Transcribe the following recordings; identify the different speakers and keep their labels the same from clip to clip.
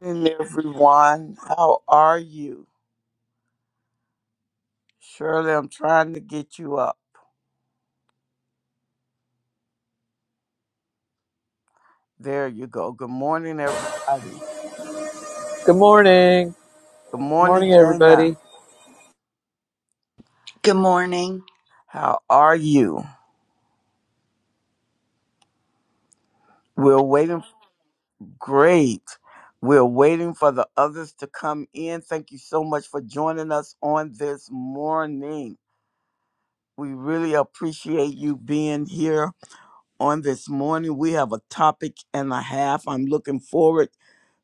Speaker 1: morning, everyone. How are you? Shirley, I'm trying to get you up. There you go. Good morning, everybody.
Speaker 2: Good morning.
Speaker 1: Good
Speaker 2: Good
Speaker 1: morning,
Speaker 2: morning,
Speaker 1: Jana.
Speaker 2: everybody.
Speaker 3: Good morning.
Speaker 1: How are you? We're waiting. Great. We're waiting for the others to come in. Thank you so much for joining us on this morning. We really appreciate you being here on this morning. We have a topic and a half. I'm looking forward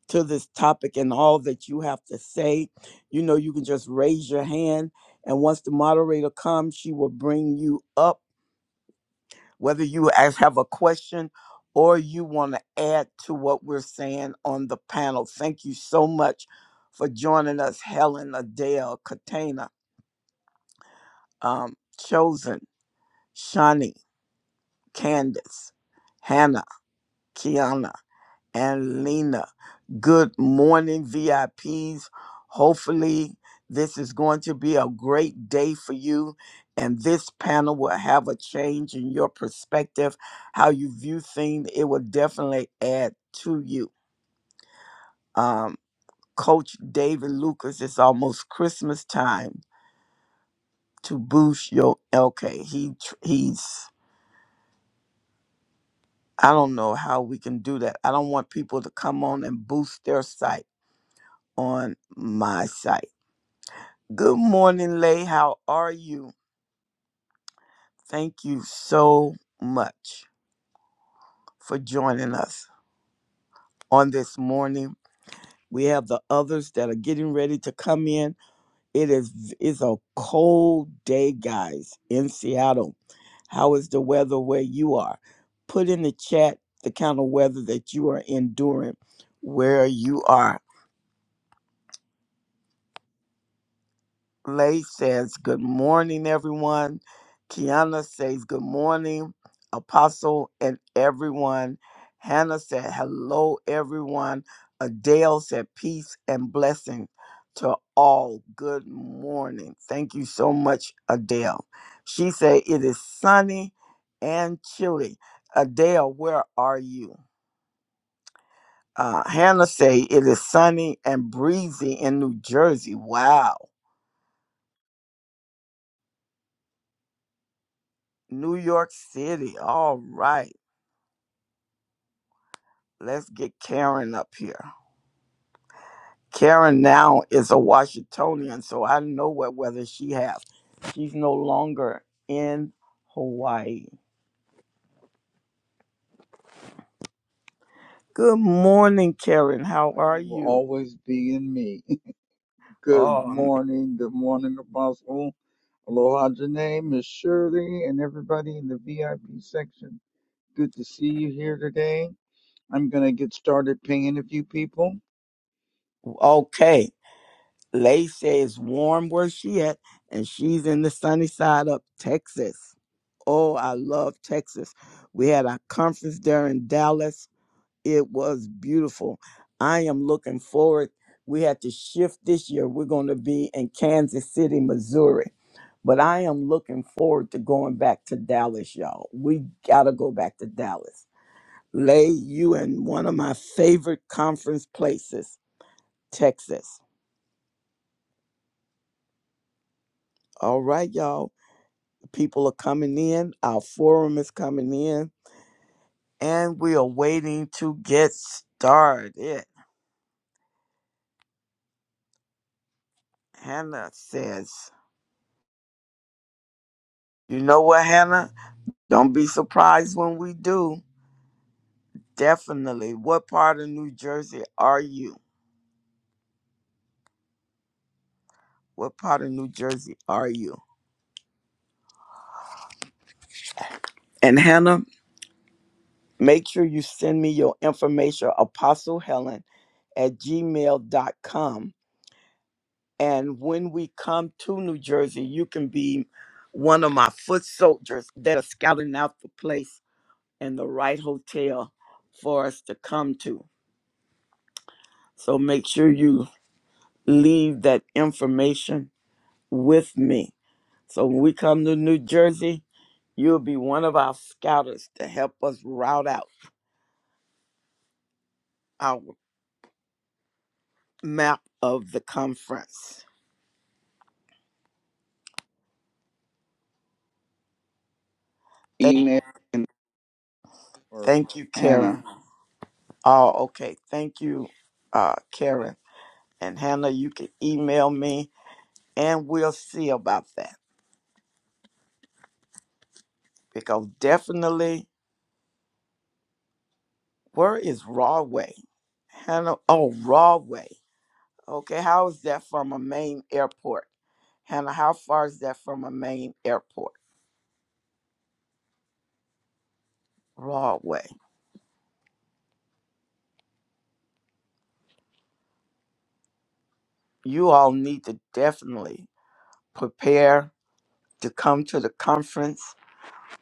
Speaker 1: to this topic and all that you have to say, you know, you can just raise your hand. And once the moderator comes, she will bring you up, whether you as have a question or you want to add to what we're saying on the panel. Thank you so much for joining us, Helen, Adele, Katana, um, Chosen, Shani, Candace, Hannah, Kiana. and Lena. Good morning, VIPs. Hopefully, this is going to be a great day for you, and this panel will have a change in your perspective, how you view things. It will definitely add to you. Um, Coach David Lucas, it's almost Christmas time to boost your okay. He tr- he's I don't know how we can do that. I don't want people to come on and boost their site on my site. Good morning, Lay. How are you? Thank you so much for joining us on this morning. We have the others that are getting ready to come in. It is it's a cold day, guys, in Seattle. How is the weather where you are? Put in the chat the kind of weather that you are enduring where you are Lay says, Good morning, everyone. Kiana says, Good morning, Apostle and everyone. Hannah said, Hello, everyone. Adele said, Peace and blessing to all. Good morning. Thank you so much, Adele. She said, It is sunny and chilly. Adele, where are you? Uh, Hannah say it is sunny and breezy in New Jersey. Wow. New York City. All right. Let's get Karen up here. Karen now is a Washingtonian, so I know what weather she has. She's no longer in Hawaii. Good morning, Karen. How
Speaker 4: I
Speaker 1: are
Speaker 4: will
Speaker 1: you?
Speaker 4: always be in me. Good
Speaker 1: Um,
Speaker 4: morning, good morning, Apostle. Aloha, Janae, Miss Shirley, and everybody in the VIP section. Good to see you here today. I'm going to get started pinging a few people.
Speaker 1: okay. Lacey is warm where she at, and she's in the sunny side of Texas. Oh, I love Texas. We had our conference there in Dallas It was beautiful. I am looking forward. We had to shift this year. We're going to be in Kansas City, Missouri. But I am looking forward to going back to Dallas, y'all. We got to go back to Dallas. Lay you in one of my favorite conference places, Texas. All right, y'all. People are coming in. Our forum is coming in. And we are waiting to get started. Hannah says, You know what, Hannah? Don't be surprised when we do. Definitely. What part of New Jersey are you? What part of New Jersey are you? And Hannah, make sure you send me your information, Apostle Helen at gmail dot com. And when we come to New Jersey, you can be one of my foot soldiers that are scouting out the place and the right hotel for us to come to. So make sure you leave that information with me So when we come to New Jersey, you'll be one of our scouters to help us route out our map of the conference. Thank,
Speaker 4: Email for
Speaker 1: thank you, Karen.
Speaker 4: Hannah.
Speaker 1: Oh, okay. Thank you, uh, Karen. And Hannah, you can email me and we'll see about that. Because definitely, where is Rawway? Hannah, oh, Rawway. Okay, how is that from a main airport? Hannah, how far is that from a main airport? Rawway. you all need to definitely prepare to come to the conference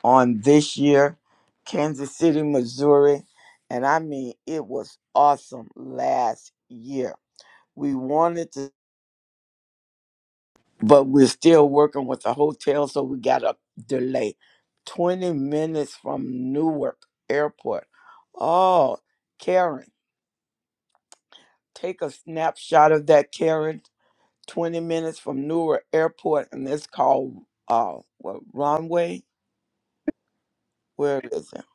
Speaker 1: on this year, Kansas City, Missouri. And I mean, it was awesome last year. We wanted to, but we're still working with the hotel, so we got a delay. 20 minutes from Newark Airport. Oh, Karen, take a snapshot of that, Karen 20 minutes from Newark Airport, and it's called uh, what, Runway? Where is it?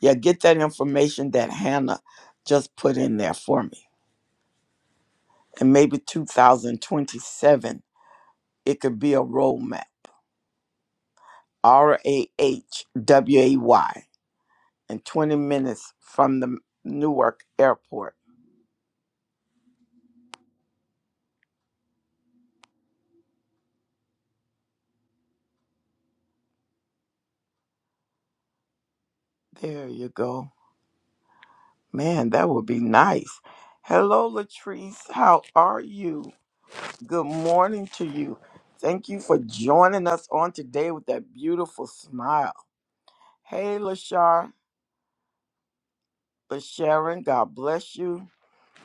Speaker 1: Yeah, get that information that Hannah just put in there for me. And maybe 2027, it could be a roadmap. R A H W A Y, and 20 minutes from the Newark Airport. There you go. Man, that would be nice. Hello, Latrice. How are you? Good morning to you. Thank you for joining us on today with that beautiful smile. Hey, Lashar, LaSharon, God bless you.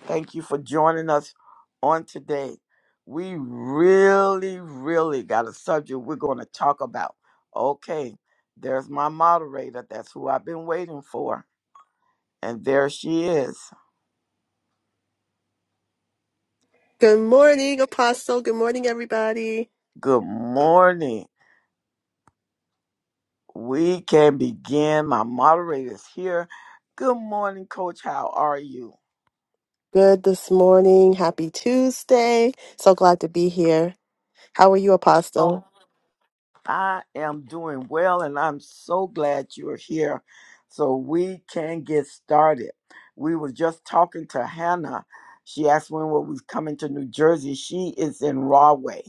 Speaker 1: Thank you for joining us on today. We really, really got a subject we're going to talk about. Okay, there's my moderator. That's who I've been waiting for. And there she is.
Speaker 5: Good morning, Apostle. Good morning, everybody.
Speaker 1: Good morning. We can begin. My moderator is here. Good morning, Coach. How are you?
Speaker 5: Good this morning. Happy Tuesday. So glad to be here. How are you, Apostle?
Speaker 1: Oh, I am doing well, and I'm so glad you're here so we can get started. We were just talking to Hannah. She asked when we was coming to New Jersey. She is in Rahway,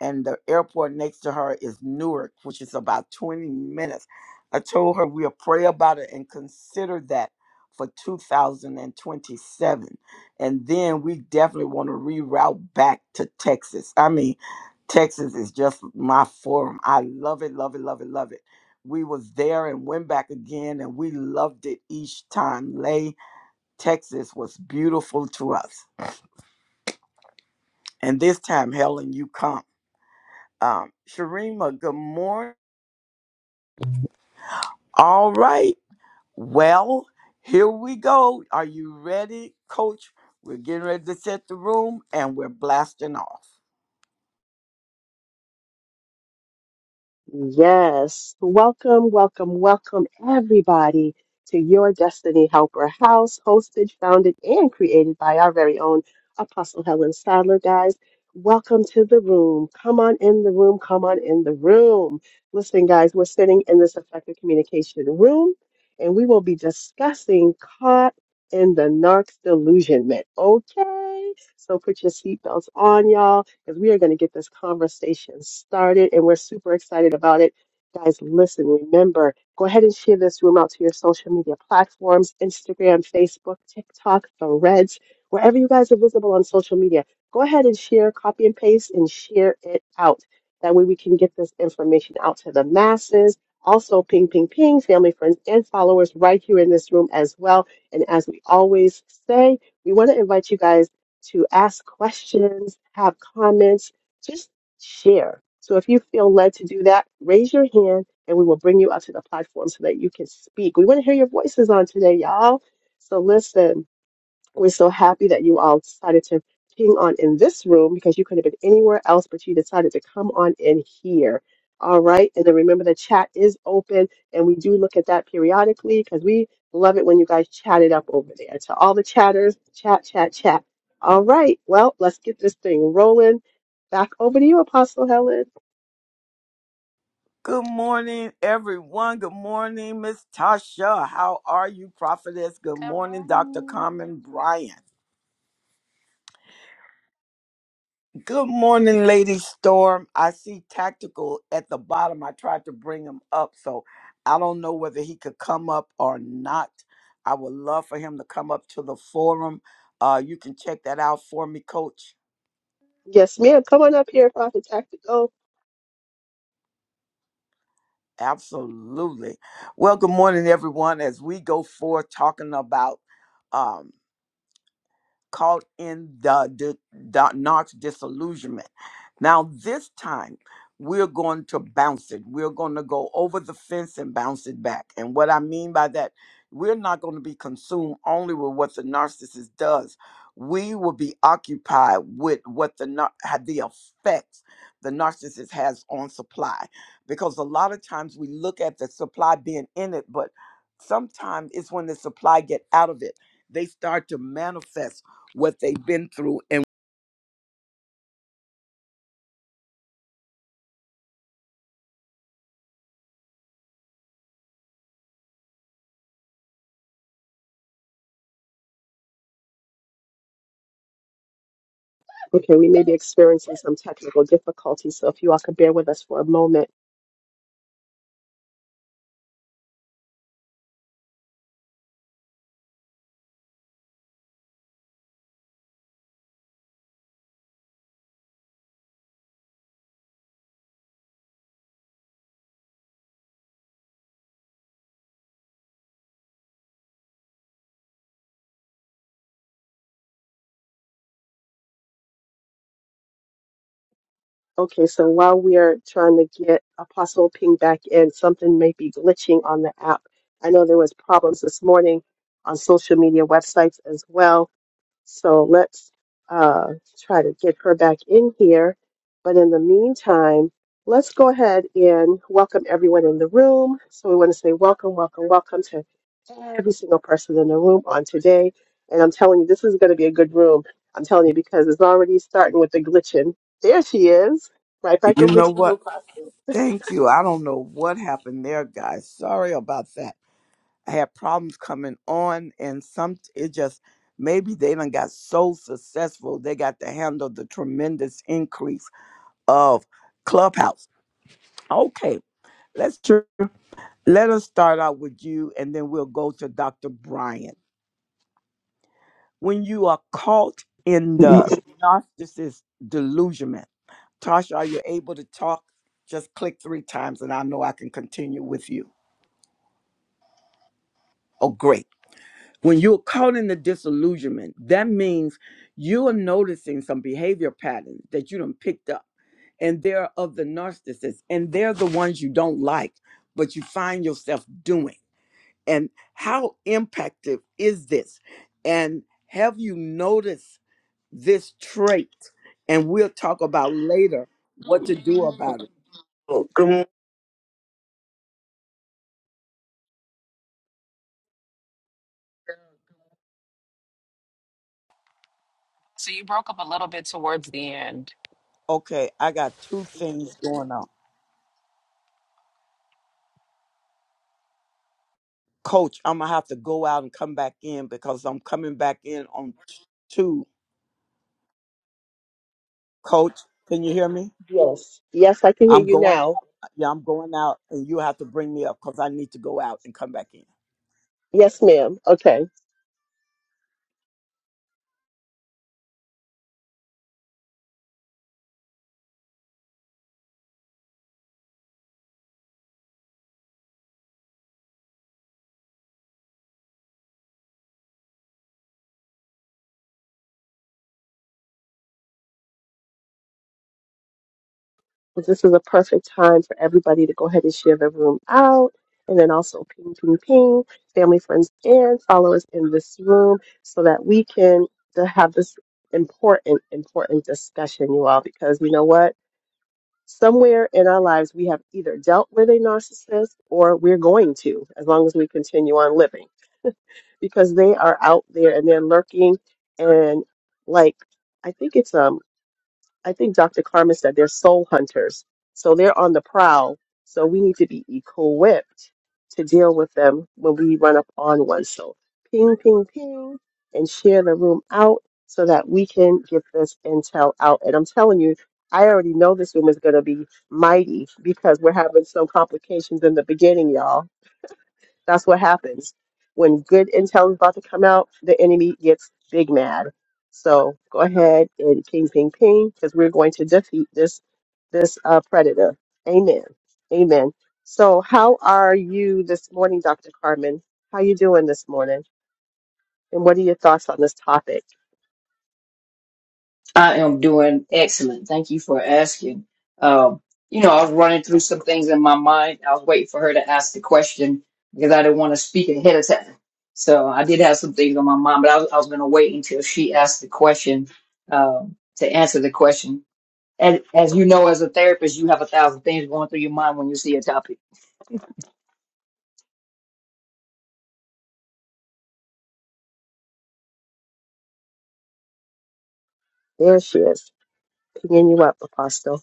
Speaker 1: and the airport next to her is Newark, which is about 20 minutes. I told her we'll pray about it and consider that for 2027. And then we definitely want to reroute back to Texas. I mean, Texas is just my forum. I love it, love it, love it, love it. We was there and went back again and we loved it each time. Lay Texas was beautiful to us. And this time, Helen, you come. Um, Sharima, good morning. All right. Well, here we go. Are you ready, coach? We're getting ready to set the room and we're blasting off.
Speaker 5: Yes. Welcome, welcome, welcome, everybody, to your Destiny Helper House, hosted, founded, and created by our very own Apostle Helen Sadler. Guys, welcome to the room. Come on in the room. Come on in the room. Listen, guys, we're sitting in this effective communication room, and we will be discussing caught in the narc's delusionment. Okay? So put your seatbelts on, y'all because we are going to get this conversation started and we're super excited about it. Guys, listen, remember, go ahead and share this room out to your social media platforms Instagram, Facebook, TikTok, Threads, wherever you guys are visible on social media. Go ahead and share, copy and paste, and share it out. That way we can get this information out to the masses. Also, ping, ping, ping, family, friends, and followers right here in this room as well. And as we always say, we want to invite you guys to ask questions, have comments, just share. So if you feel led to do that, raise your hand and we will bring you up to the platform so that you can speak. We want to hear your voices on today, y'all. So listen. We're so happy that you all decided to ping on in this room because you could have been anywhere else, but you decided to come on in here. All right. And then remember the chat is open and we do look at that periodically because we love it when you guys chat it up over there. To all the chatters, chat, chat, chat. All right. Well, let's get this thing rolling. Back over to you, Apostle Helen.
Speaker 1: Good morning, everyone. Good morning, Miss Tasha. How are you, Prophetess? Good
Speaker 6: Good
Speaker 1: morning, Dr.
Speaker 6: morning.
Speaker 1: Carmen Bryant. Good morning, Lady Storm. I see Tactical at the bottom. I tried to bring him up, so I don't know whether he could come up or not. I would love for him to come up to the forum. Uh, you can check that out for me, Coach.
Speaker 5: Yes, ma'am. Come on up here, Prophet Tactical.
Speaker 1: Absolutely. Well, good morning, everyone. As we go forth talking about um, caught in the, di- the Knox disillusionment. Now, this time, we're going to bounce it. We're going to go over the fence and bounce it back. And what I mean by that, we're not going to be consumed only with what the narcissist does. We will be occupied with what the nar- had the effects the narcissist has on supply, because a lot of times we look at the supply being in it, but sometimes it's when the supply get out of it they start to manifest what they've been through. And
Speaker 5: Okay, we may be experiencing some technical difficulties, so if you all could bear with us for a moment. Okay, so while we are trying to get Apostle Ping back in, something may be glitching on the app. I know there was problems this morning on social media websites as well. So let's uh, try to get her back in here. But in the meantime, let's go ahead and welcome everyone in the room. So we want to say welcome, welcome, welcome to every single person in the room on today. And I'm telling you, this is going to be a good room. I'm telling you because it's already starting with the glitching. There she is. Right back
Speaker 1: you
Speaker 5: over
Speaker 1: know
Speaker 5: to you,
Speaker 1: what?
Speaker 5: Apostle.
Speaker 1: Thank you. I don't know what happened there, guys. Sorry about that. I had problems coming on, and some it just maybe they done got so successful they got to handle the tremendous increase of Clubhouse. Okay, let's tr- let us start out with you, and then we'll go to Dr. Brian. When you are caught in the
Speaker 7: I
Speaker 1: narcissist delusion, Tasha, are you able to talk? Just click three times and I know I can continue with you. Oh, great. When you're caught in the disillusionment, that means you are noticing some behavior patterns that you done picked up. And they're of the narcissists, and they're the ones you don't like, but you find yourself doing. And how impactive is this? And have you noticed this trait? And we'll talk about later what to do about it. Oh, Good
Speaker 6: So you broke up a little bit towards the end.
Speaker 1: Okay, I got two things going on. Coach, I'm gonna have to go out and come back in because I'm coming back in on t- two. Coach, can you hear me?
Speaker 5: Yes. Yes, I can hear
Speaker 1: I'm
Speaker 5: you
Speaker 1: going
Speaker 5: now.
Speaker 1: out. Yeah, I'm going out and you have to bring me up because I need to go out and come back in.
Speaker 5: Yes, ma'am. Okay. But this is a perfect time for everybody to go ahead and share the room out. And then also ping, ping, ping, family, friends, and followers in this room so that we can to have this important, important discussion, you all, because you know what? Somewhere in our lives, we have either dealt with a narcissist or we're going to, as long as we continue on living, because they are out there and they're lurking. And like, I think it's um. I think Dr. Carmen said they're soul hunters. So they're on the prowl. So we need to be equipped to deal with them when we run up on one. So ping, ping, ping, and share the room out so that we can get this intel out. And I'm telling you, I already know this room is going to be mighty because we're having some complications in the beginning, y'all that's what happens. When good intel is about to come out, the enemy gets big mad. So go ahead and ping, ping, ping, because we're going to defeat this this uh, predator. Amen. Amen. So how are you this morning, Dr. Carmen? How you doing this morning? And what are your thoughts on this topic?
Speaker 7: am doing excellent. Thank you for asking. Um, you know, I was running through some things in my mind. I was waiting for her to ask the question because I didn't want to speak ahead of time. So I did have some things on my mind, but I was, I was going to wait until she asked the question um, to answer the question. And as you know, as a therapist, you have a thousand things going through your mind when you see a topic.
Speaker 5: There she is, pinging you up, Apostle.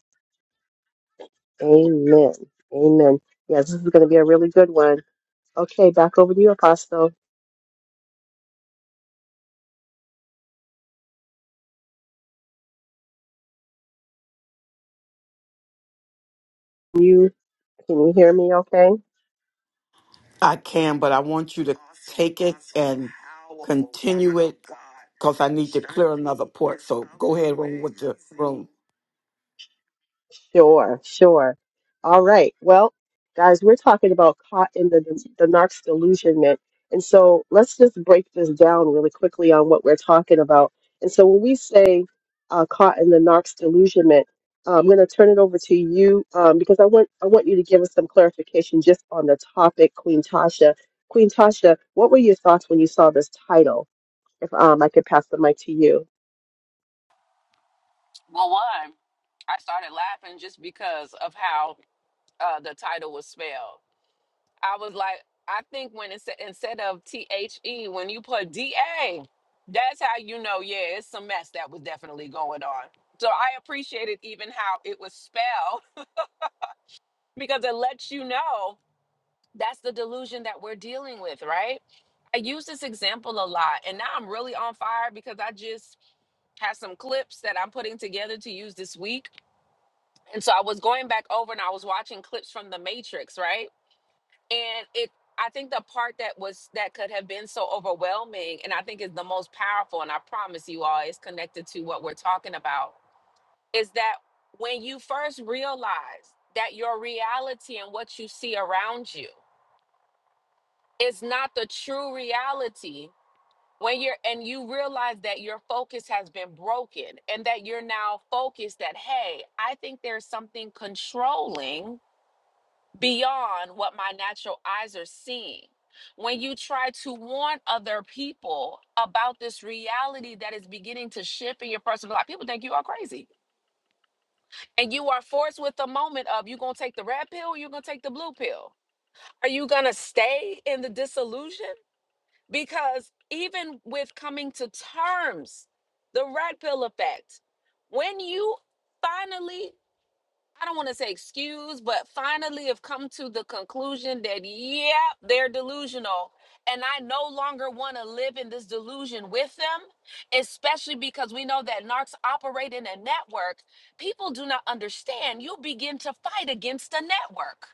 Speaker 5: Amen. Amen. Yes, this is going to be a really good one. Okay, back over to you, Apostle. You can you hear me? Okay.
Speaker 8: I can, but I want you to take it and continue it because I need to clear another port. So go ahead on with your room.
Speaker 5: Sure, sure. All right. Well, guys, we're talking about caught in the the narc's delusionment. And so let's just break this down really quickly on what we're talking about. And so when we say uh, caught in the narc's delusionment, uh, I'm going to turn it over to you um, because I want I want you to give us some clarification just on the topic, Queen Tasha. Queen Tasha, what were your thoughts when you saw this title? If um, I could pass the mic to you.
Speaker 6: Well, one, I started laughing just because of how uh, the title was spelled. I was like, I think when it said instead of T H E, when you put D A, that's how you know, yeah, it's some mess that was definitely going on. So I appreciated even how it was spelled because it lets you know that's the delusion that we're dealing with, right? I use this example a lot, and now I'm really on fire because I just have some clips that I'm putting together to use this week. And so I was going back over and I was watching clips from The Matrix, right? And it I think the part that was that could have been so overwhelming and I think is the most powerful and I promise you all it's connected to what we're talking about is that when you first realize that your reality and what you see around you is not the true reality when you're and you realize that your focus has been broken and that you're now focused that hey i think there's something controlling beyond what my natural eyes are seeing when you try to warn other people about this reality that is beginning to shift in your personal life people think you are crazy and you are forced with the moment of you gonna take the red pill or you gonna take the blue pill are you gonna stay in the disillusion because even with coming to terms, the red pill effect, when you finally, I don't want to say excuse, but finally have come to the conclusion that, yep, they're delusional. And I no longer want to live in this delusion with them, especially because we know that narcs operate in a network. People do not understand. You begin to fight against the network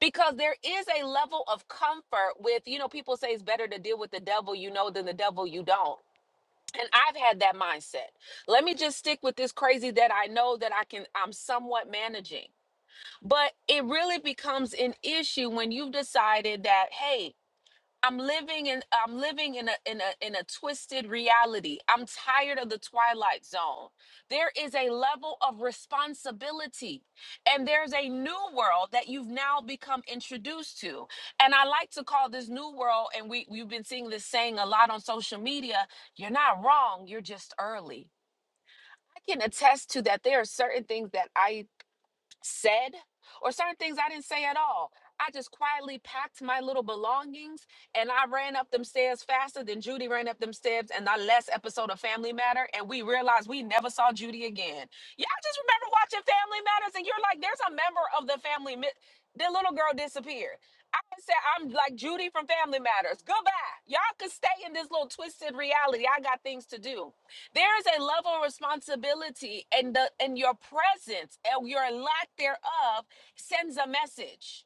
Speaker 6: because there is a level of comfort with you know people say it's better to deal with the devil you know than the devil you don't and i've had that mindset let me just stick with this crazy that i know that i can i'm somewhat managing but it really becomes an issue when you've decided that hey I'm living in I'm living in a in a in a twisted reality. I'm tired of the twilight zone. There is a level of responsibility and there's a new world that you've now become introduced to. And I like to call this new world and we we've been seeing this saying a lot on social media, you're not wrong, you're just early. I can attest to that there are certain things that I said or certain things I didn't say at all. I just quietly packed my little belongings and I ran up them stairs faster than Judy ran up them stairs in the last episode of Family Matter. And we realized we never saw Judy again. Y'all just remember watching Family Matters and you're like, there's a member of the family. Mi- the little girl disappeared. I said, I'm like Judy from Family Matters. Goodbye. Y'all can stay in this little twisted reality. I got things to do. There is a level of responsibility, and the and your presence and your lack thereof sends a message.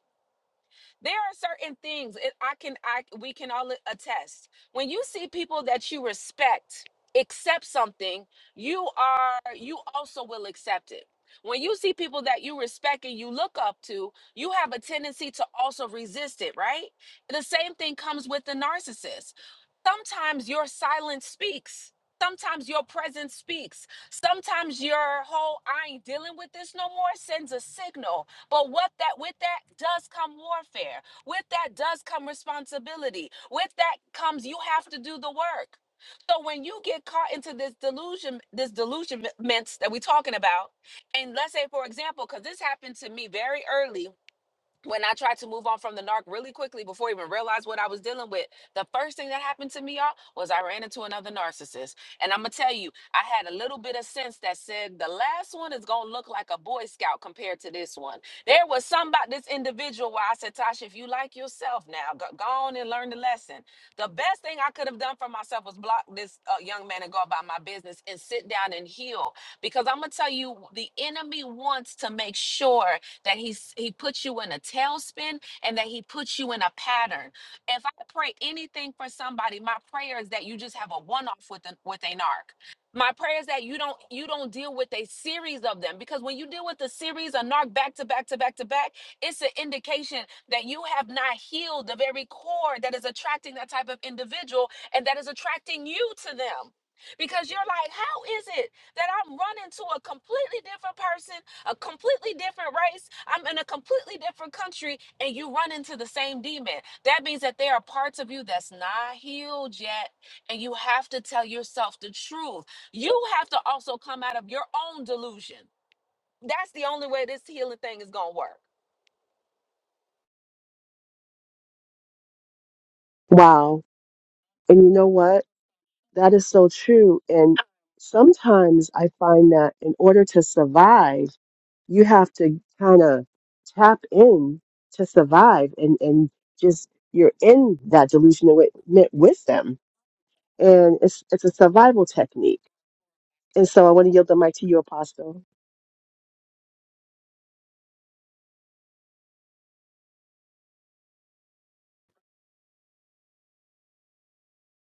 Speaker 6: There are certain things it, I can I we can all attest. When you see people that you respect accept something, you are you also will accept it. When you see people that you respect and you look up to, you have a tendency to also resist it, right? The same thing comes with the narcissist. Sometimes your silence speaks. Sometimes your presence speaks. Sometimes your whole I ain't dealing with this no more sends a signal but what that with that does come warfare. With that does come responsibility. With that comes you have to do the work. So when you get caught into this delusion, this delusionments that we're talking about, and let's say for example, because this happened to me very early when I tried to move on from the narc really quickly before I even realized what I was dealing with, the first thing that happened to me, y'all, was I ran into another narcissist. And I'm gonna tell you, I had a little bit of sense that said the last one is gonna look like a Boy Scout compared to this one. There was some about this individual where I said, Tasha, if you like yourself now, go, go on and learn the lesson. The best thing I could have done for myself was block this uh, young man and go about my business and sit down and heal. Because I'm gonna tell you, the enemy wants to make sure that he's he puts you in a tailspin and that he puts you in a pattern. If I pray anything for somebody, my prayer is that you just have a one-off with an with a narc. My prayer is that you don't you don't deal with a series of them because when you deal with a series of narc back to back to back to back, it's an indication that you have not healed the very core that is attracting that type of individual and that is attracting you to them. Because you're like, how is it that I'm running to a completely different person a completely different race. I'm in a completely different country, and you run into the same demon. That means that there are parts of you that's not healed yet, and you have to tell yourself the truth. You have to also come out of your own delusion. That's the only way this healing thing is going to work.
Speaker 5: Wow. And you know what? That is so true. And sometimes I find that in order to survive, you have to kind of tap in to survive and, and just you're in that delusion with, with with them. And it's it's a survival technique. And so I want to yield the mic to you, Apostle.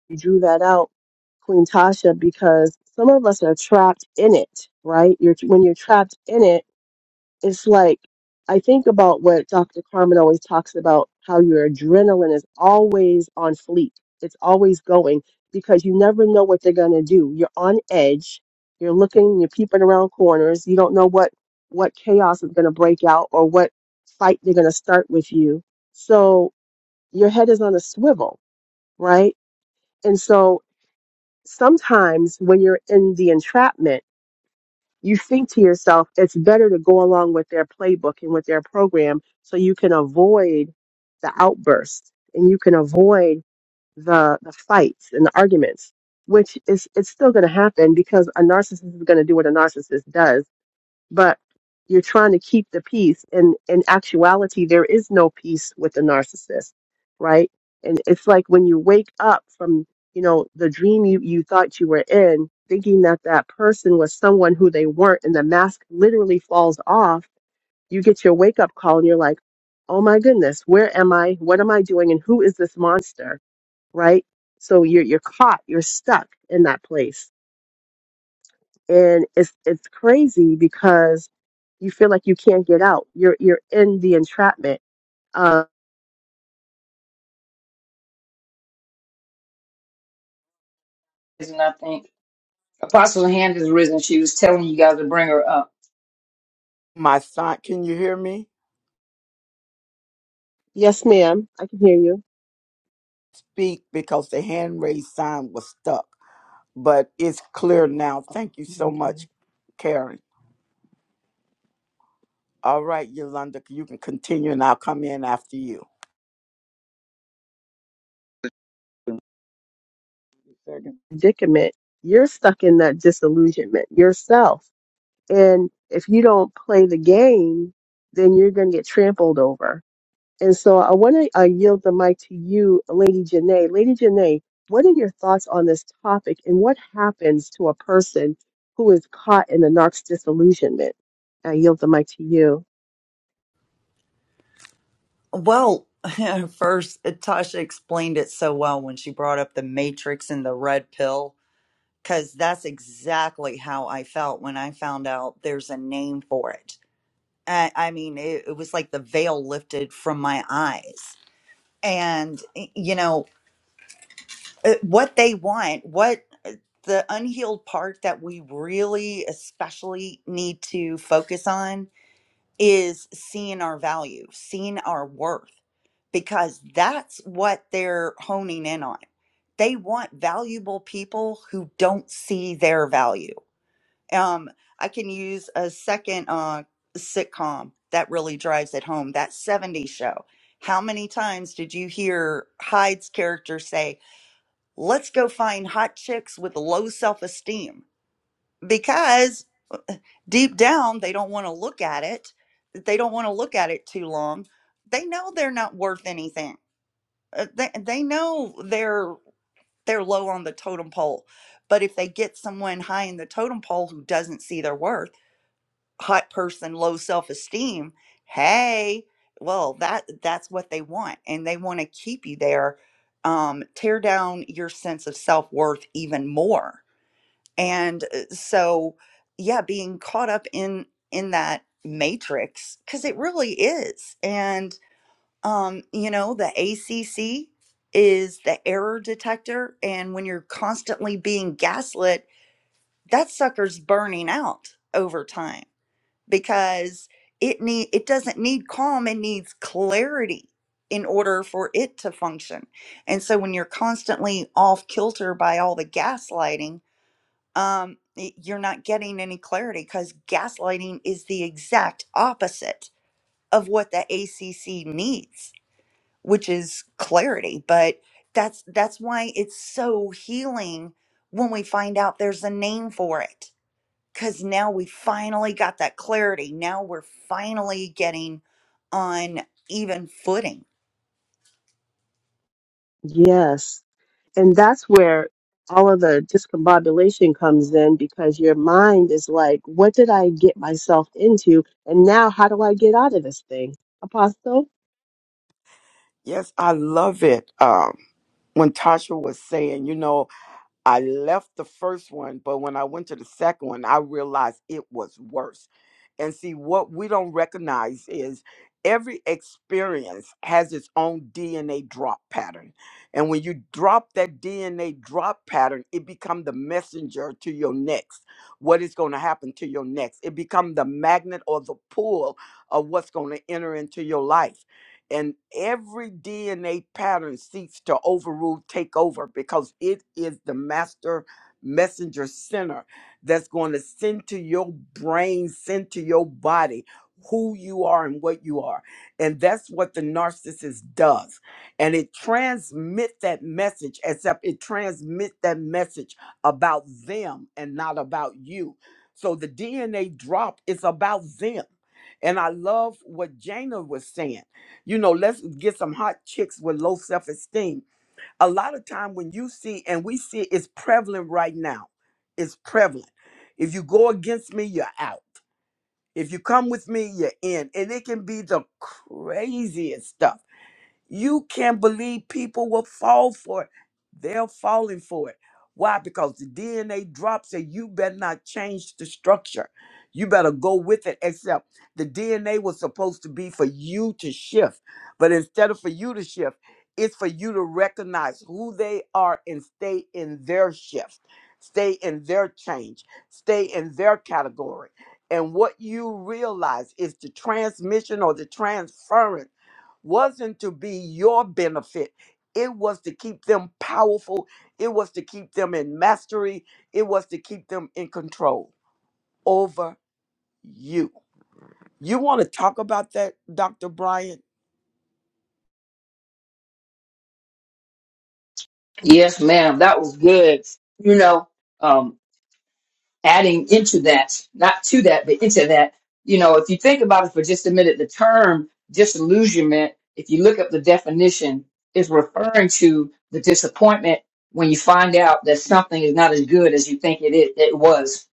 Speaker 5: You drew that out, Queen Tasha, because some of us are trapped in it, right? You're when you're trapped in it it's like I think about what Dr. Carmen always talks about how your adrenaline is always on fleek. It's always going because you never know what they're going to do. You're on edge. You're looking, you're peeping around corners. You don't know what what chaos is going to break out or what fight they're going to start with you. So your head is on a swivel, right? And so sometimes when you're in the entrapment you think to yourself, it's better to go along with their playbook and with their program so you can avoid the outburst and you can avoid the the fights and the arguments, which is it's still gonna happen because a narcissist is gonna do what a narcissist does but you're trying to keep the peace and in actuality there is no peace with the narcissist right and it's like when you wake up from you know the dream you, you thought you were in thinking that that person was someone who they weren't and the mask literally falls off you get your wake up call and you're like oh my goodness where am i what am i doing and who is this monster right so you're you're caught you're stuck in that place and it's it's crazy because you feel like you can't get out. You're you're in the entrapment. Uh,
Speaker 7: is I think Apostle's hand is risen. She was telling you guys to bring her up.
Speaker 1: My sign, can you hear me?
Speaker 5: yes, ma'am, I can hear you.
Speaker 1: Speak because the hand raised sign was stuck, but it's clear now.
Speaker 5: Oh,
Speaker 1: Thank you so
Speaker 5: okay.
Speaker 1: much, Karen. All right, Yolanda, you can continue and I'll come in after you.
Speaker 4: Second,
Speaker 5: Predicament. You're stuck in that disillusionment yourself, and if you don't play the game, then you're going to get trampled over. And so I want to uh, yield the mic to you, Lady Janae. Lady Janae, what are your thoughts on this topic and what happens to a person who is caught in the narc's disillusionment? I yield the mic to you.
Speaker 3: Well, first, Tasha explained it so well when she brought up the matrix and the red pill, because that's exactly how I felt when I found out there's a name for it. I, I mean, it, it was like the veil lifted from my eyes. And, y- you know, uh, what they want, what the unhealed part that we really especially need to focus on is seeing our value, seeing our worth, because that's what they're honing in on. They want valuable people who don't see their value. Um, I can use a second uh, sitcom that really drives it home that 70s show. How many times did you hear Hyde's character say, Let's go find hot chicks with low self esteem? because uh, deep down they don't want to look at it they don't want to look at it too long they know they're not worth anything Uh, they, they know they're they're low on the totem pole but if they get someone high in the totem pole who doesn't see their worth hot person low self-esteem hey well that that's what they want and they want to keep you there um, tear down your sense of self-worth even more and uh, so yeah being caught up in in that matrix because it really is and um you know the acc is the error detector and when you're constantly being gaslit that sucker's burning out over time because it need it doesn't need calm it needs clarity in order for it to function and so when you're constantly off kilter by all the gaslighting um, y- you're not getting any clarity because gaslighting is the exact opposite of what the ACC needs, which is clarity. But that's that's why it's so healing when we find out there's a name for it. Because now we finally got that clarity. Now we're finally getting on even footing.
Speaker 5: Yes. And that's where all of the discombobulation comes in because your mind is like, what did I get myself into? And now how do I get out of this thing? Apostle?
Speaker 1: Yes, I love it. Um, when Tasha was saying, you know, I left the first one, but when I went to the second one, I realized it was worse. And see, what we don't recognize is every experience has its own DNA drop pattern. And when you drop that DNA drop pattern, it become the messenger to your next. What is going to happen to your next? It become the magnet or the pull of what's going to enter into your life and every DNA pattern seeks to overrule, take over, because it is the master messenger center that's going to send to your brain, send to your body who you are and what you are. And that's what the narcissist does. And it transmits that message, except it transmits that message about them and not about you. So the DNA drop is about them. And I love what Jana was saying. You know, let's get some hot chicks with low self esteem. A lot of time when you see, and we see it's prevalent right now, it's prevalent. If you go against me, you're out. If you come with me, you're in. And it can be the craziest stuff you can't believe people will fall for it. They're falling for it. Why? Because the DNA drops and you better not change the structure. You better go with it, except the DNA was supposed to be for you to shift. But instead of for you to shift, it's for you to recognize who they are and stay in their shift, stay in their change, stay in their category. And what you realize is the transmission or the transference wasn't to be your benefit. It was to keep them powerful. It was to keep them in mastery. It was to keep them in control over you. You want to talk about that, Dr. Bryant?
Speaker 7: Yes, ma'am. That was good. You know. Um, adding into that, not to that, but into that, you know, if you think about it for just a minute, the term disillusionment, if you look up the definition, is referring to the disappointment when you find out that something is not as good as you think it, it, it was.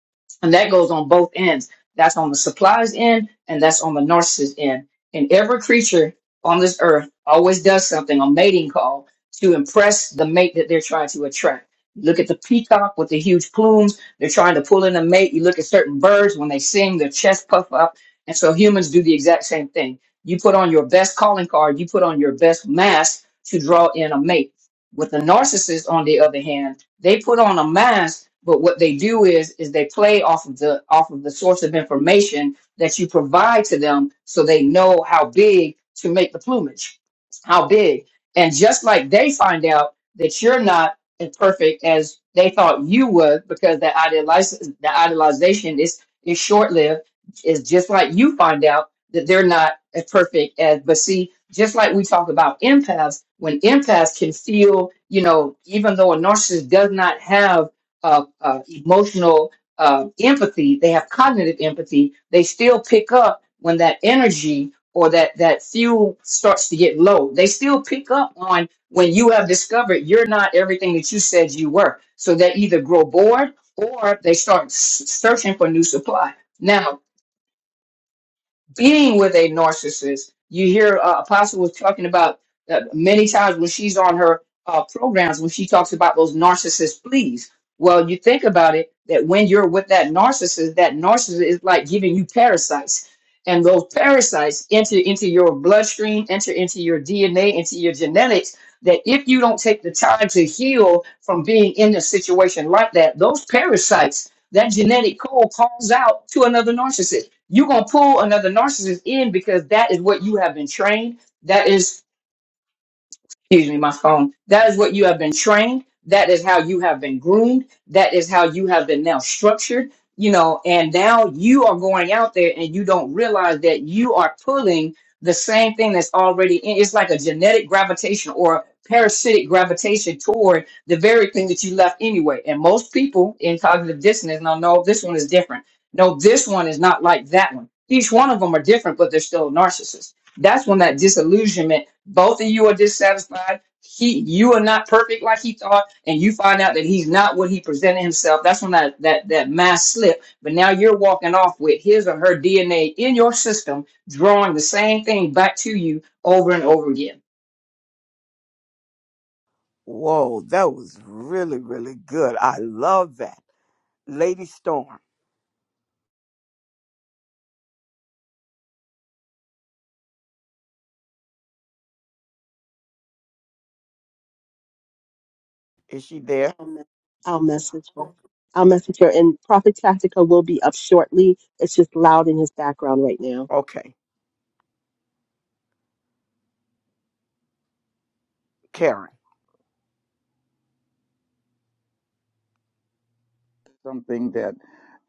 Speaker 7: And that goes on both ends. That's on the supplies end and that's on the narcissist end. And every creature on this earth always does something on mating call to impress the mate that they're trying to attract. Look at the peacock with the huge plumes they're trying to pull in a mate. You look at certain birds when they sing, their chest puff up. And so humans do the exact same thing. You put on your best calling card, you put on your best mask to draw in a mate. With the narcissist, on the other hand, they put on a mask, but what they do is is they play off of the off of the source of information that you provide to them so they know how big to make the plumage. How big. And just like they find out that you're not and perfect as they thought you would because the idealize the idealization is is short lived. It's just like you find out that they're not as perfect as but see, just like we talk about empaths, when empaths can feel, you know, even though a narcissist does not have uh, uh, emotional uh, empathy, they have cognitive empathy. They still pick up when that energy or that that fuel starts to get low. They still pick up on when you have discovered you're not everything that you said you were. So they either grow bored or they start s- searching for new supply. Now, being with a narcissist. You hear uh, Apostle was talking about uh, many times when she's on her uh, programs when she talks about those narcissist pleas. Well, you think about it that when you're with that narcissist, that narcissist is like giving you parasites, and those parasites enter into your bloodstream, enter into your DNA, into your genetics. That if you don't take the time to heal from being in a situation like that, those parasites that genetic code calls out to another narcissist. You're going to pull another narcissist in because that is what you have been trained. That is excuse me, my phone. That is what you have been trained. That is how you have been groomed. That is how you have been now structured, you know, and now you are going out there and you don't realize that you are pulling the same thing that's already in. It's like a genetic gravitation or parasitic gravitation toward the very thing that you left anyway. And most people in cognitive dissonance, now no, this one is different. No, this one is not like that one. Each one of them are different, but they're still narcissists. That's when that disillusionment both of you are dissatisfied he you are not perfect like he thought and you find out that he's not what he presented himself that's when that that that mass slip but now you're walking off with his or her dna in your system drawing the same thing back to you over and over again
Speaker 1: Whoa, that was really, really good. I love that. Lady Storm. Is she there?
Speaker 5: I'll message her.
Speaker 1: O-
Speaker 5: I'll message her. And Prophet Tactica will be up shortly. It's just loud in his background right now.
Speaker 1: Okay, Karen.
Speaker 4: something that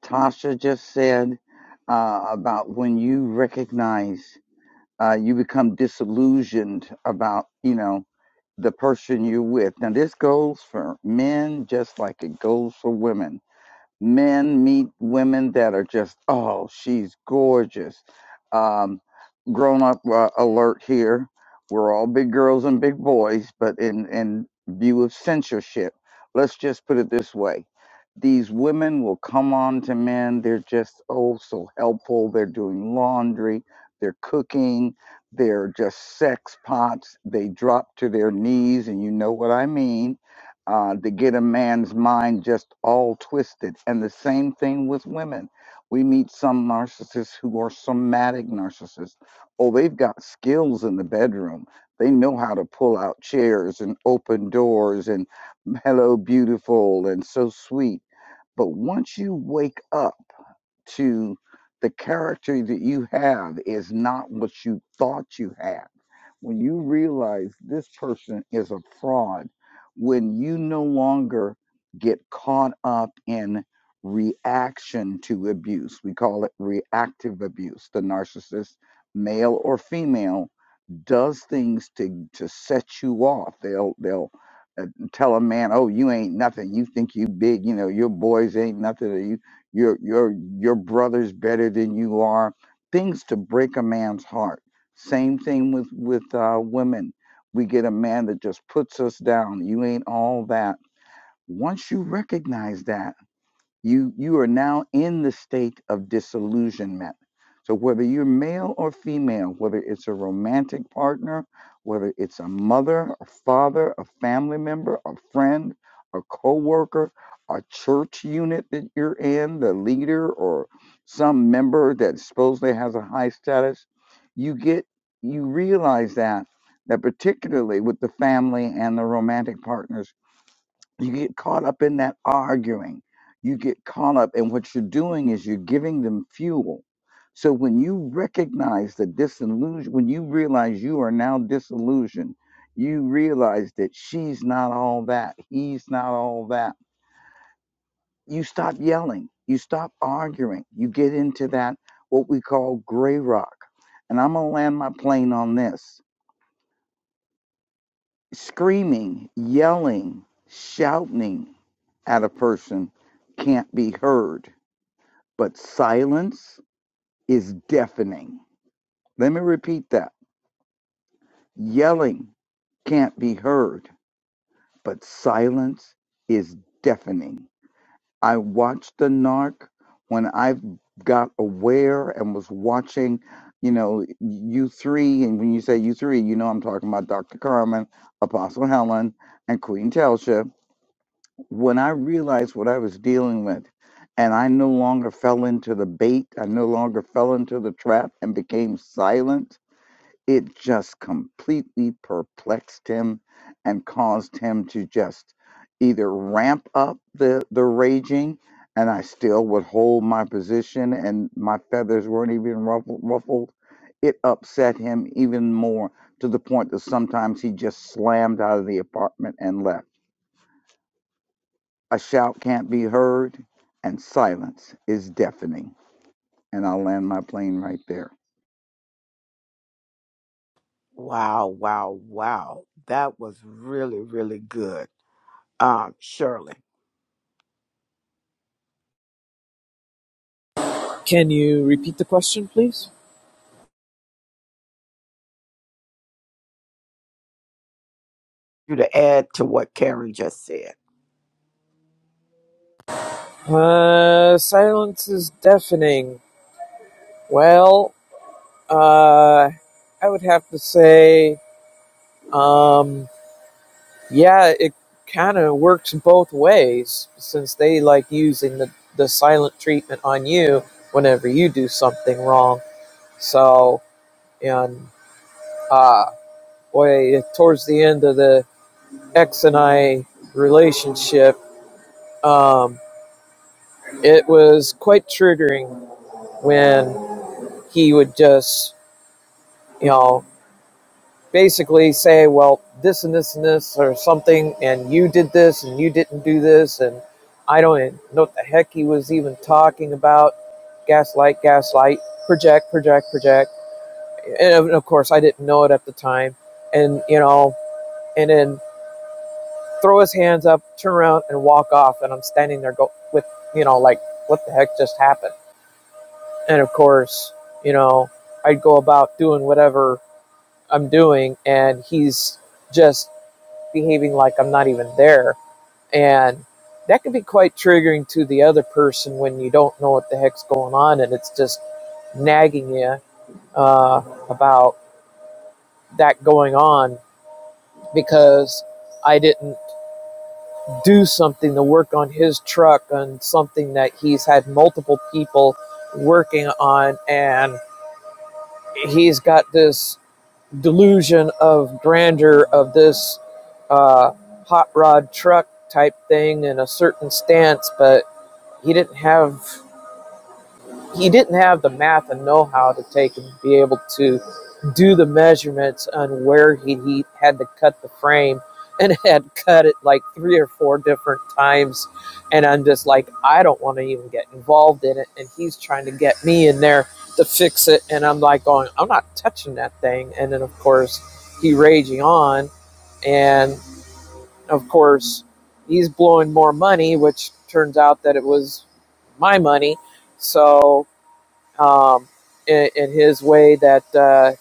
Speaker 4: Tasha just said uh, about when you recognize. uh, you become disillusioned about you know the person you're with now this goes for men just like it goes for women men meet women that are just oh she's gorgeous um, grown up uh, alert here we're all big girls and big boys but in in view of censorship let's just put it this way these women will come on to men they're just oh so helpful they're doing laundry they're cooking they're just sex pots they drop to their knees and you know what i mean uh, to get a man's mind just all twisted. And the same thing with women. We meet some narcissists who are somatic narcissists. Oh, they've got skills in the bedroom. They know how to pull out chairs and open doors and hello, beautiful, and so sweet. But once you wake up, to the character that you have is not what you thought you had. When you realize this person is a fraud, when you no longer get caught up in reaction to abuse, we call it reactive abuse. The narcissist, male or female, does things to to set you off. They'll they'll uh, tell a man, "Oh, you ain't nothing. You think you big. You know your boys ain't nothing. Or you your your your brother's better than you are." Things to break a man's heart. Same thing with with uh, women. We get a man that just puts us down. You ain't all that. Once you recognize that you you are now in the state of disillusionment so whether you're male or female whether it's a romantic partner whether it's a mother a father a family member a friend a coworker a church unit that you're in the leader or some member that supposedly has a high status you get you realize that that particularly with the family and the romantic partners you get caught up in that arguing. You get caught up, and what you're doing is you're giving them fuel. So when you recognize the disillusion, when you realize you are now disillusioned, you realize that she's not all that, he's not all that. You stop yelling, you stop arguing, you get into that what we call gray rock. And I'm gonna land my plane on this Screaming, yelling, shouting at a person can't be heard, but silence is deafening. Let me repeat that. Yelling can't be heard, but silence is deafening. I watched the narc when I got aware and was watching, you know, you three. And when you say you three, you know, I'm talking about Dr. Carmen, Apostle Helen, and Queen Telsha when I realized what I was dealing with, and I no longer fell into the bait, I no longer fell into the trap and became silent, it just completely perplexed him and caused him to just either ramp up the, the raging, and I still would hold my position, and my feathers weren't even ruffled. ruffled. It upset him even more to the point that sometimes he just slammed out of the apartment and left a shout can't be heard, and silence is deafening. And I'll land my plane right there.
Speaker 1: Wow, wow, wow. That was really, really good. Um, Shirley,
Speaker 2: Can you repeat the question, please?
Speaker 1: you to add to what Karen just said.
Speaker 2: Uh, silence is deafening. Well, uh, I would have to say, um, yeah, it kind of works both ways since they like using the, the silent treatment on you whenever you do something wrong. So, and, uh, boy, towards the end of the ex and I relationship, um, It was quite triggering when he would just, you know, basically say, well, this and this and this or something, and you did this and you didn't do this, and I don't even know what the heck he was even talking about. Gaslight, gaslight, project, project, project. And of of course, I didn't know it at the time. And, you know, and then throw his hands up, turn around, and walk off. And I'm standing there go with, you know, like, what the heck just happened? And of course, you know, I'd go about doing whatever I'm doing, and he's just behaving like I'm not even there. And that can be quite triggering to the other person when you don't know what the heck's going on and it's just nagging you uh, about that going on because I didn't do something to work on his truck on something that he's had multiple people working on and he's got this delusion of grandeur of this uh, hot rod truck type thing and a certain stance, but he didn't have he didn't have the math and know-how to take and be able to do the measurements on where he, he had to cut the frame and had cut it like three or four different times and i'm just like i don't want to even get involved in it and he's trying to get me in there to fix it and i'm like going i'm not touching that thing and then of course he raging on and of course he's blowing more money which turns out that it was my money so um, in, in his way that uh,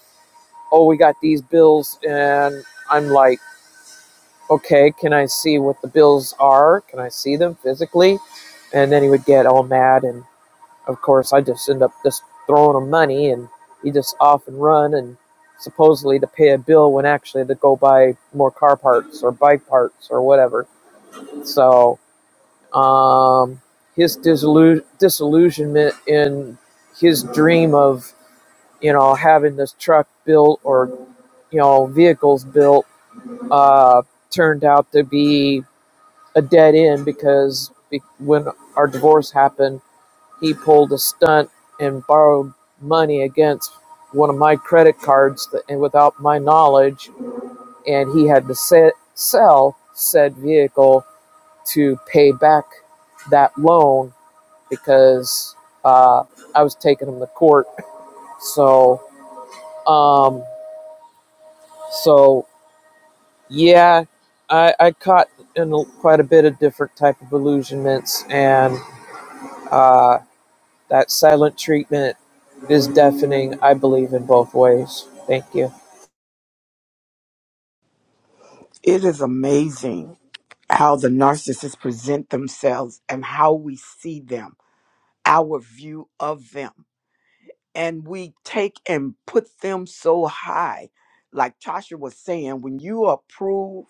Speaker 2: oh we got these bills and i'm like okay can i see what the bills are can i see them physically and then he would get all mad and of course i just end up just throwing him money and he just off and run and supposedly to pay a bill when actually to go buy more car parts or bike parts or whatever so um, his disillusionment in his dream of you know, having this truck built or, you know, vehicles built uh, turned out to be a dead end because when our divorce happened, he pulled a stunt and borrowed money against one of my credit cards th- and without my knowledge, and he had to se- sell said vehicle to pay back that loan because uh, I was taking him to court. So, um, so Yeah, I, I caught in a- quite a bit of different type of illusionments, and uh, that silent treatment is deafening. I believe in both ways. Thank you.
Speaker 1: It is amazing how the narcissists present themselves and how we see them, our view of them. And we take and put them so high. Like Tasha was saying, when you approve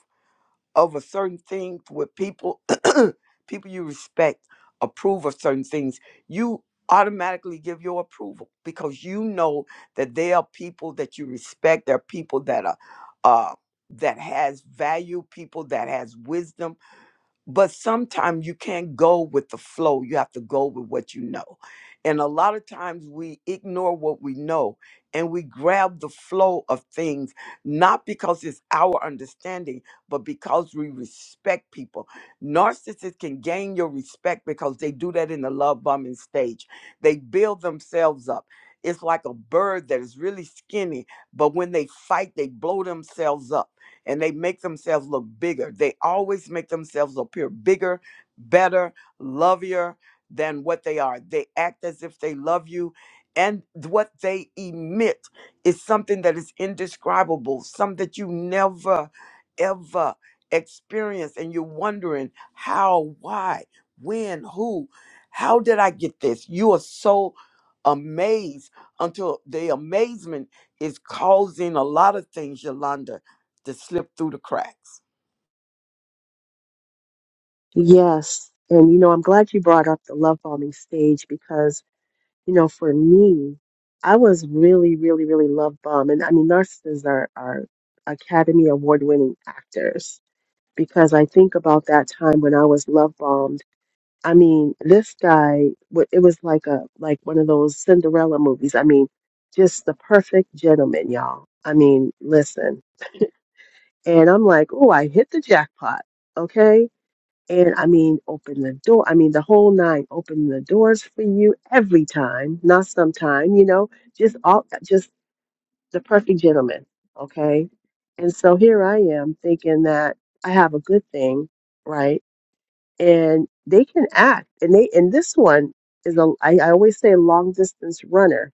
Speaker 1: over certain things with people people you respect approve of certain things you automatically give your approval because you know that they are people that you respect they're people that are uh that has value people that has wisdom but sometimes you can't go with the flow you have to go with what you know and a lot of times we ignore what we know and we grab the flow of things not because it's our understanding but because we respect people narcissists can gain your respect because they do that in the love bombing stage they build themselves up it's like a bird that is really skinny but when they fight they blow themselves up and they make themselves look bigger. They always make themselves appear bigger, better, lovelier than what they are. They act as if they love you. And what they emit is something that is indescribable, some that you never, ever experience. And you're wondering how, why, when, who, how did I get this? You are so amazed until the amazement is causing a lot of things, Yolanda that slip through the cracks.
Speaker 5: Yes. And, you know, I'm glad you brought up the love bombing stage because, you know, for me, I was really, really, really love bombed. And I mean, narcissists are, are Academy Award winning actors because I think about that time when I was love bombed I mean, this guy, wa- it was like a like one of those Cinderella movies. I mean, just the perfect gentleman, y'all. I mean, listen. And I'm like, oh, I hit the jackpot. Okay. And I mean, open the door. I mean, the whole nine, open the doors for you every time, not sometime, you know, just all, just the perfect gentleman. Okay. And so here I am thinking that I have a good thing, right? and they can act. And they and this one is a I, I always say long distance runner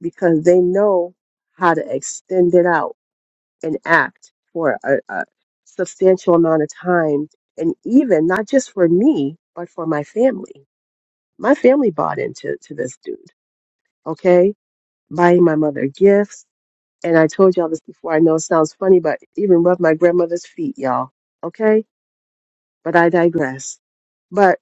Speaker 5: because they know how to extend it out and act for a, a substantial amount of time and even not just for me but for my family. My family bought into to this dude, okay? Buying my mother gifts. And I told y'all this before. I know it sounds funny, but even rub my grandmother's feet, y'all. Okay? But I digress. But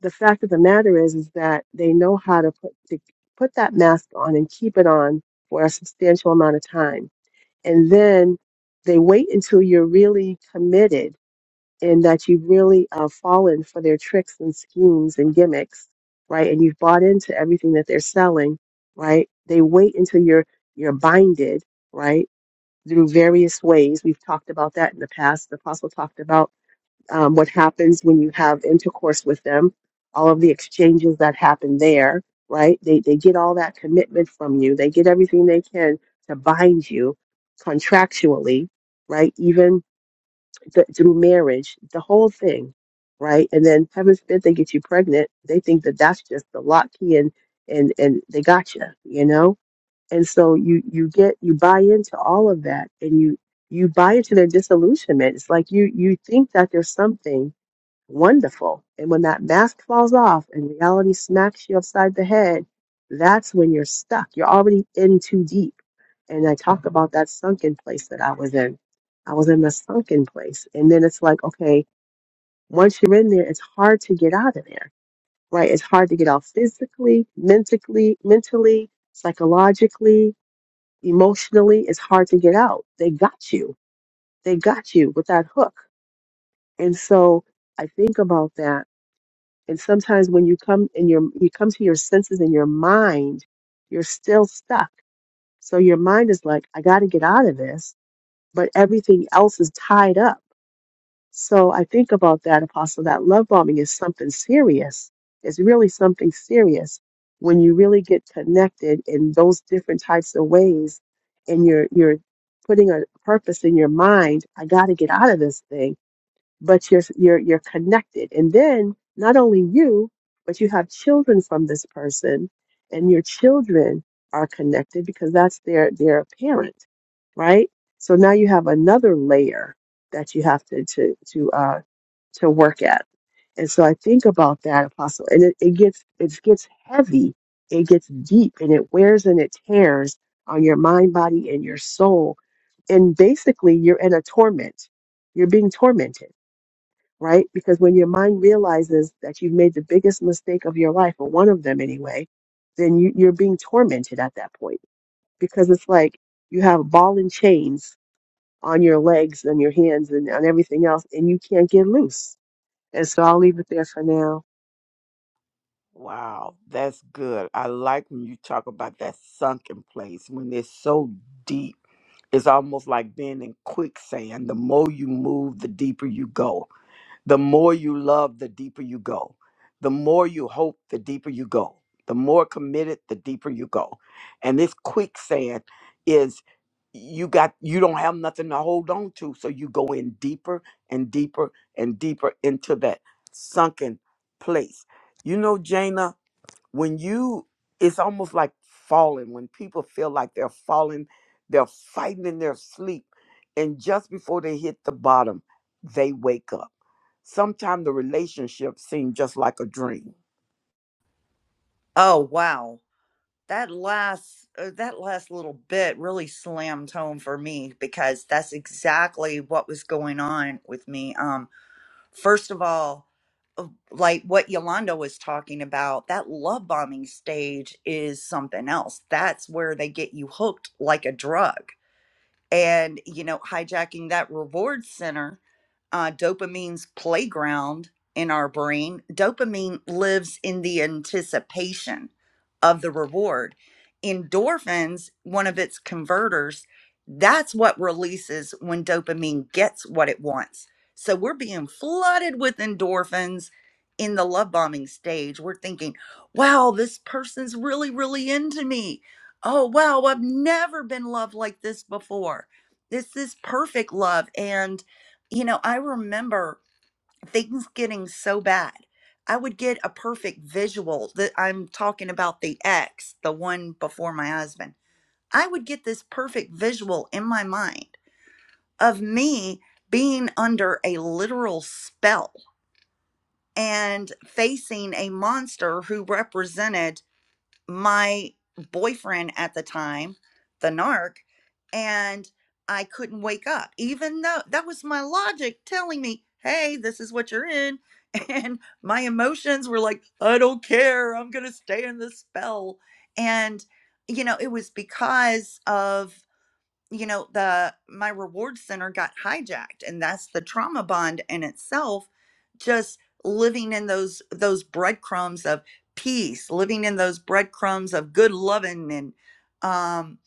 Speaker 5: the fact of the matter is is that they know how to put to put that mask on and keep it on for a substantial amount of time and then they wait until you're really committed and that you've really uh, fallen for their tricks and schemes and gimmicks right and you've bought into everything that they're selling right they wait until you're you're binded right through various ways we've talked about that in the past the apostle talked about um, what happens when you have intercourse with them, all of the exchanges that happen there, right? They, they get all that commitment from you. They get everything they can to bind you contractually, right? Even th- through marriage, the whole thing, right? And then heaven forbid they get you pregnant. They think that that's just the lock key and, and, and they got you, you know? And so you, you get, you buy into all of that and you, you buy into their disillusionment. It's like you, you think that there's something Wonderful. And when that mask falls off and reality smacks you upside the head, that's when you're stuck. You're already in too deep. And I talk about that sunken place that I was in. I was in the sunken place. And then it's like, okay, once you're in there, it's hard to get out of there, right? It's hard to get out physically, mentally, mentally, psychologically, emotionally. It's hard to get out. They got you. They got you with that hook. And so I think about that And sometimes when you come in your you come to your senses in your mind, you're still stuck. So your mind is like, I got to get out of this, but everything else is tied up. So I think about that, Apostle. That love bombing is something serious. It's really something serious when you really get connected in those different types of ways, and you're you're putting a purpose in your mind. I got to get out of this thing but you're you're you're connected and then not only you but you have children from this person and your children are connected because that's their their parent right so now you have another layer that you have to to to uh to work at and so i think about that apostle and it, it gets it gets heavy it gets deep and it wears and it tears on your mind body and your soul and basically you're in a torment you're being tormented right? Because when your mind realizes that you've made the biggest mistake of your life, or one of them anyway, then you, you're being tormented at that point because it's like you have ball and chains on your legs and your hands and on everything else, and you can't get loose. And so I'll leave it there for now.
Speaker 1: Wow, that's good. I like when you talk about that sunken place when it's so deep. It's almost like being in quicksand. The more you move, the deeper you go. The more you love, the deeper you go. The more you hope, the deeper you go. The more committed, the deeper you go. And this quicksand is you got you don't have nothing to hold on to, so you go in deeper and deeper and deeper into that sunken place. You know, Jana, when you it's almost like falling when people feel like they're falling, they're fighting in their sleep, and just before they hit the bottom, they wake up Sometimes the relationship seems just like a dream.
Speaker 3: Oh wow! that last uh, that last little bit really slammed home for me because that's exactly what was going on with me um first of all uh, like what Yolanda was talking about that love bombing stage is something else that's where they get you hooked like a drug and you know hijacking that reward center uh, dopamine's playground in our brain dopamine lives in the anticipation of the reward endorphins one of its converters that's what releases when dopamine gets what it wants so we're being flooded with endorphins in the love bombing stage we're thinking wow this person's really really into me oh wow i've never been loved like this before this is perfect love and you know i remember things getting so bad i would get a perfect visual that i'm talking about the ex the one before my husband i would get this perfect visual in my mind of me being under a literal spell and facing a monster who represented my boyfriend at the time, the narc, and I couldn't wake up, even though that was my logic telling me, hey, this is what you're in. And my emotions were like, I don't care. I'm going to stay in this spell. And, you know, it was because of you know the my reward center got hijacked and that's the trauma bond in itself just living in those those breadcrumbs of peace living in those breadcrumbs of good loving and um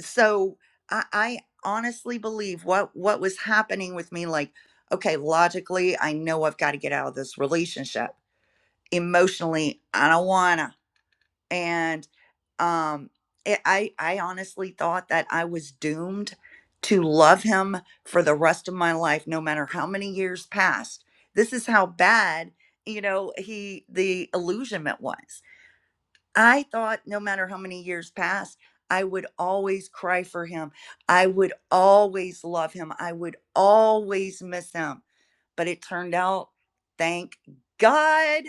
Speaker 3: so i i honestly believe what what was happening with me like okay logically i know i've got to get out of this relationship emotionally i don't wanna and um it, i i honestly thought that i was doomed to love him for the rest of my life no matter how many years passed this is how bad you know he the illusionment was i thought no matter how many years passed i would always cry for him i would always love him i would always miss him but it turned out thank god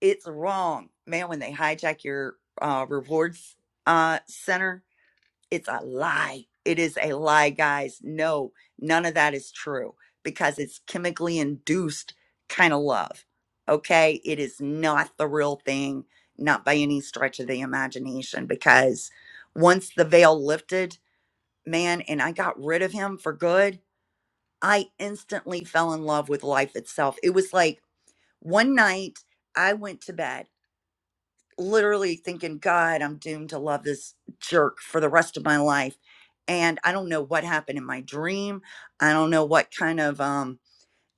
Speaker 3: it's wrong man when they hijack your uh rewards uh center it's a lie it is a lie guys no none of that is true because it's chemically induced kind of love okay it is not the real thing not by any stretch of the imagination because once the veil lifted man and i got rid of him for good i instantly fell in love with life itself it was like one night i went to bed literally thinking, God, I'm doomed to love this jerk for the rest of my life. And I don't know what happened in my dream. I don't know what kind of um,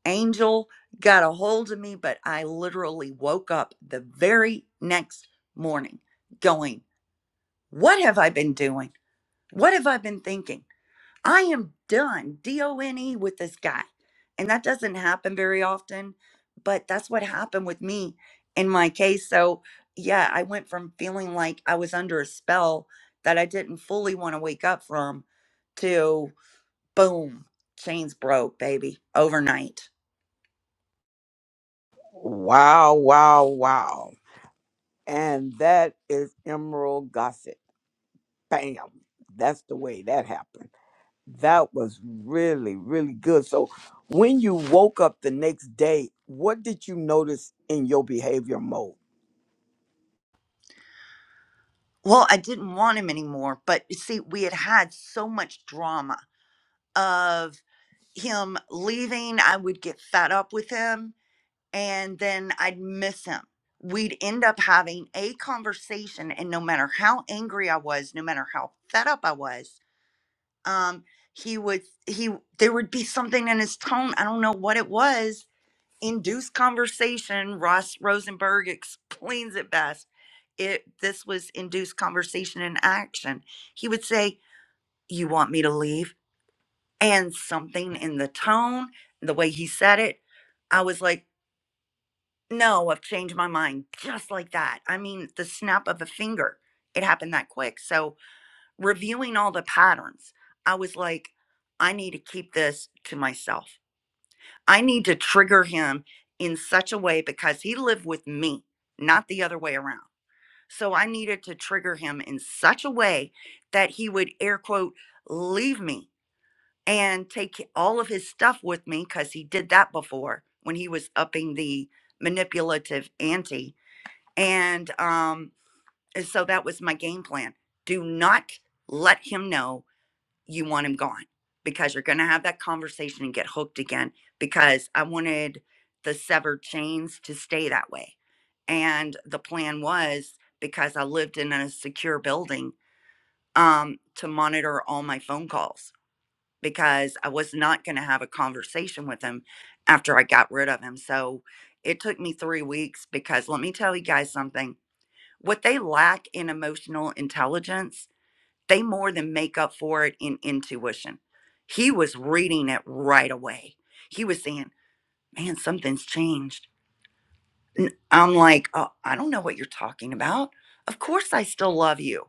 Speaker 3: angel got a hold of me, but I literally woke up the very next morning going, What have I been doing? What have I been thinking? I am done, D O N E, with this guy. And that doesn't happen very often, but that's what happened with me in my case. So, yeah, I went from feeling like I was under a spell that I didn't fully want to wake up from to boom, chains broke, baby, overnight.
Speaker 1: Wow, wow, wow. And that is Emerald Gossip. Bam. That's the way that happened. That was really, really good. So when you woke up the next day, what did you notice in your behavior mode?
Speaker 3: Well, I didn't want him anymore, but you see, we had had so much drama of him leaving. I would get fed up with him and then I'd miss him. We'd end up having a conversation, and no matter how angry I was, no matter how fed up I was, um, he would he there would be something in his tone. I don't know what it was. Induced conversation. Ross Rosenberg explains it best. It this was induced conversation in action. He would say, "You want me to leave?" And something in the tone, the way he said it, I was like. No, I've changed my mind just like that. I mean, the snap of a finger, it happened that quick. So, reviewing all the patterns, I was like, I need to keep this to myself. I need to trigger him in such a way because he lived with me, not the other way around. So, I needed to trigger him in such a way that he would air quote, leave me and take all of his stuff with me because he did that before when he was upping the manipulative ante and um, so that was my game plan. Do not let him know you want him gone because you're going to have that conversation and get hooked again because I wanted the severed chains to stay that way. And the plan was because I lived in a secure building um, to monitor all my phone calls because I was not going to have a conversation with him after I got rid of him. So it took me three weeks because let me tell you guys something what they lack in emotional intelligence, they more than make up for it in intuition. He was reading it right away. He was saying, Man, something's changed. And I'm like, oh, I don't know what you're talking about. Of course, I still love you.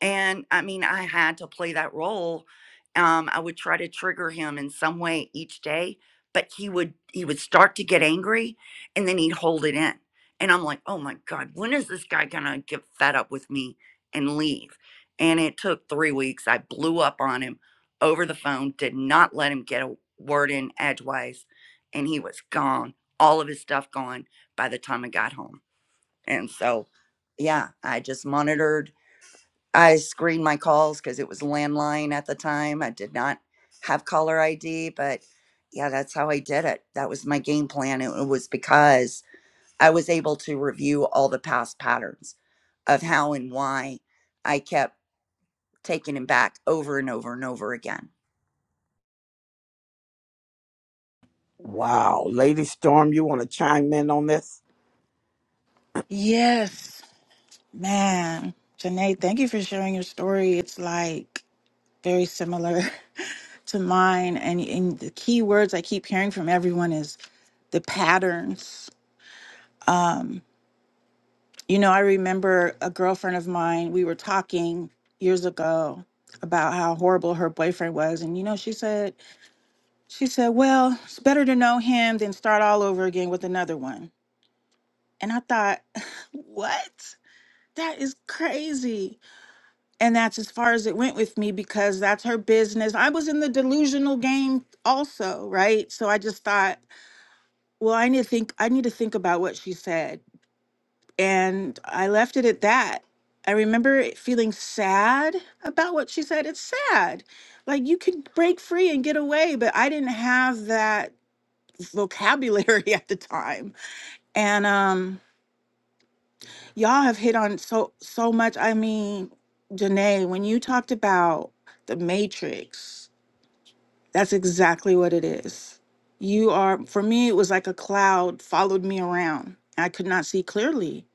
Speaker 3: And I mean, I had to play that role. Um, I would try to trigger him in some way each day, but he would he would start to get angry and then he'd hold it in. And I'm like, oh my God, when is this guy gonna get fed up with me and leave? And it took three weeks. I blew up on him over the phone, did not let him get a word in edgewise, and he was gone. All of his stuff gone by the time I got home. And so, yeah, I just monitored I screened my calls because it was landline at the time. I did not have caller ID, but yeah, that's how I did it. That was my game plan. It was because I was able to review all the past patterns of how and why I kept taking him back over and over and over again.
Speaker 1: Wow. Lady Storm, you want to chime in on this?
Speaker 9: Yes, man. Janae, thank you for sharing your story. It's like very similar to mine. And, and the key words I keep hearing from everyone is the patterns. You know, I remember a girlfriend of mine, we were talking years ago about how horrible her boyfriend was. And, you know, she said, she said, well, it's better to know him than start all over again with another one. And I thought, what? That is crazy And that's as far as it went with me because that's her business. I was in the delusional game also, right? So I just thought, well, I need to think I need to think about what she said. And I left it at that. I remember it feeling sad about what she said. It's sad. Like you could break free and get away, but I didn't have that vocabulary at the time. And um y'all have hit on so so much. I mean, Janae, when you talked about the matrix That's exactly what it is. You are, for me, it was like a cloud followed me around. I could not see clearly,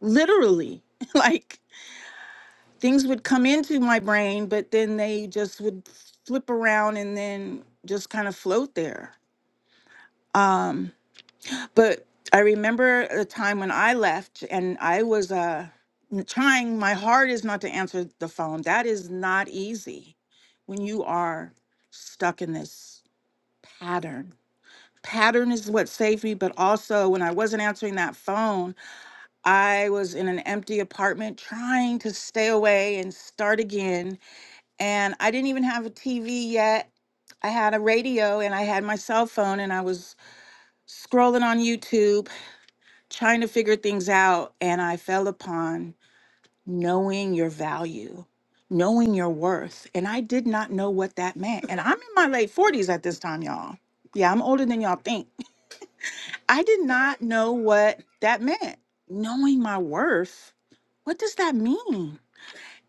Speaker 9: literally. like things would come into my brain, but then they just would flip around and then just kind of float there. Um, but I remember a time when I left and I was uh, n- trying my hardest not to answer the phone. That is not easy when you are stuck in this pattern pattern is what saved me but also when i wasn't answering that phone i was in an empty apartment trying to stay away and start again and i didn't even have a tv yet i had a radio and i had my cell phone and i was scrolling on youtube trying to figure things out and i fell upon knowing your value knowing your worth and i did not know what that meant and i'm in my late 40s at this time y'all yeah i'm older than y'all think I did not know what that meant. Knowing my worth, what does that mean?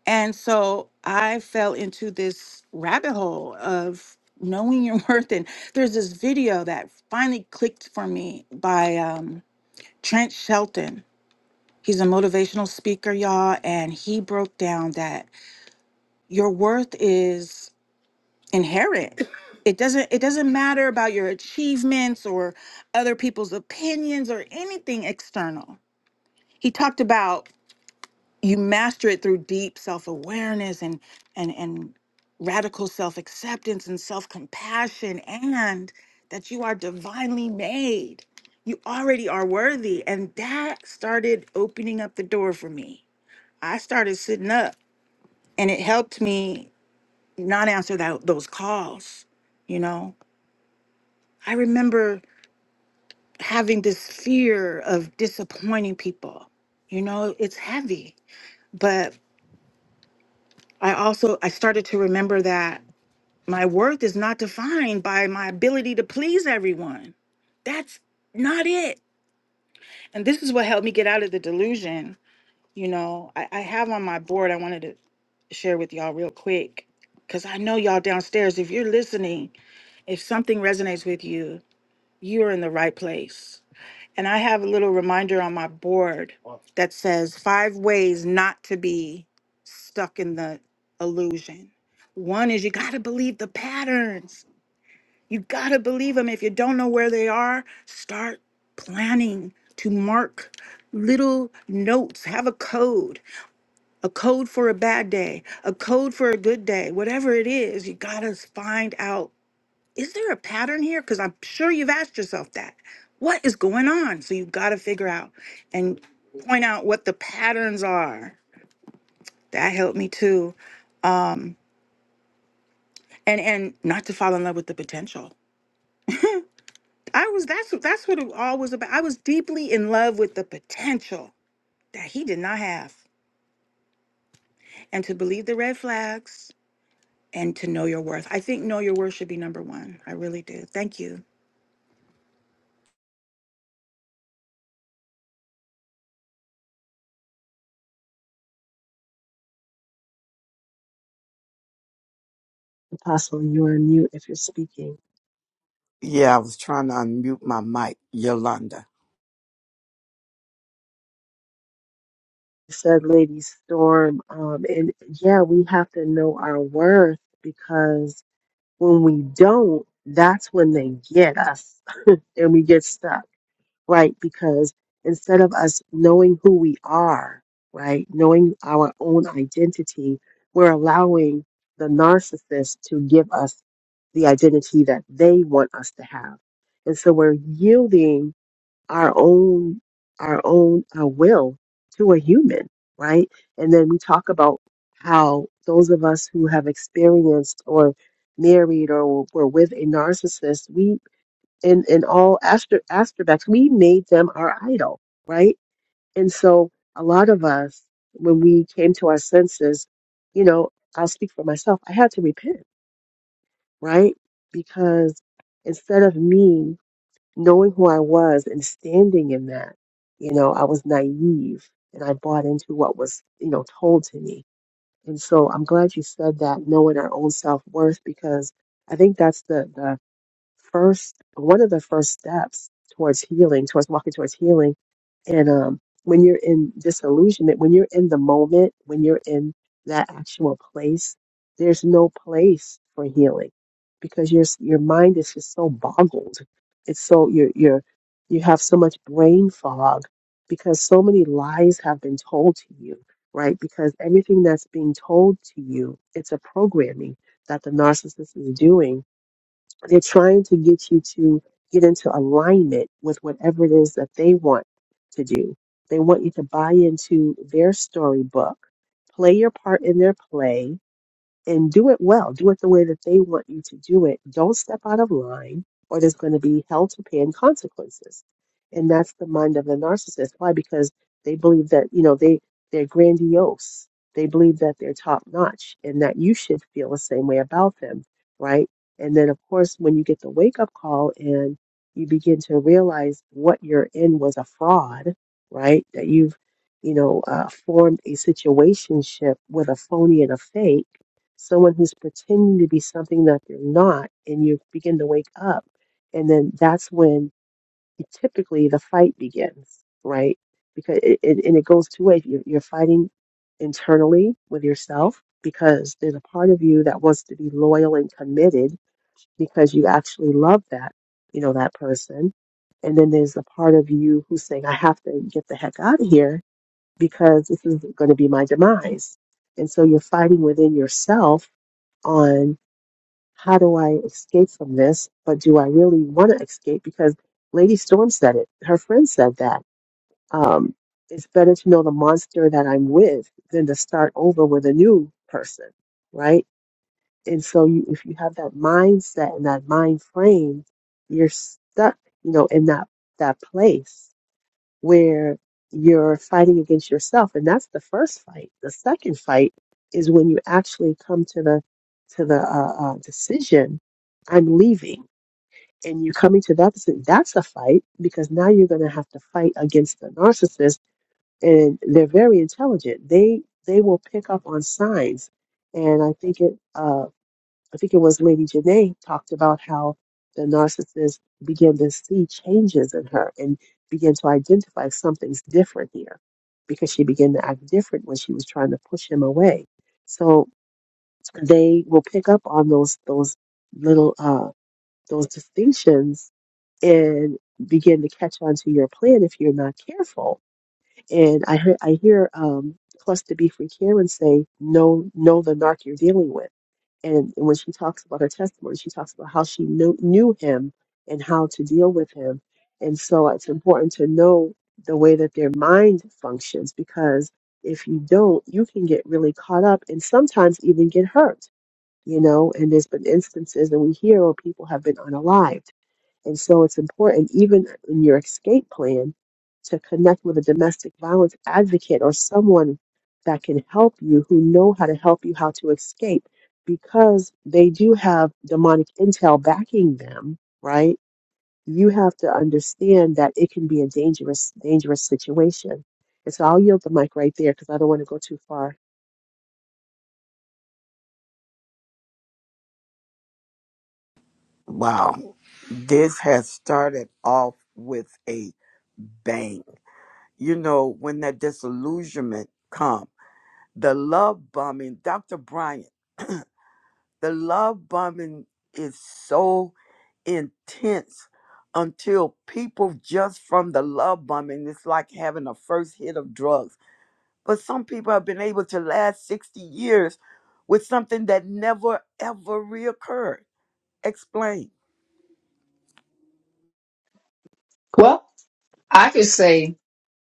Speaker 9: And so I fell into this rabbit hole of knowing your worth. And there's this video that finally clicked for me by um, Trent Shelton. He's a motivational speaker, y'all. And he broke down that your worth is inherent. It doesn't it doesn't matter about your achievements or other people's opinions or anything external he talked about you master it through deep self-awareness and and and radical self-acceptance and self-compassion and that you are divinely made you already are worthy and that started opening up the door for me i started sitting up and it helped me not answer that, those calls you know i remember having this fear of disappointing people you know it's heavy but. I also I started to remember that my worth is not defined by my ability to please everyone. That's not it. And this is what helped me get out of the delusion. You know, I, I have on my board I wanted to share with y'all real quick. Cause I know y'all downstairs, if you're listening, if something resonates with you, you're in the right place. And I have a little reminder on my board that says five ways not to be stuck in the illusion. One is you got to believe the patterns. You got to believe them. If you don't know where they are, start planning to mark little notes. Have a code, a code for a bad day, a code for a good day, whatever it is, you got to find out is there a pattern here? Because I'm sure you've asked yourself that. What is going on? So you've got to figure out and point out what the patterns are. That helped me too. Um, and and not to fall in love with the potential. I was that's that's what it all was about. I was deeply in love with the potential that he did not have, and to believe the red flags and to know your worth. I think know your worth should be number one. I really do. Thank you.
Speaker 5: Apostle, you're on mute if you're speaking.
Speaker 1: Yeah, I was trying to unmute my mic, Yolanda.
Speaker 5: said, Lady Storm, um, and yeah, we have to know our worth because when we don't, that's when they get us and we get stuck right? Because instead of us knowing who we are, right, knowing our own identity, we're allowing the narcissist to give us the identity that they want us to have. And so we're yielding our own our own uh, will to a human, right? And then we talk about how those of us who have experienced or married or were with a narcissist, we and and all astro- astrobacks we made them our idol right and so a lot of us when we came to our senses you know i'll speak for myself i had to repent right because instead of me knowing who i was and standing in that you know i was naive and i bought into what was you know told to me and so i'm glad you said that knowing our own self-worth because i think that's the the first one of the first steps towards healing, towards walking towards healing. And um, when you're in disillusionment, when you're in the moment, when you're in that actual place, there's no place for healing because your your mind is just so boggled. It's so you're you're you have so much brain fog because so many lies have been told to you, right? Because everything that's being told to you, it's a programming that the narcissist is doing they're trying to get you to get into alignment with whatever it is that they want to do. They want you to buy into their storybook, play your part in their play, and do it well. Do it the way that they want you to do it. Don't step out of line, or there's going to be hell to pay and consequences. And that's the mind of the narcissist. Why? Because they believe that you know they they're grandiose. They believe that they're top notch, and that you should feel the same way about them, right? And then of course, when you get the wake up call and you begin to realize what you're in was a fraud, right? That you've you know uh, formed a situationship with a phony and a fake someone who's pretending to be something that they're not, and you begin to wake up. And then that's when it, typically the fight begins, right? Because it, it, and it goes two ways. You're, you're fighting internally with yourself because there's a part of you that wants to be loyal and committed because you actually love that, you know, that person. And then there's the part of you who's saying, I have to get the heck out of here because this is going to be my demise. And so you're fighting within yourself on how do I escape from this, but do I really want to escape? Because Lady Storm said it. Her friend said that. Um, it's better to know the monster that I'm with than to start over with a new person, right? And so you, if you have that mindset and that mind frame, you're stuck, you know, in that that place where you're fighting against yourself and that's the first fight the second fight is when you actually come to the to the uh, uh, decision i'm leaving and you're coming to that decision that's a fight because now you're going to have to fight against the narcissist and they're very intelligent they they will pick up on signs and i think it uh, I think it was Lady Janae talked about how the narcissist began to see changes in her and began to identify something's different here because she began to act different when she was trying to push him away. So they will pick up on those those little uh those distinctions and begin to catch on to your plan if you're not careful. And I hear I hear um Cluster B Free Karen say, "No, know know the narc you're dealing with and when she talks about her testimony, she talks about how she knew, knew him and how to deal with him. And so it's important to know the way that their mind functions because if you don't, you can get really caught up and sometimes even get hurt, you know. And there's been instances, and we hear where people have been unalived and so it's important, even in your escape plan, to connect with a domestic violence advocate or someone that can help you, who know how to help you how to escape, because they do have demonic intel backing them, right? You have to understand that it can be a dangerous, dangerous situation. And so I'll yield the mic right there because I don't want to go too far.
Speaker 1: Wow. This has started off with a bang. You know, when that disillusionment come, the love bombing, Dr. Bryant, the love bombing is so intense until people just from the love bombing, it's like having a first hit of drugs. But some people have been able to last 60 years with something that never ever reoccurred. Explain.
Speaker 7: well i could say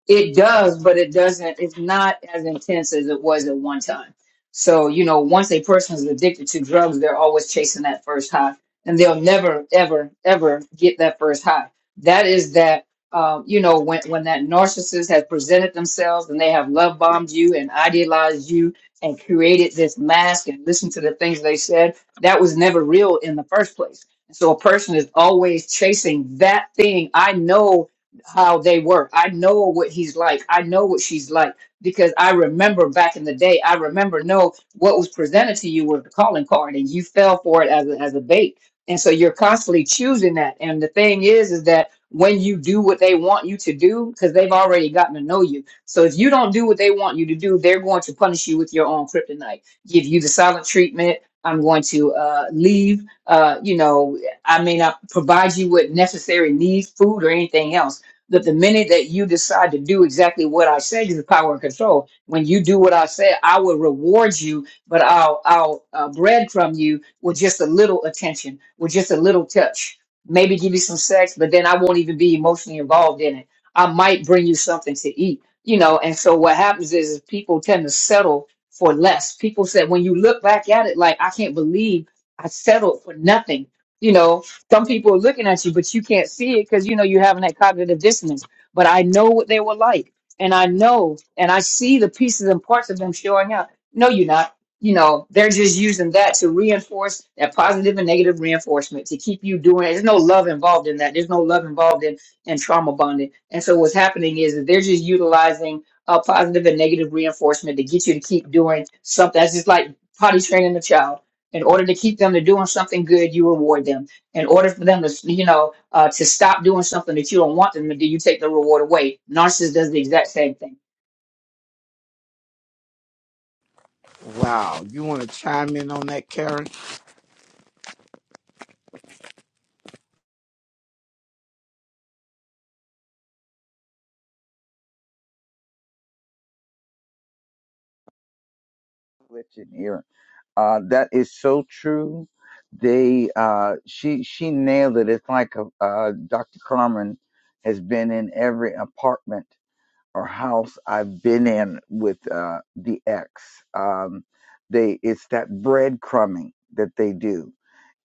Speaker 7: It does, but it doesn't, it's not as intense as it was at one time. So, you know, once a person is addicted to drugs, they're always chasing that first high and they'll never, ever, ever get that first high. That is that, um, you know, when, when that narcissist has presented themselves and they have love bombed you and idealized you and created this mask and listened to the things they said, that was never real in the first place. So a person is always chasing that thing. I know how they work. I know what he's like. I know what she's like because I remember back in the day. I remember no what was presented to you was the calling card, and you fell for it as a, as a bait. And so you're constantly choosing that. And the thing is, is that when you do what they want you to do, because they've already gotten to know you. So if you don't do what they want you to do, they're going to punish you with your own kryptonite, give you the silent treatment. I'm going to uh, leave. Uh, you know, I may not provide you with necessary needs, food, or anything else that the minute that you decide to do exactly what I said, is power and control. When you do what I said, I will reward you, but I'll I'll uh, bread from you with just a little attention, with just a little touch. Maybe give you some sex, but then I won't even be emotionally involved in it. I might bring you something to eat, you know. And so what happens is, is people tend to settle for less. People said when you look back at it, like I can't believe I settled for nothing, you know some people are looking at you, but you can't see it because you know you're having that cognitive dissonance. But I know what they were like, and I know, and I see the pieces and parts of them showing up. No, you're not. You know, they're just using that to reinforce that positive and negative reinforcement to keep you doing it. There's no love involved in that. There's no love involved in in trauma bonding. And so what's happening is that they're just utilizing uh, positive and negative reinforcement to get you to keep doing something. That's just like potty training a child. In order to keep them to doing something good, you reward them in order for them to you know uh, to stop doing something that you don't want them to do you take the reward away narcissist does the exact same thing
Speaker 1: Wow. You want to chime in on that, Karen?
Speaker 4: Let you hear. Uh, that is so true. They, uh, she, she nailed it. It's like a, uh, Dr. Carmen has been in every apartment or house I've been in with uh, the ex. Um, they, it's that breadcrumbing that they do.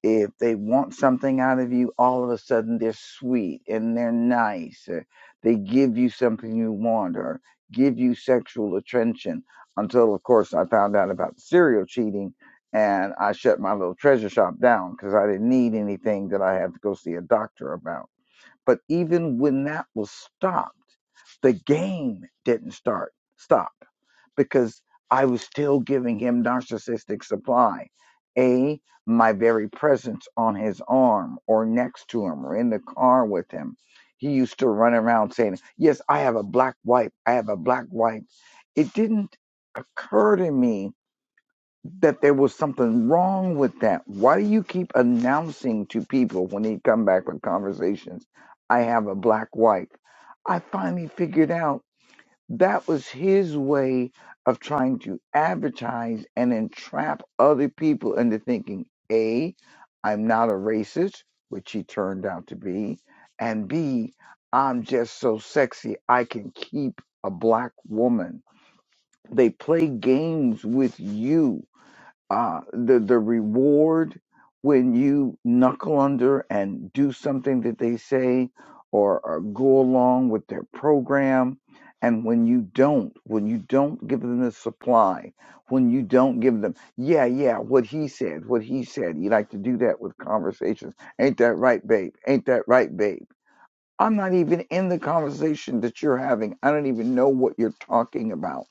Speaker 4: if they want something out of you, all of a sudden they're sweet and they're nice. Or they give you something you want or give you sexual attention. Until, of course, I found out about the serial cheating and I shut my little treasure shop down because I didn't need anything that I had to go see a doctor about. But even when that was stopped, the game didn't start. Stop because I was still giving him narcissistic supply. A, my very presence on his arm or next to him or in the car with him. He used to run around saying, Yes, I have a black wife. I have a black wife. It didn't occur to me that there was something wrong with that. Why do you keep announcing to people when he come back with conversations, I have a black wife? I finally figured out. That was his way of trying to advertise and entrap other people into thinking A, I'm not a racist, which he turned out to be, and B, I'm just so sexy I can keep a black woman. They play games with you uh, the the reward when you knuckle under and do something that they say or, or go along with their program and when you don't when you don't give them the supply when you don't give them yeah yeah what he said what he said you like to do that with conversations ain't that right babe ain't that right babe i'm not even in the conversation that you're having i don't even know what you're talking about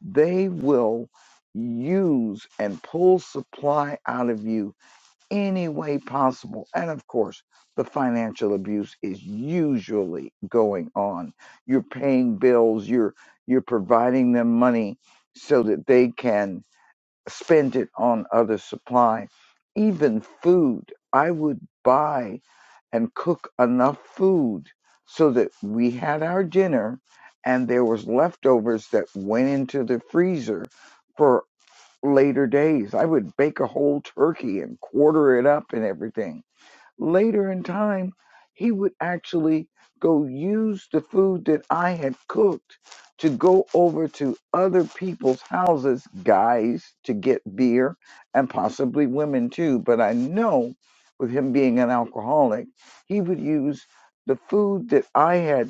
Speaker 4: they will use and pull supply out of you any way possible. And of course, the financial abuse is usually going on. You're paying bills, you're you're providing them money so that they can spend it on other supply. Even food. I would buy and cook enough food so that we had our dinner and there was leftovers that went into the freezer for later days. I would bake a whole turkey and quarter it up and everything Later in time, he would actually go use the food that I had cooked to go over to other people's houses, guys, to get beer and possibly women too. But I know with him being an alcoholic, he would use the food that I had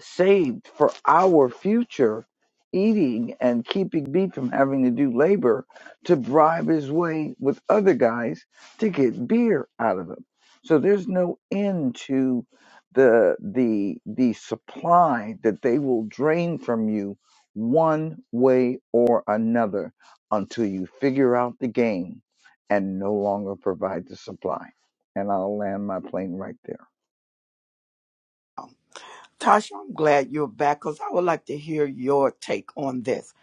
Speaker 4: saved for our future eating and keeping me from having to do labor to bribe his way with other guys to get beer out of him. So there's no end to the the the supply that they will drain from you one way or another until you figure out the game and no longer provide the supply. And I'll land my plane right there.
Speaker 1: Tasha, I'm glad you're back because I would like to hear your take on this.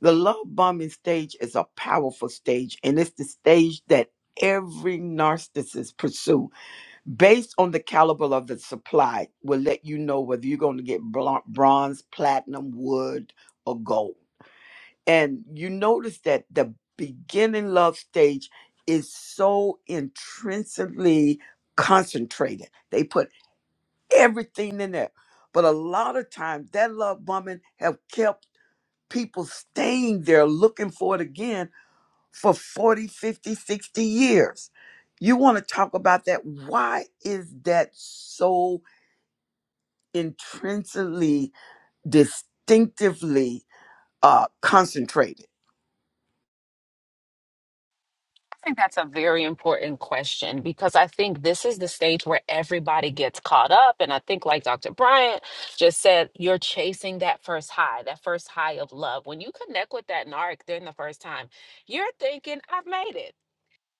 Speaker 1: The love bombing stage is a powerful stage, and it's the stage that every narcissist pursue based on the caliber of the supply will let you know whether you're going to get bl- bronze platinum wood or gold and you notice that the beginning love stage is so intrinsically concentrated. They put everything in there. But a lot of times that love bombing have kept people staying there looking for it again for 40, 50, 60 years. You want to talk about that? Why is that so intrinsically, distinctively uh, concentrated?
Speaker 6: I think that's a very important question because I think this is the stage where everybody gets caught up. And I think, like Dr. Bryant just said, you're chasing that first high, that first high of love. When you connect with that narc during the first time, you're thinking, I've made it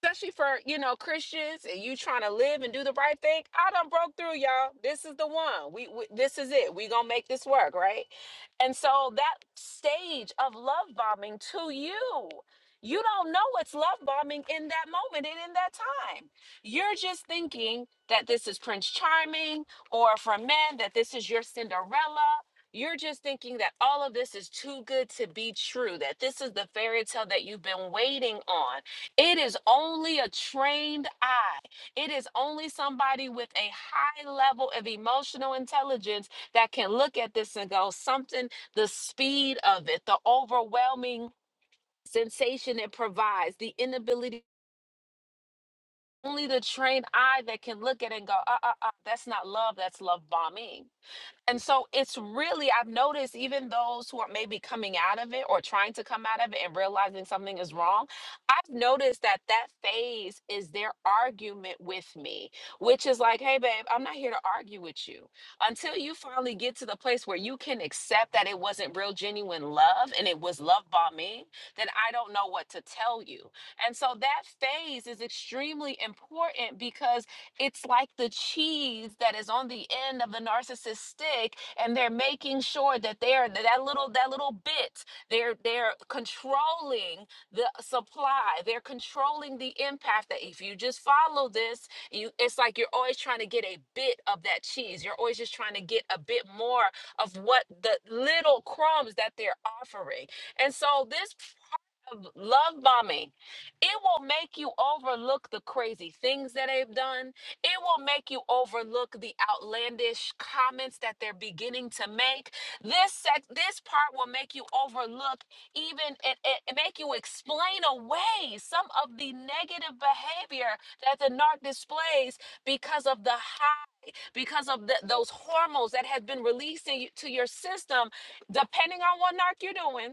Speaker 6: especially for you know Christians and you trying to live and do the right thing. I done broke through, y'all. This is the one. We, we this is it. We gonna make this work, right? And so that stage of love bombing to you, you don't know it's love bombing in that moment and in that time. You're just thinking that this is Prince Charming, or for men that this is your Cinderella. You're just thinking that all of this is too good to be true, that this is the fairy tale that you've been waiting on it is only a trained eye. It is only somebody with a high level of emotional intelligence that can look at this and go, something, the speed of it, the overwhelming sensation it provides, the inability, only the trained eye that can look at it and go, uh uh uh, that's not love, that's love bombing. And so it's really, I've noticed even those who are maybe coming out of it or trying to come out of it and realizing something is wrong, I've noticed that that phase is their argument with me, which is like, hey, babe, I'm not here to argue with you. Until you finally get to the place where you can accept that it wasn't real, genuine love and it was love bombing, then I don't know what to tell you. And so that phase is extremely important because it's like the cheese that is on the end of the narcissist stick, and they're making sure that they're that little that little bit. They're they're controlling the supply. They're controlling the impact. That if you just follow this, you it's like you're always trying to get a bit of that cheese. You're always just trying to get a bit more of what the little crumbs that they're offering. And so this of love bombing. It will make you overlook the crazy things that they've done. It will make you overlook the outlandish comments that they're beginning to make. This sec- this part will make you overlook even and, and make you explain away some of the negative behavior that the narc displays because of the high because of the, those hormones that have been released in, you- to your system depending on what narc you're doing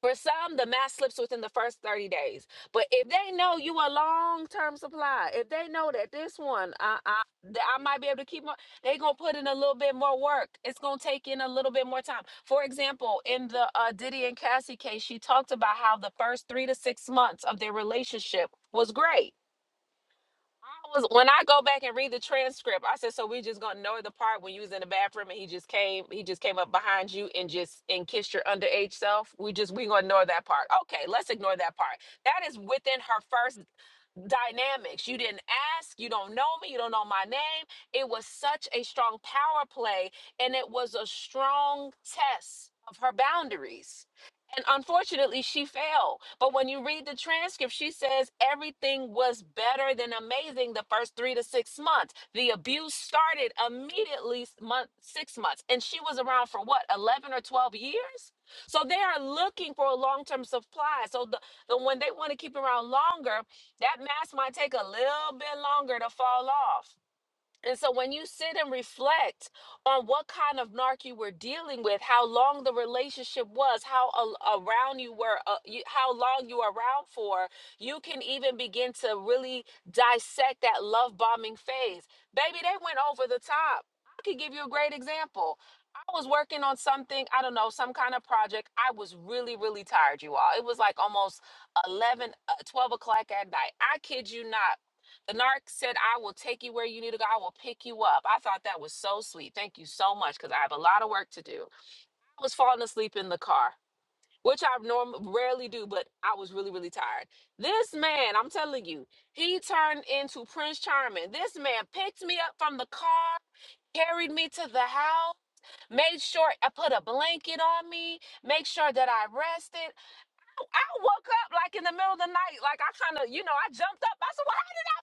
Speaker 6: for some, the mask slips within the first 30 days. But if they know you a long-term supply, if they know that this one, I, I, that I might be able to keep on, they going to put in a little bit more work. It's going to take in a little bit more time. For example, in the uh, Diddy and Cassie case, she talked about how the first three to six months of their relationship was great I was when I go back and read the transcript, I said, so we just gonna know the part when you was in the bathroom and he just came, he just came up behind you and just and kissed your underage self. We just we gonna ignore that part. Okay, let's ignore that part. That is within her first dynamics. You didn't ask, you don't know me, you don't know my name. It was such a strong power play and it was a strong test of her boundaries. And unfortunately, she failed. But when you read the transcript, she says everything was better than amazing the first three to six months. The abuse started immediately s- month six months, and she was around for what eleven or twelve years. So they are looking for a long-term supply. So the, the when they want to keep around longer, that mask might take a little bit longer to fall off. And so when you sit and reflect on what kind of narc you were dealing with, how long the relationship was, how a- around you were, uh, you, how long you were around for, you can even begin to really dissect that love bombing phase. Baby, they went over the top. I could give you a great example. I was working on something, I don't know, some kind of project. I was really, really tired, you all. It was like almost 11, uh, 12 o'clock at night. I kid you not the narc said, I will take you where you need to go. I will pick you up. I thought that was so sweet. Thank you so much because I have a lot of work to do. I was falling asleep in the car, which I normally rarely do, but I was really, really tired. This man, I'm telling you, he turned into Prince Charming. This man picked me up from the car, carried me to the house, made sure I put a blanket on me, make sure that I rested. I woke up like in the middle of the night, like I kind of, you know, I jumped up. I said, "Well, how did I?"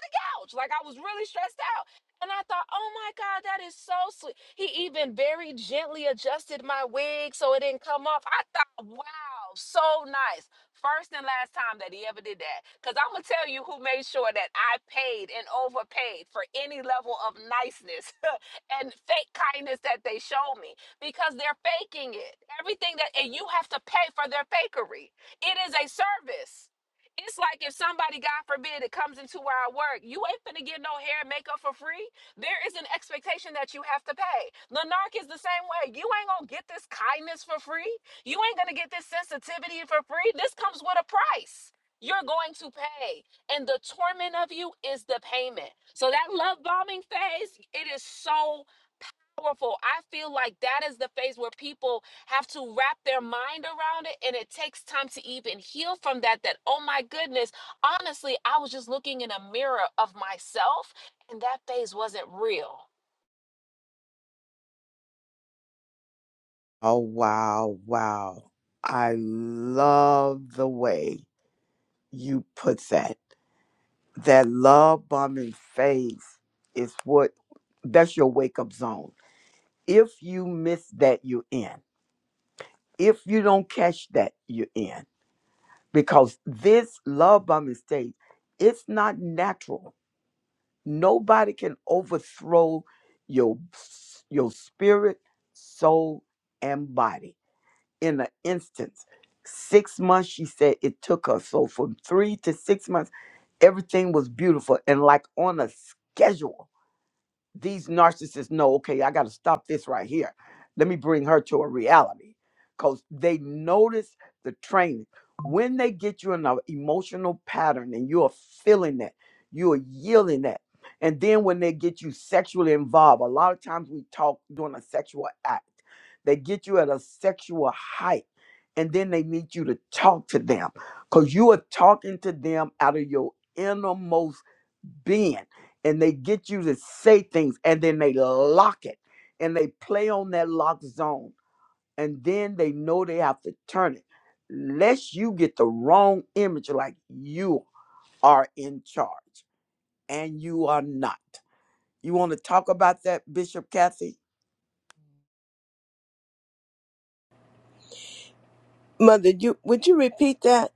Speaker 6: the couch. Like I was really stressed out. And I thought, oh my God, that is so sweet. He even very gently adjusted my wig so it didn't come off. I thought, wow, so nice. First and last time that he ever did that. Because I'm going to tell you who made sure that I paid and overpaid for any level of niceness and fake kindness that they showed me because they're faking it. Everything that, and you have to pay for their fakery. It is a service. It's like if somebody, God forbid, it comes into where I work, you ain't finna get no hair and makeup for free. There is an expectation that you have to pay. Lanark is the same way. You ain't gonna get this kindness for free. You ain't gonna get this sensitivity for free. This comes with a price. You're going to pay. And the torment of you is the payment. So that love bombing phase, it is so powerful. I feel like that is the phase where people have to wrap their mind around it and it takes time to even heal from that that oh my goodness, honestly, I was just looking in a mirror of myself and that phase wasn't real.
Speaker 1: Oh, wow, wow. I love the way you put that. that love bombing phase is what that's your wake up zone. If you miss that, you're in. If you don't catch that, you're in. Because this love bombing stage, it's not natural. Nobody can overthrow your your spirit, soul, and body in an instance. Six months, she said it took her. So from three to six months, everything was beautiful and like on a schedule these narcissists know, okay, I got to stop this right here. Let me bring her to a reality because they notice the training. When they get you in an emotional pattern and you are feeling that, you are yielding that. And then when they get you sexually involved, a lot of times we talk during a sexual act, they get you at a sexual height and then they need you to talk to them because you are talking to them out of your innermost being and they get you to say things and then they lock it and they play on that lock zone and then they know they have to turn it lest you get the wrong image like you are in charge and you are not you want to talk about that bishop kathy
Speaker 10: Mother, you would you repeat that,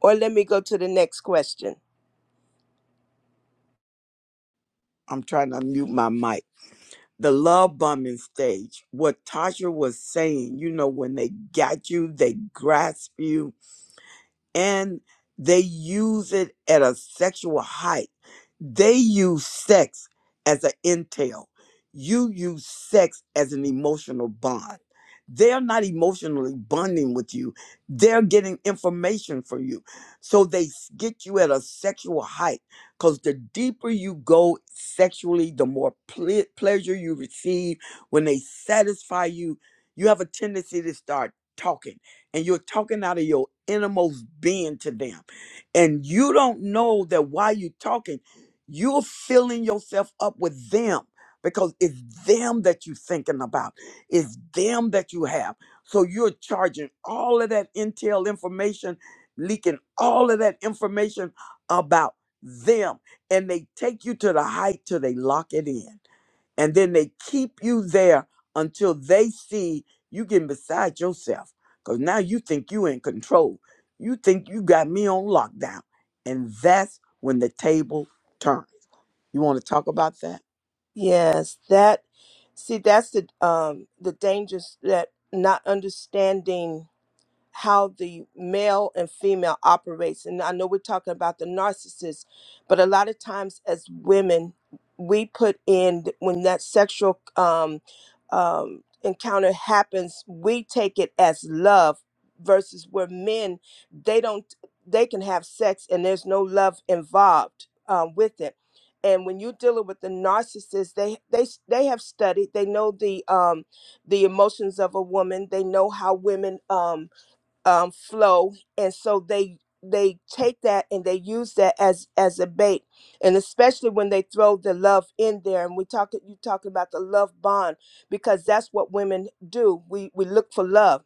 Speaker 10: or let me go to the next question?
Speaker 1: i'm trying to mute my mic the love bombing stage what tasha was saying you know when they got you they grasp you and they use it at a sexual height. They use sex as an entail. You use sex as an emotional bond. They're not emotionally bonding with you. They're getting information from you. So they s- get you at a sexual height because the deeper you go sexually, the more ple- pleasure you receive. When they satisfy you, you have a tendency to start talking and you're talking out of your innermost being to them. And you don't know that while you're talking, you're filling yourself up with them because it's them that you're thinking about, it's them that you have. So you're charging all of that intel information, leaking all of that information about them. And they take you to the height till they lock it in and then they keep you there until they see you getting beside yourself. Because now you think you in control. You think you got me on lockdown. And that's when the table turns. You want to talk about that?
Speaker 10: Yes, that. See, that's the um the dangers that not understanding how the male and female operates and i know we're talking about the narcissist but a lot of times as women we put in when that sexual um, um, encounter happens we take it as love versus where men they don't they can have sex and there's no love involved um, with it and when you're dealing with the narcissist they they they have studied they know the um the emotions of a woman they know how women um um, flow, and so they they take that and they use that as as a bait, and especially when they throw the love in there. And we talk you talking about the love bond because that's what women do. We we look for love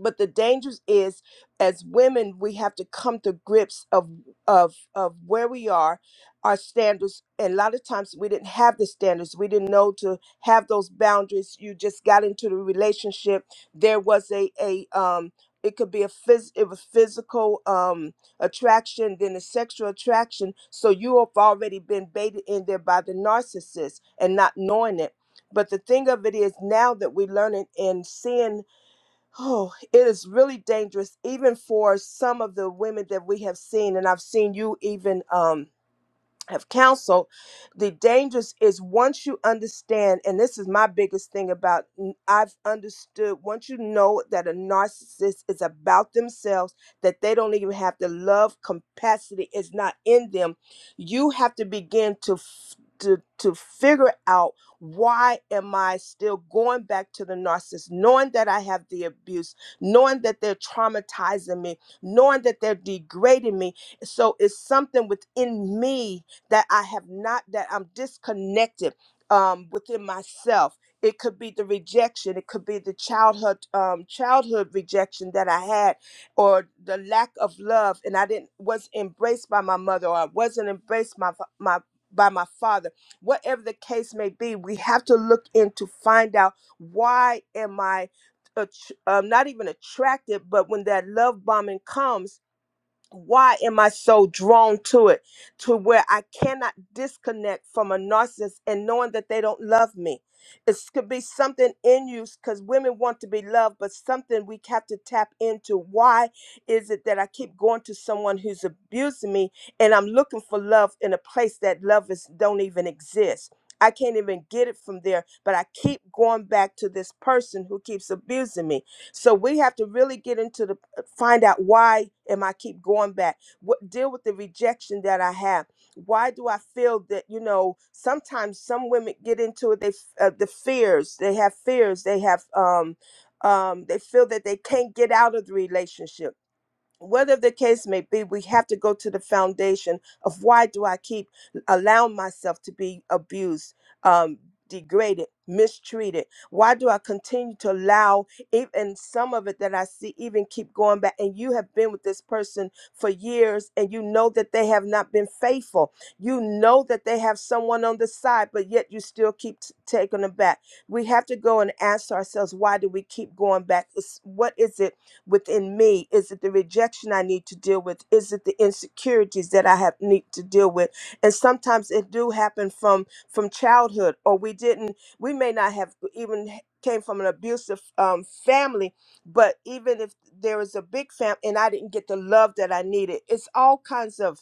Speaker 10: but the danger is as women we have to come to grips of of of where we are our standards and a lot of times we didn't have the standards we didn't know to have those boundaries you just got into the relationship there was a a um it could be a phys- it was physical um attraction then a sexual attraction so you have already been baited in there by the narcissist and not knowing it but the thing of it is now that we're learning and seeing Oh, it is really dangerous, even for some of the women that we have seen, and I've seen you even. Um, have counseled the dangers is once you understand and this is my biggest thing about n- i've understood once you know that a narcissist is about themselves that they don't even have the love capacity is not in them you have to begin to f- to, to figure out why am i still going back to the narcissist knowing that i have the abuse knowing that they're traumatizing me knowing that they're degrading me so it's something within me that I have not, that I'm disconnected um, within myself. It could be the rejection. It could be the childhood um, childhood rejection that I had, or the lack of love, and I didn't was embraced by my mother, or I wasn't embraced my fa- my by my father. Whatever the case may be, we have to look in to find out why am I, att- um, not even attracted, but when that love bombing comes why am I so drawn to it to where I cannot disconnect from a narcissist and knowing that they don't love me? It could be something in you because women want to be loved, but something we have to tap into. Why is it that I keep going to someone who's abusing me and I'm looking for love in a place that love is don't even exist? I can't even get it from there, but I keep going back to this person who keeps abusing me. So we have to really get into the find out why am I keep going back? What deal with the rejection that I have? Why do I feel that you know? Sometimes some women get into it. They f- uh, the fears they have fears. They have um um they feel that they can't get out of the relationship whatever the case may be, we have to go to the foundation of why do I keep allowing myself to be abused, um, degraded, mistreated? Why do I continue to allow even some of it that I see even keep going back? And you have been with this person for years and you know that they have not been faithful. You know that they have someone on the side, but yet you still keep t- taking them back. We have to go and ask ourselves, why do we keep going back? It's- What is it? within me? Is it the rejection I need to deal with? Is it the insecurities that I have need to deal with? And sometimes it do happen from from childhood, or we didn't. We may not have even h- came from an abusive um, family, but even if there is a big family and I didn't get the love that I needed, it's all kinds of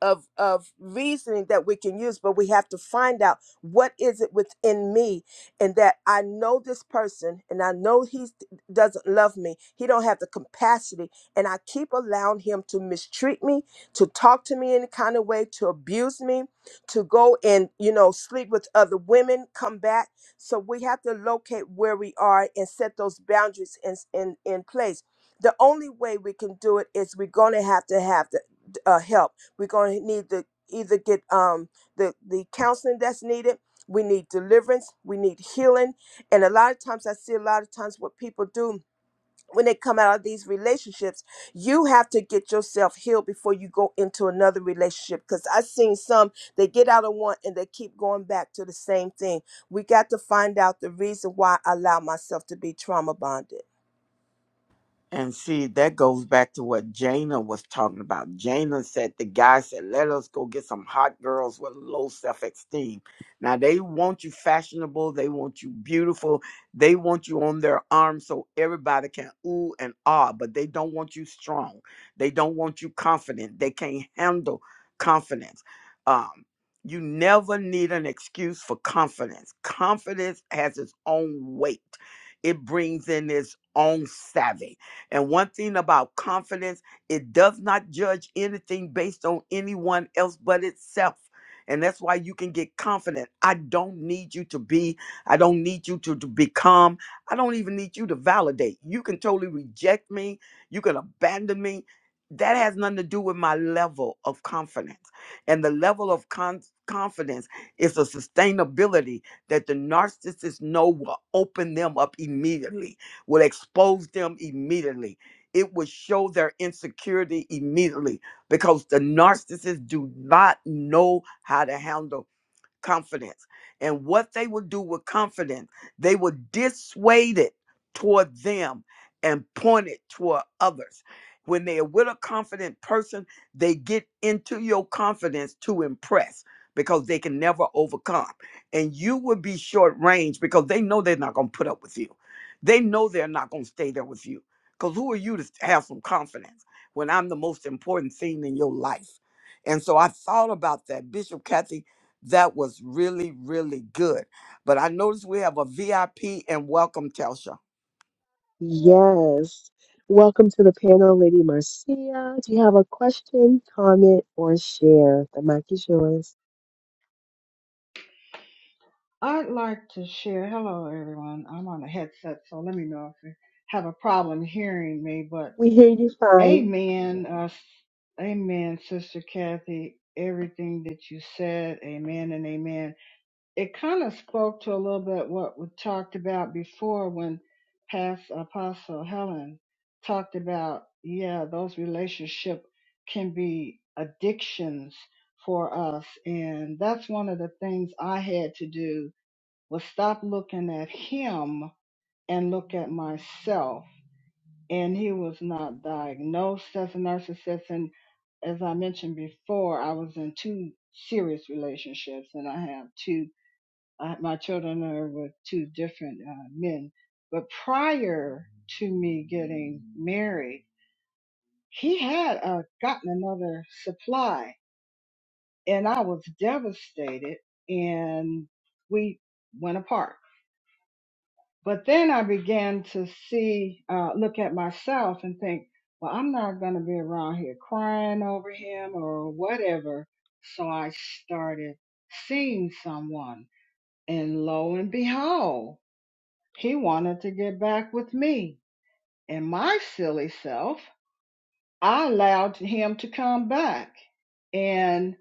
Speaker 10: of of reasoning that we can use but we have to find out what is it within me and that i know this person and i know he doesn't love me he don't have the capacity and i keep allowing him to mistreat me to talk to me any kind of way to abuse me to go and you know sleep with other women come back so we have to locate where we are and set those boundaries in in, in place the only way we can do it is we're going to have to have the uh, help we're going to need to either get um, the, the counseling that's needed. We need deliverance. We need healing. And a lot of times, I see a lot of times what people do when they come out of these relationships, you have to get yourself healed before you go into another relationship. Because I've seen some, they get out of one and they keep going back to the same thing. We got to find out the reason why I allow myself to be trauma bonded.
Speaker 1: And see, that goes back to what Jana was talking about. Jana said the guy said, "Let us go get some hot girls with low self-esteem." Now they want you fashionable, they want you beautiful, they want you on their arm so everybody can ooh and ah, but they don't want you strong. They don't want you confident. They can't handle confidence. Um, you never need an excuse for confidence. Confidence has its own weight. It brings in its own savvy and one thing about confidence, it does not judge anything based on anyone else but itself. And that's why you can get confident. I don't need you to be, I don't need you to, to become, I don't even need you to validate. You can totally reject me, you can abandon me. That has nothing to do with my level of confidence. And the level of con- confidence is a sustainability that the narcissists know will open them up immediately will expose them immediately. It will show their insecurity immediately because the narcissists do not know how to handle confidence. And what they would do with confidence, they would dissuade it toward them and point it toward others. When they are with a confident person, they get into your confidence to impress because they can never overcome. And you will be short range because they know they're not going to put up with you. They know they're not going to stay there with you. Because who are you to have some confidence when I'm the most important thing in your life? And so I thought about that. Bishop Kathy that was really, really good. But I noticed we have a VIP and welcome, Telsha.
Speaker 5: Yes. Welcome to the panel, Lady Marcia. Do you have a question, comment, or share? The mic is yours.
Speaker 11: I'd like to share. Hello, everyone. I'm on a headset, so let me know if you have a problem hearing me. But
Speaker 5: We hear you fine.
Speaker 11: amen, uh, amen, Sister Kathy. Everything that you said, amen and amen. It kind of spoke to a little bit what we talked about before when past Apostle Helen talked about, yeah, those relationship can be addictions for us. And that's one of the things I had to do well, stop looking at him and look at myself. And he was not diagnosed as a narcissist. And as I mentioned before, I was in two serious relationships, and I have two. I, my children are with two different uh, men. But prior to me getting married, he had uh, gotten another supply, and I was devastated. And we went apart But then I began to see, uh, look at myself and think, well, I'm not going to be around here crying over him or whatever. So I started seeing someone. And lo and behold, he wanted to get back with me. And my silly self, I allowed him to come back. And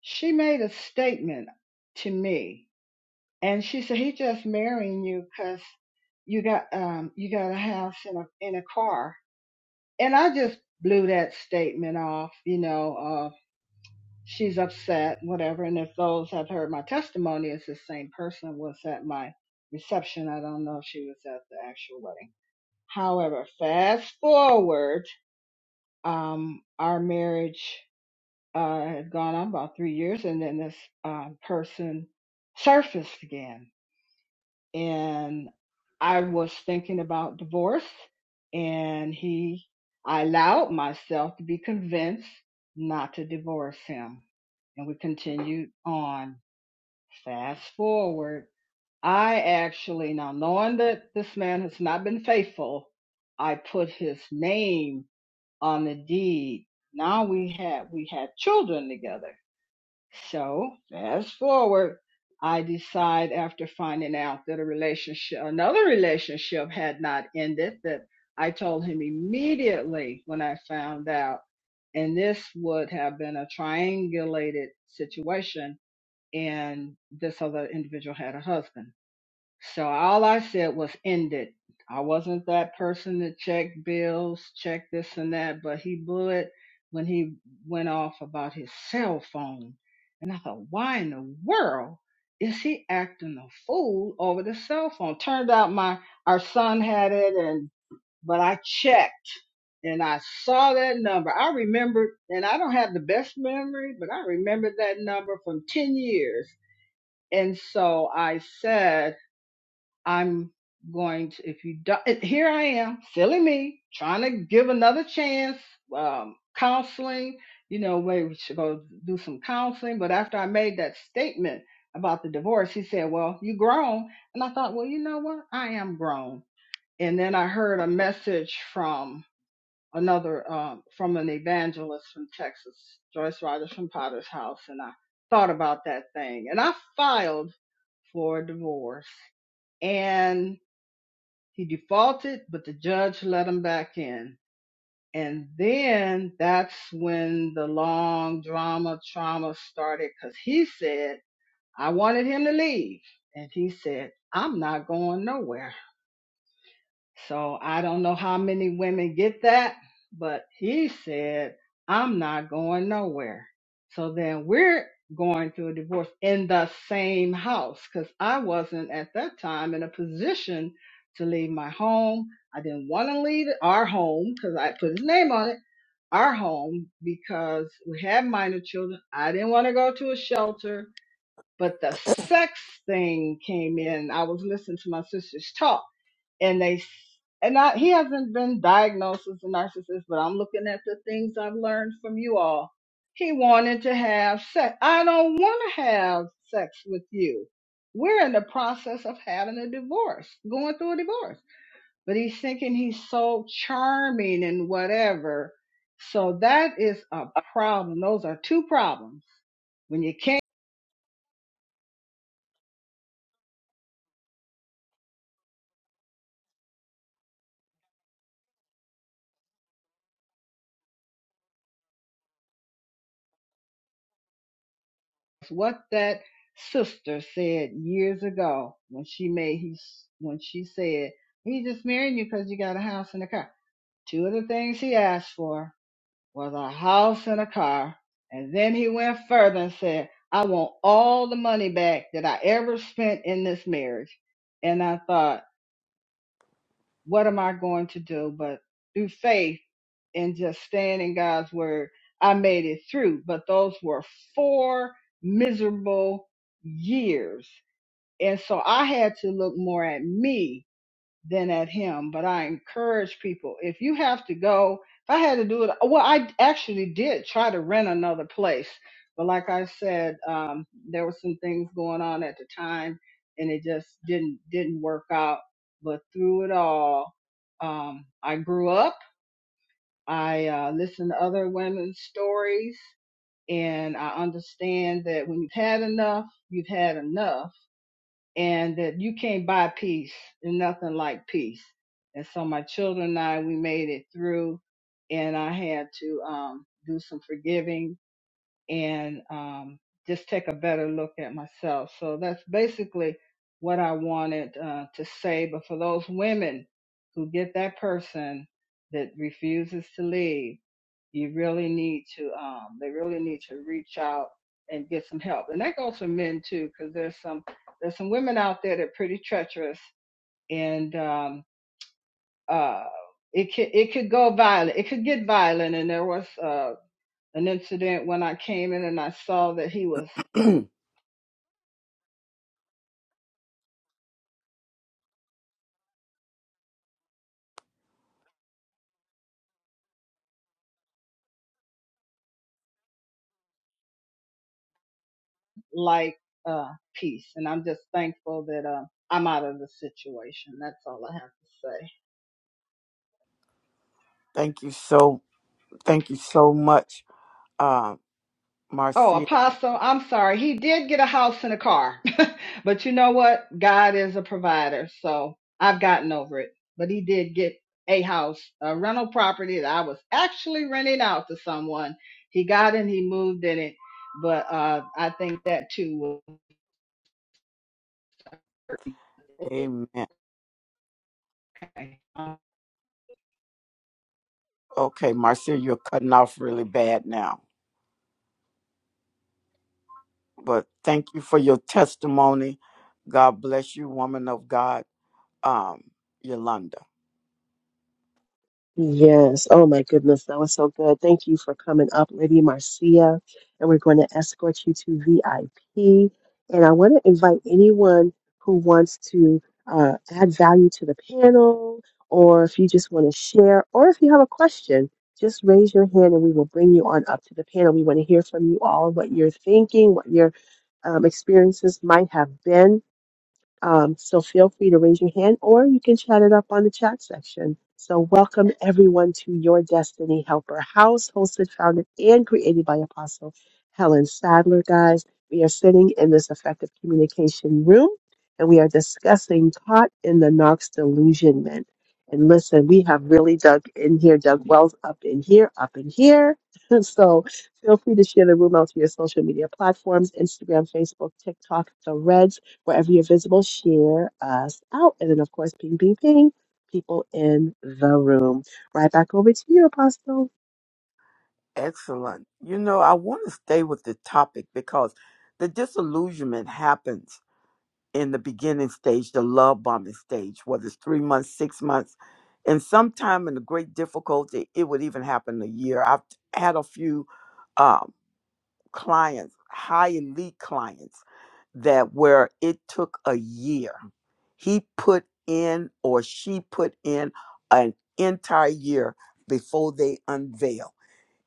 Speaker 11: she made a statement to me and she said, he just marrying you because you got, um, you got a house and a, and a car. And I just blew that statement off, you know, uh, she's upset, whatever. And if those have heard my testimony, it's the same person was at my reception. I don't know if she was at the actual wedding. However, fast forward, um, our marriage, uh, had gone on about three years and then this, um, person surfaced again and I was thinking about divorce and he I allowed myself to be convinced not to divorce him. And we continued on. Fast forward. I actually now knowing that this man has not been faithful, I put his name on the deed. Now we had we had children together so, fast forward, I decide after finding out that a relationship, another relationship had not ended, that I told him immediately when I found out. And this would have been a triangulated situation, and this other individual had a husband. So all I said was end it. I wasn't that person to check bills, check this and that, but he blew it when he went off about his cell phone. And I thought, why in the world is he acting a fool over the cell phone? Turned out my our son had it and but I checked and I saw that number. I remembered and I don't have the best memory, but I remembered that number from ten years. And so I said I'm going to, if you don't, eh, here I am, silly me, trying to give another chance, um, counseling, you know, maybe we should go do some counseling. But after I made that statement about the divorce, he said, Well, you grown. And I thought, Well, you know what? I am grown. And then I heard a message from another, um, from an evangelist from Texas, Joyce Rogers from Potter's House. And I thought about that thing and I filed for divorce. And he defaulted, but the judge let him back in. And then that's when the long drama trauma started because he said, I wanted him to leave. And he said, I'm not going nowhere. So I don't know how many women get that, but he said, I'm not going nowhere. So then we're going through a divorce in the same house because I wasn't at that time in a position to leave my home. I didn't want to leave our home because I put his name on it, our home, because we had minor children. I didn't want to go to a shelter, but the sex thing came in. I was listening to my sister's talk and they and I, he hasn't been diagnosed as a narcissist, but I'm looking at the things I've learned from you all. He wanted to have sex. I don't want to have sex with you. We're in the process of having a divorce, going through a divorce. But he's thinking he's so charming and whatever. So that is a problem. Those are two problems When you what that sister said years ago when she made he when she said he's just marrying you because you got a house and a car. Two of the things he asked for was a house and a car, and then he went further and said, "I want all the money back that I ever spent in this marriage." And I thought what am I going to do? But through faith and just staying in God's word, I made it through. But those were four miserable years. And so I had to look more at me than at him. But I encourage people if you have to go, if I had to do it, well, I actually did try to rent another place. But like I said, um, there were some things going on at the time and it just didn't didn't work out. But through it all, um, I grew up. I uh, listened to other women's stories and I understand that when you've had enough, you've had enough and that you can't buy peace and nothing like peace. And so my children and I, we made it through and I had to um, do some forgiving and um, just take a better look at myself. So that's basically what I wanted uh, to say. But for those women who get that person that refuses to leave, you really need to, um, they really need to reach out and get some help. And that goes for men too, because there's some, there's some women out there that are pretty treacherous and, um, uh, it could, it could go violent. It could get violent. And there was, uh, an incident when I came in and I saw that he was like uh peace and I'm just thankful that uh I'm out of the situation. That's all I have to say.
Speaker 1: thank you so, thank you so much, uh,
Speaker 11: Oh,
Speaker 1: Marcia.
Speaker 11: Apostle, I'm sorry. He did get a house and a car. but you know what? God is a provider, so I've gotten over it. But he did get a house, a rental property that I was actually renting out to someone. He got in, he moved in it. But uh I think that too will
Speaker 1: Amen.
Speaker 11: work.
Speaker 1: Okay, Marcia, you're cutting off really bad now. But thank you for your testimony. God bless you, woman of God, um, Yolanda.
Speaker 5: Yes. Oh my goodness, that was so good. Thank you for coming up, Lady Marcia. And we're going to escort you to VIP. And I want to invite anyone who wants to uh, add value to the panel, or if you just want to share, or if you have a question, just raise your hand and we will bring you on up to the panel. We want to hear from you all what you're thinking, what your um, experiences might have been um, so feel free to raise your hand or you can chat it up on the chat section. So welcome everyone to Your Destiny Helper House, hosted, founded, and created by Apostle Helen Sadler. Guys, we are sitting in this effective communication room and we are discussing caught in the Knox delusionment. And listen, we have really dug in here, dug wells up in here, up in here. so feel free to share the room out to your social media platforms, Instagram, Facebook, TikTok, Threads Wherever you're visible, share us out. And then, of course, ping, ping, ping, people in the room. Right back over to you, Apostle.
Speaker 1: Excellent. You know, I want to stay with the topic because the disillusionment happens in the beginning stage, the love bombing stage, whether it's three months, six months, and sometime in the great difficulty, it would even happen a year. I've had a few um, clients, high elite clients, that where it took a year. He put in or she put in an entire year before they unveiled.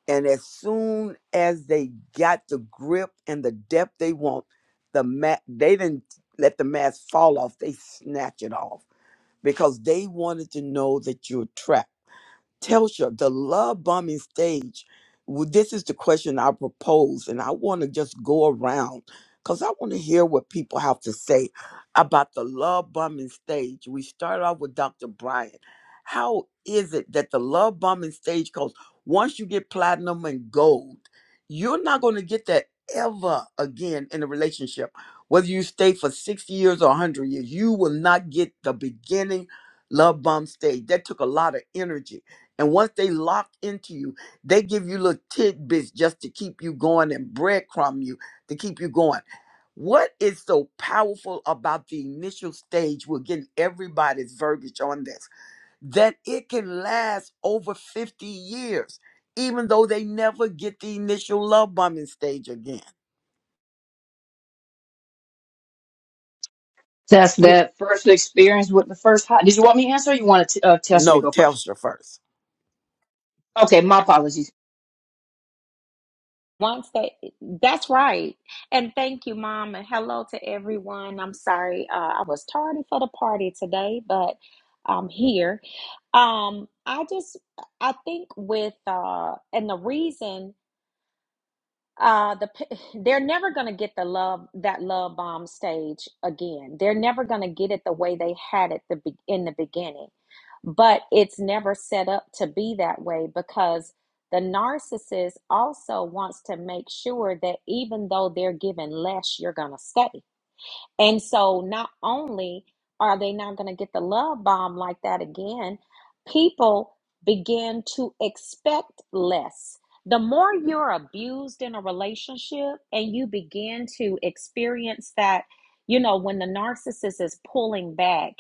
Speaker 1: And as soon as they got the grip and the depth they want, the mat they didn't let the mask fall off. They snatch it off because they wanted to know that you're trapped. Telsha, the love bombing stage. Well, this is the question I propose, and I want to just go around because I want to hear what people have to say about the love bombing stage. We start off with Dr. Brian. How is it that the love bombing stage, because once you get platinum and gold, you're not going to get that ever again in a relationship. Whether you stay for 60 years or 100 years, you will not get the beginning love bomb stage. That took a lot of energy and once they lock into you, they give you little tidbits just to keep you going and breadcrumb you to keep you going. What is so powerful about the initial stage? We're getting everybody's verbiage on this that it can last over 50 years, even though they never get the initial love bombing stage again.
Speaker 7: test
Speaker 12: Yeah,
Speaker 7: that first experience with the first hot did you want me to answer or you want to uh, test you to
Speaker 1: No,
Speaker 7: go first
Speaker 1: Telstra first.
Speaker 7: okay my apologies
Speaker 12: once they that's right and thank you mom and hello to everyone i'm sorry uh, i was tardy for the party today but i'm here um i just i think with uh and the reason uh the p- they're never going to get the love that love bomb stage again they're never going to get it the way they had it the be- in the beginning but it's never set up to be that way because the narcissist also wants to make sure that even though they're given less you're going to stay and so not only are they not going to get the love bomb like that again, people begin to expect less. The more you're abused in a relationship and you begin to experience that, you know, when the narcissist is pulling back,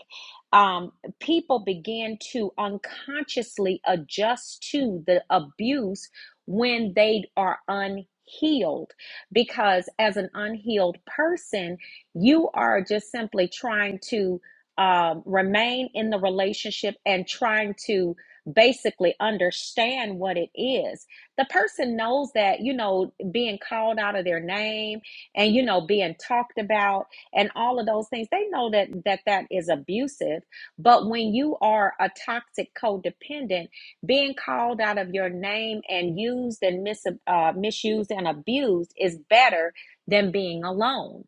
Speaker 12: um, people begin to unconsciously adjust to the abuse when they are unhealed. Because as an unhealed person, you are just simply trying to um, remain in the relationship and trying to basically understand what it is. The person knows that, you know, being called out of their name and, you know, being talked about and all of those things, they know that that, that is abusive. But when you are a toxic codependent, being called out of your name and used and mis- uh, misused and abused is better than being alone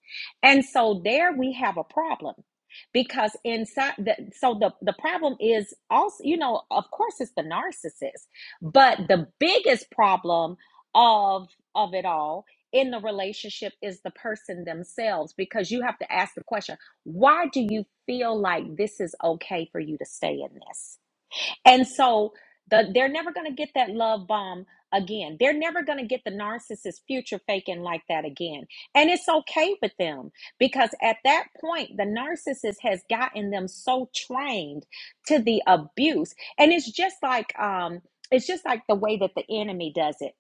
Speaker 12: and so there we have a problem because inside the so the the problem is also you know of course it's the narcissist but the biggest problem of of it all in the relationship is the person themselves because you have to ask the question why do you feel like this is okay for you to stay in this and so the, they're never going to get that love bomb again. They're never going to get the narcissist future faking like that again. And it's okay with them because at that point, the narcissist has gotten them so trained to the abuse. And it's just like, um, it's just like the way that the enemy does it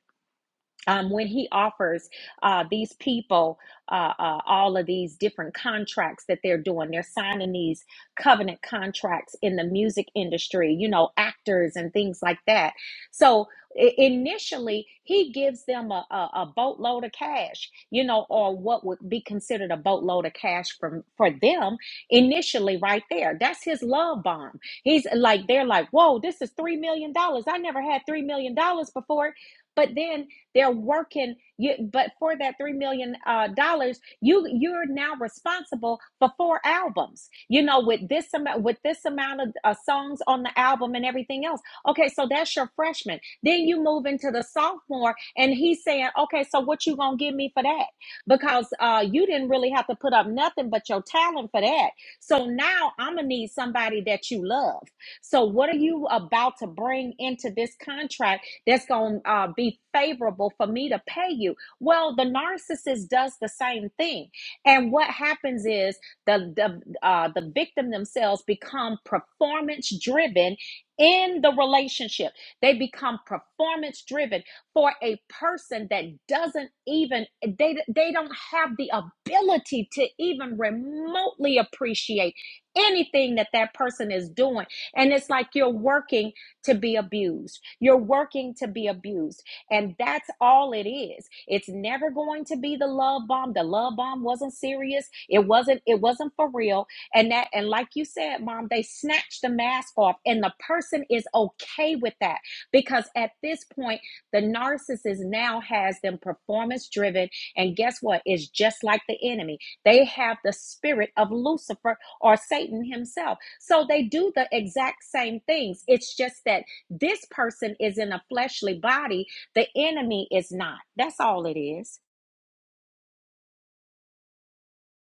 Speaker 12: um, when he offers uh, these people uh, uh, all of these different contracts that they're doing, they're signing these covenant contracts in the music industry, you know, actors and things like that. So i- initially, he gives them a, a, a boatload of cash, you know, or what would be considered a boatload of cash from for them initially, right there. That's his love bomb. He's like, they're like, whoa, this is three million dollars. I never had three million dollars before. But then they're working, you, but for that three million dollars, uh, dollars, you you're now responsible for four albums. You know, with this amount with this amount of uh, songs on the album and everything else. Okay, so that's your freshman. Then you move into the sophomore, and he's saying, okay, so what you gonna give me for that? Because uh, you didn't really have to put up nothing but your talent for that. So now I'm gonna need somebody that you love. So what are you about to bring into this contract? that's going to uh, be favorable for me to pay you. Well, the narcissist does the same thing. And what happens is the, the, uh, the victim themselves become performance driven in the relationship. They become performance driven for a person that doesn't even, they, they don't have the ability to even remotely appreciate anything that that person is doing. And it's like you're working to be abused. You're working to be abused. And that's all it is. It's never going to be the love bomb. The love bomb wasn't serious. It wasn't it wasn't for real. And that and like you said, mom, they snatched the mask off and the person is okay with that because at this point the narcissist now has them performance driven and guess what? It's just like the enemy. They have the spirit of Lucifer or Satan himself. So they do the exact same things. It's just that this person is in a fleshly body, the enemy is not. That's all it is.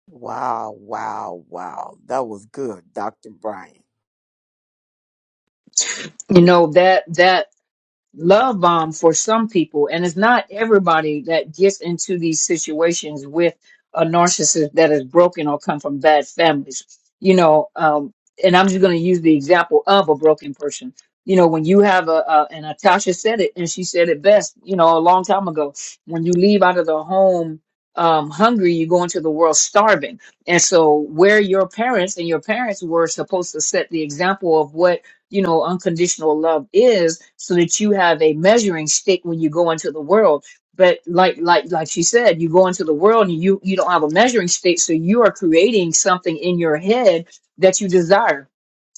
Speaker 1: Wow, wow, wow. That was good, Dr. Brian.
Speaker 7: you know that that love bomb for some people and it's not everybody that gets into these situations with a narcissist that is broken or come from bad families you know um and i'm just going to use the example of a broken person you know when you have a, a and natasha said it and she said it best you know a long time ago when you leave out of the home um, hungry you go into the world starving and so where your parents and your parents were supposed to set the example of what you know, unconditional love is so that you have a measuring stick when you go into the world. But like like like she said, you go into the world and you you don't have a measuring stick, so you are creating something in your head that you desire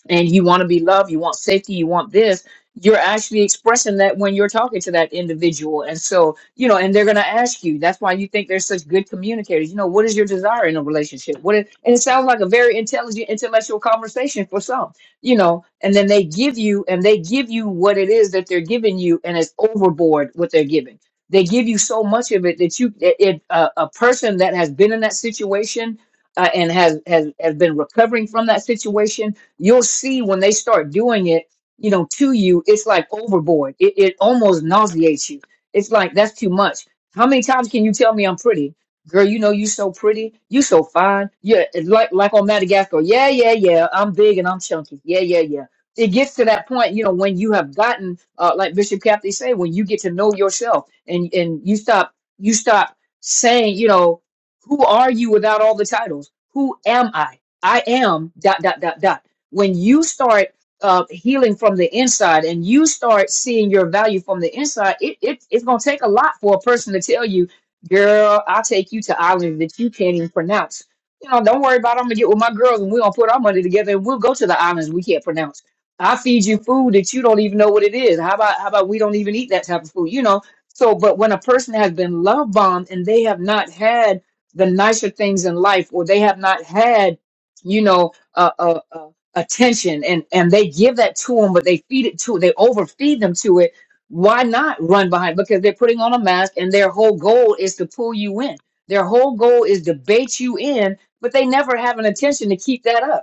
Speaker 7: and you want to be loved, you want safety, you want this, you're actually expressing that when you're talking to that individual. And so, you know, and they're going to ask you. That's why you think they're such good communicators. You know, what is your desire in a relationship? What is, and it sounds like a very intelligent, intellectual conversation for some, you know, and then they give you and they give you what it is that they're giving you, and it's overboard what they're giving. They give you so much of it that you, it, it, uh, a person that has been in that situation uh, and has, has has been recovering from that situation you'll see when they start doing it, you know, to you, it's like overboard. It, it almost nauseates you. It's like that's too much. How many times can you tell me I'm pretty? Girl, you know you so pretty. You so fine. Yeah, it's like like on Madagascar. Yeah, yeah, yeah. I'm big and I'm chunky. Yeah, yeah, yeah. It gets to that point, you know, when you have gotten, uh, like Bishop Cathy say, when you get to know yourself and and you stop you stop saying, you know, who are you without all the titles? Who am I? I am dot dot dot dot when you start uh, healing from the inside and you start seeing your value from the inside, it, it it's gonna take a lot for a person to tell you, girl, I'll take you to islands that you can't even pronounce. You know, don't worry about it. I'm gonna get with my girls and we're gonna put our money together and we'll go to the islands we can't pronounce. I feed you food that you don't even know what it is. How about how about we don't even eat that type of food, you know? So but when a person has been love bombed and they have not had the nicer things in life or they have not had, you know, a a a attention and and they give that to them but they feed it to they overfeed them to it why not run behind because they're putting on a mask and their whole goal is to pull you in their whole goal is to bait you in but they never have an intention to keep that up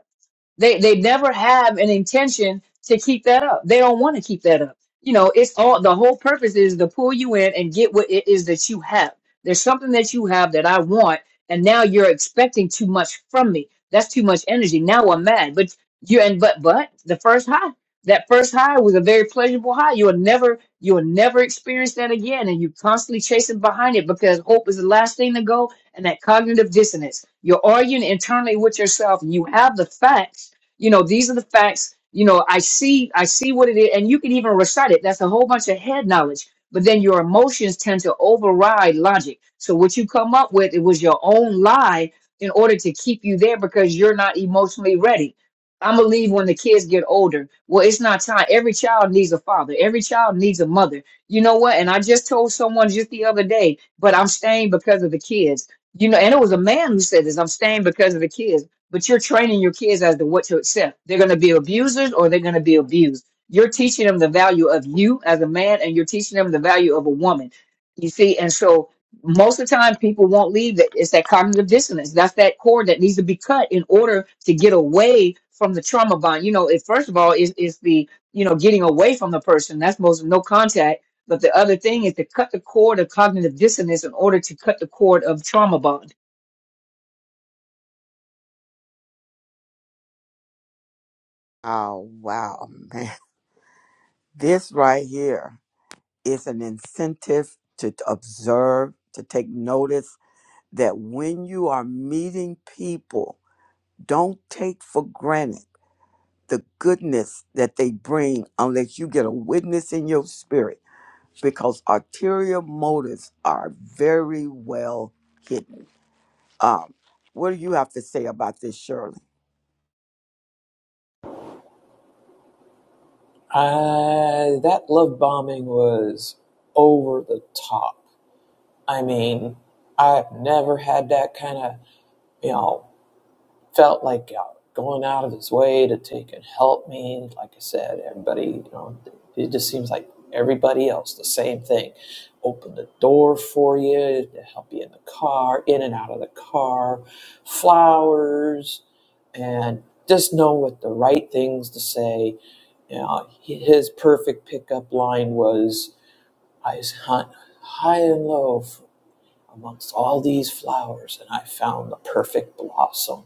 Speaker 7: they they never have an intention to keep that up. They don't want to keep that up. You know, it's all the whole purpose is to pull you in and get what it is that you have. There's something that you have that I want, and now you're expecting too much from me. That's too much energy. Now I'm mad. But you and but but the first high, that first high was a very pleasurable high. You'll never you'll never experience that again, and you're constantly chasing behind it because hope is the last thing to go, and that cognitive dissonance. You're arguing internally with yourself. and You have the facts you know these are the facts you know i see i see what it is and you can even recite it that's a whole bunch of head knowledge but then your emotions tend to override logic so what you come up with it was your own lie in order to keep you there because you're not emotionally ready i'm gonna leave when the kids get older well it's not time every child needs a father every child needs a mother you know what and i just told someone just the other day but i'm staying because of the kids you know and it was a man who said this i'm staying because of the kids but you're training your kids as to what to accept. They're going to be abusers or they're going to be abused. You're teaching them the value of you as a man and you're teaching them the value of a woman. You see, and so most of the time people won't leave that. It's that cognitive dissonance. That's that cord that needs to be cut in order to get away from the trauma bond. You know, it first of all is is the, you know, getting away from the person. That's most no contact. But the other thing is to cut the cord of cognitive dissonance in order to cut the cord of trauma bond.
Speaker 1: Oh, wow, man. This right here. It's an incentive to t- observe, to take notice that when you are meeting people, don't take for granted the goodness that they bring unless you get a witness in your spirit because arterial motives are very well hidden. Um, what do you have to say about this, Shirley?
Speaker 2: Uh, that love bombing was over the top. I mean, I've never had that kind of, you know. felt like uh, going out of his way to take and help me. Like I said, everybody, you know, it just seems like everybody else, the same thing. Open the door for you to help you in the car, in and out of the car, flowers, and just know what the right things to say. You know, his perfect pickup line was, I hunt high and low amongst all these flowers, and I found the perfect blossom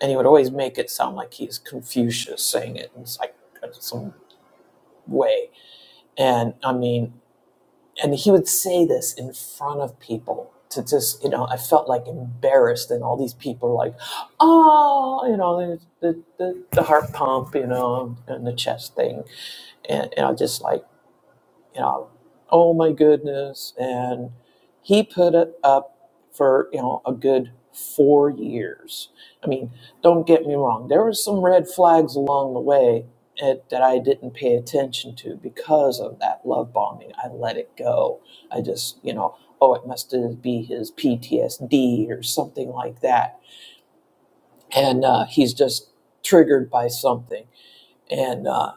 Speaker 2: and he would always make it sound like he's Confucius saying it in like some way. And I mean, and he would say this in front of people to just, you know, I felt like embarrassed, and all these people were like, oh, you know, the the, the, the heart pump, you know, and the chest thing, and, and I just like you know, oh my goodness. And he put it up for, you know, a good four years. I mean, don't get me wrong, there were some red flags along the way it, that I didn't pay attention to because of that love bombing. I let it go. I just, you know, oh, it must be his PTSD or something like that. And uh, he's just triggered by something. And, uh,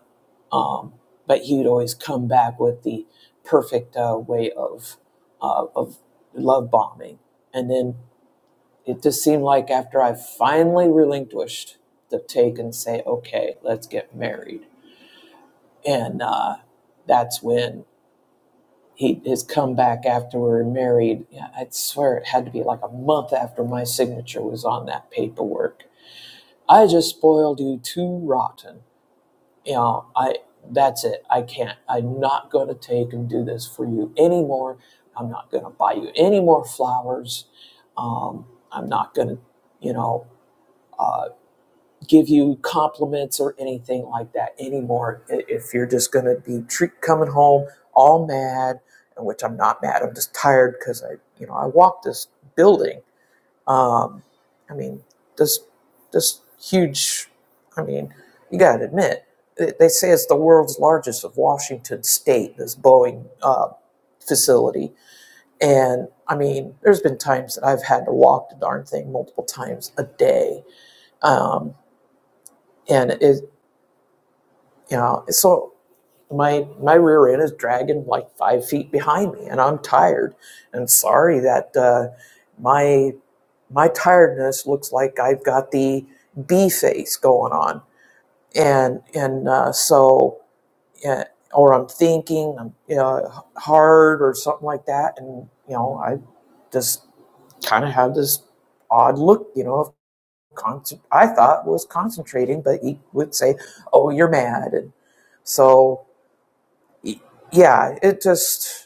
Speaker 2: um, but he would always come back with the perfect uh, way of uh, of love bombing, and then it just seemed like after I finally relinquished the take and say, "Okay, let's get married," and uh, that's when he his comeback after we were married. yeah, I swear it had to be like a month after my signature was on that paperwork. I just spoiled you too rotten you know, I that's it. I can't. I'm not going to take and do this for you anymore. I'm not going to buy you any more flowers. Um, I'm not going to, you know, uh, give you compliments or anything like that anymore. If you're just going to be treat coming home all mad, which I'm not mad. I'm just tired because I, you know, I walked this building um, I mean, this this huge. I mean, you got to admit they they say it's the world's largest of Washington State. This Boeing uh, facility, and I mean, there's been times that I've had to walk the darn thing multiple times a day, um, and it you know so. My, my rear end is dragging like five feet behind me, and I'm tired and sorry that uh, my my tiredness looks like I've got the bee face going on, and and uh, so uh, or I'm thinking I'm you know, hard or something like that, and you know I just kind of have this odd look, you know, of concent- I thought was concentrating, but he would say, "Oh, you're mad," and so yeah, it just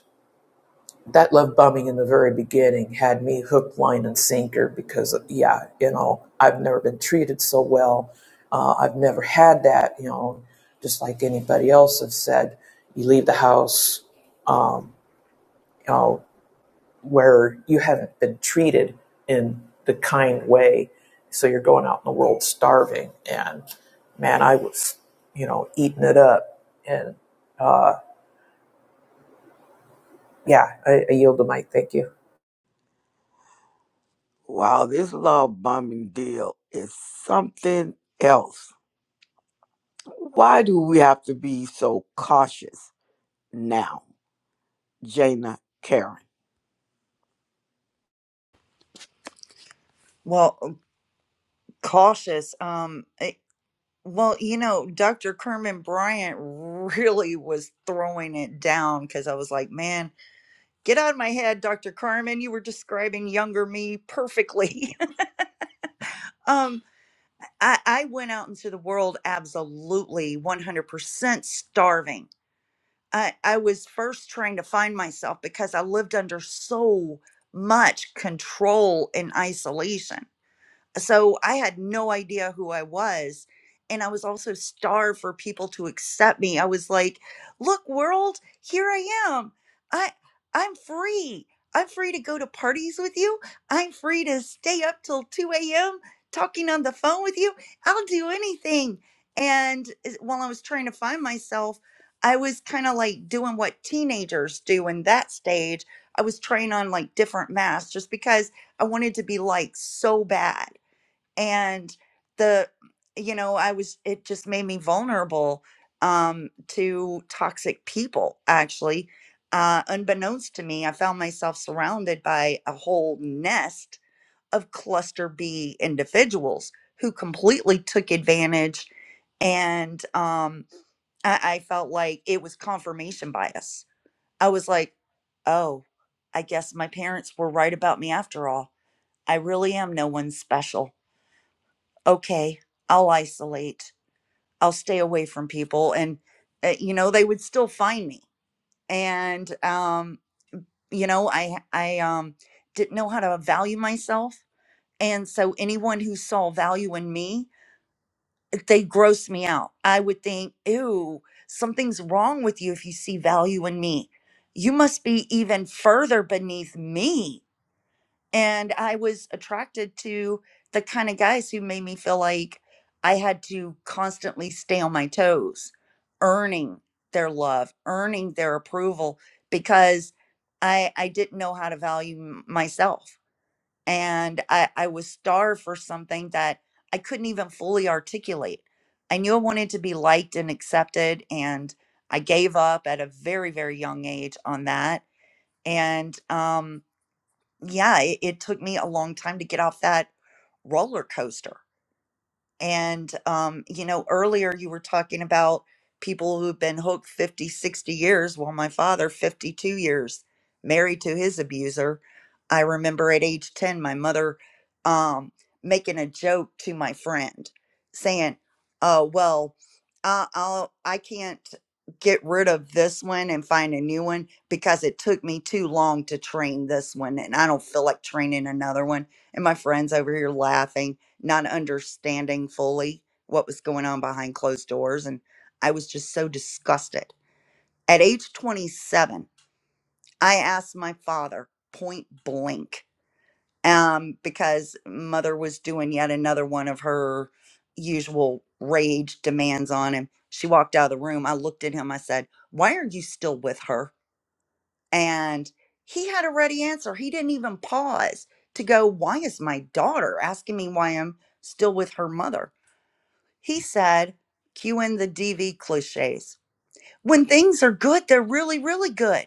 Speaker 2: that love bombing in the very beginning had me hook, line, and sinker because, yeah, you know, I've never been treated so well. Uh, I've never had that, you know, just like anybody else has said, you leave the house, um, you know, where you haven't been treated in the kind way. So you're going out in the world starving. And man, I was, you know, eating it up. And uh, yeah, I, I yield the mic. Thank you.
Speaker 1: Wow, this love bombing deal is something else. Why do we have to be so cautious now? Jana Karen.
Speaker 3: Well, cautious. Um, it, well, you know, Dr. Kerman Bryant really was throwing it down because I was like, man. get out of my head, Dr. Carmen. You were describing younger me perfectly. um, I, I went out into the world absolutely 100% starving. I, I was first trying to find myself because I lived under so much control and isolation so I had no idea who I was. And I was also starved for people to accept me. I was like, look, world, here I am. I I'm free. I'm free to go to parties with you. I'm free to stay up till 2 a.m. talking on the phone with you. I'll do anything. And is- while I was trying to find myself, I was kind of like doing what teenagers do in that stage. I was trying on like different masks just because I wanted to be like so bad and the you know i was it just made me vulnerable um to toxic people actually uh unbeknownst to me i found myself surrounded by a whole nest of cluster b individuals who completely took advantage and um i, I felt like it was confirmation bias i was like oh i guess my parents were right about me after all i really am no one special okay, I'll isolate, I'll stay away from people. And, uh, you know, they would still find me. And, um, you know, I, I, um, didn't know how to value myself. And so anyone who saw value in me, they grossed me out. I would think, ew, something's wrong with you if you see value in me. You must be even further beneath me And I was attracted to the kind of guys who made me feel like I had to constantly stay on my toes, earning their love, earning their approval because I I didn't know how to value m- myself. And I, I was starved for something that I couldn't even fully articulate. I knew I wanted to be liked and accepted, and I gave up at a very, very young age on that. And um, yeah, it, it took me a long time to get off that roller coaster. And, um, you know, earlier you were talking about people who've been hooked 50, 60 years. Well, my father, 52 years, married to his abuser. I remember at age 10, my mother um, making a joke to my friend saying, uh, well, I, I'll, I can't get rid of this one and find a new one because it took me too long to train this one and I don't feel like training another one. And my friend's over here laughing not understanding fully what was going on behind closed doors. And I was just so disgusted. At age 27, I asked my father point blank um, because mother was doing yet another one of her usual rage demands on him. She walked out of the room. I looked at him. I said, Why are you still with her? And he had a ready answer. He didn't even pause to go, Why is my daughter asking me why I'm still with her mother? He said, cue in the DV cliches. When things are good, they're really, really good.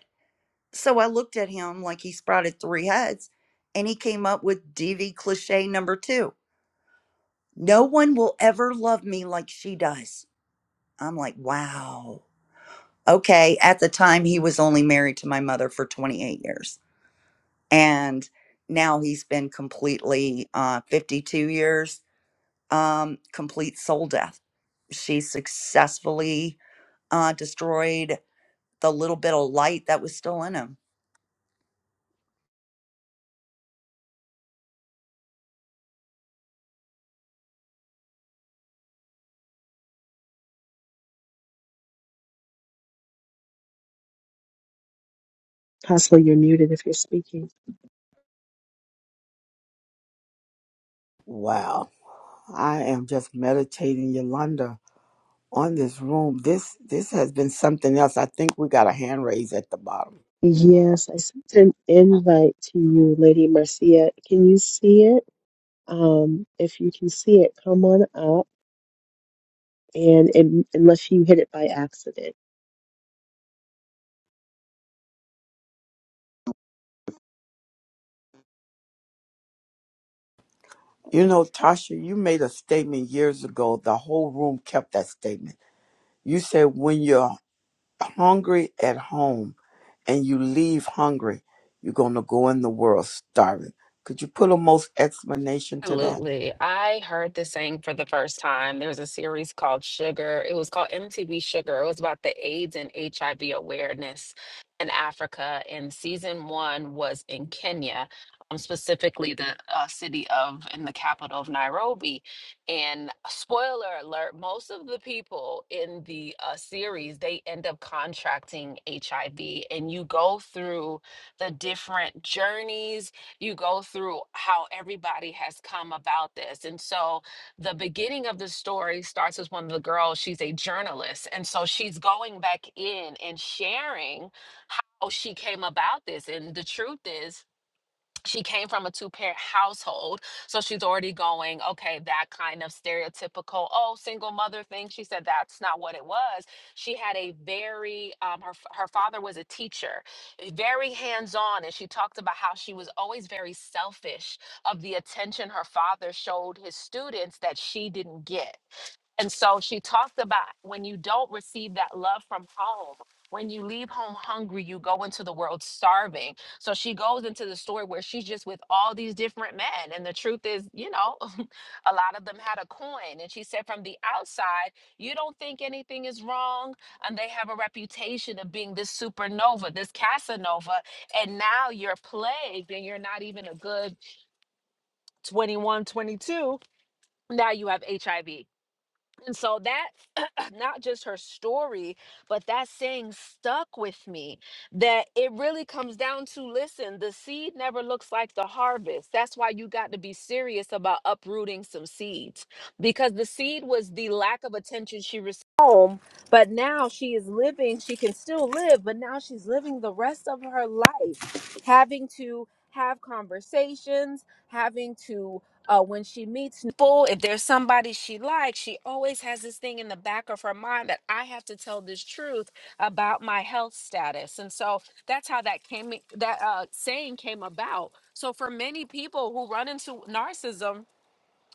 Speaker 3: So I looked at him like he sprouted three heads, and he came up with DV cliche number two No one will ever love me like she does. I'm like, wow. Okay. At the time, he was only married to my mother for 28 years. And now he's been completely uh, 52 years, um, complete soul death. She successfully uh, destroyed the little bit of light that was still in him.
Speaker 5: Apostle, you're muted if you're speaking.
Speaker 1: Wow. I am just meditating, Yolanda, on this room. This this has been something else. I think we got a hand raise at the bottom.
Speaker 5: Yes, I sent an invite to you, Lady Marcia. Can you see it? Um, if you can see it, come on up. And, and unless you hit it by accident.
Speaker 1: You know, Tasha, you made a statement years ago. The whole room kept that statement. You said when you're hungry at home and you leave hungry, you're gonna go in the world starving. Could you put a most explanation to that?
Speaker 6: Absolutely. I heard this saying for the first time. There was a series called Sugar. It was called MTV Sugar. It was about the AIDS and HIV awareness in Africa. And season one was in Kenya, um, specifically the uh, city of in the capital of Nairobi. And uh, spoiler alert, most of the people in the uh, series, they end up contracting HIV. And you go through the different journeys you go through how everybody has come about this. And so the beginning of the story starts with one of the girls, she's a journalist. And so she's going back in and sharing how she came about this. And the truth is, she came from a two parent household. So she's already going, okay, that kind of stereotypical, oh, single mother thing. She said that's not what it was. She had a very, um, her, f- her father was a teacher, eh, very hands on. And she talked about how she was always very selfish of the attention her father showed his students that she didn't get. And so she talked about when you don't receive that love from home, when you leave home hungry, you go into the world starving. So she goes into the story where she's just with all these different men. And the truth is, you know, a lot of them had a coin. And she said, from the outside, you don't think anything is wrong. And they have a reputation of being this supernova, this Casanova. And now you're plagued and you're not even a good 21, 22. Now you have HIV. And so that not just her story, but that saying stuck with me that it really comes down to listen, the seed never looks like the harvest. That's why you got to be serious about uprooting some seeds because the seed was the lack of attention she received at home, but now she is living, she can still live, but now she's living the rest of her life having to have conversations, having to uh, when she meets people, if there's somebody she likes, she always has this thing in the back of her mind that I have to tell this truth about my health status. And so that's how that came, that uh, saying came about. So for many people who run into narcissism,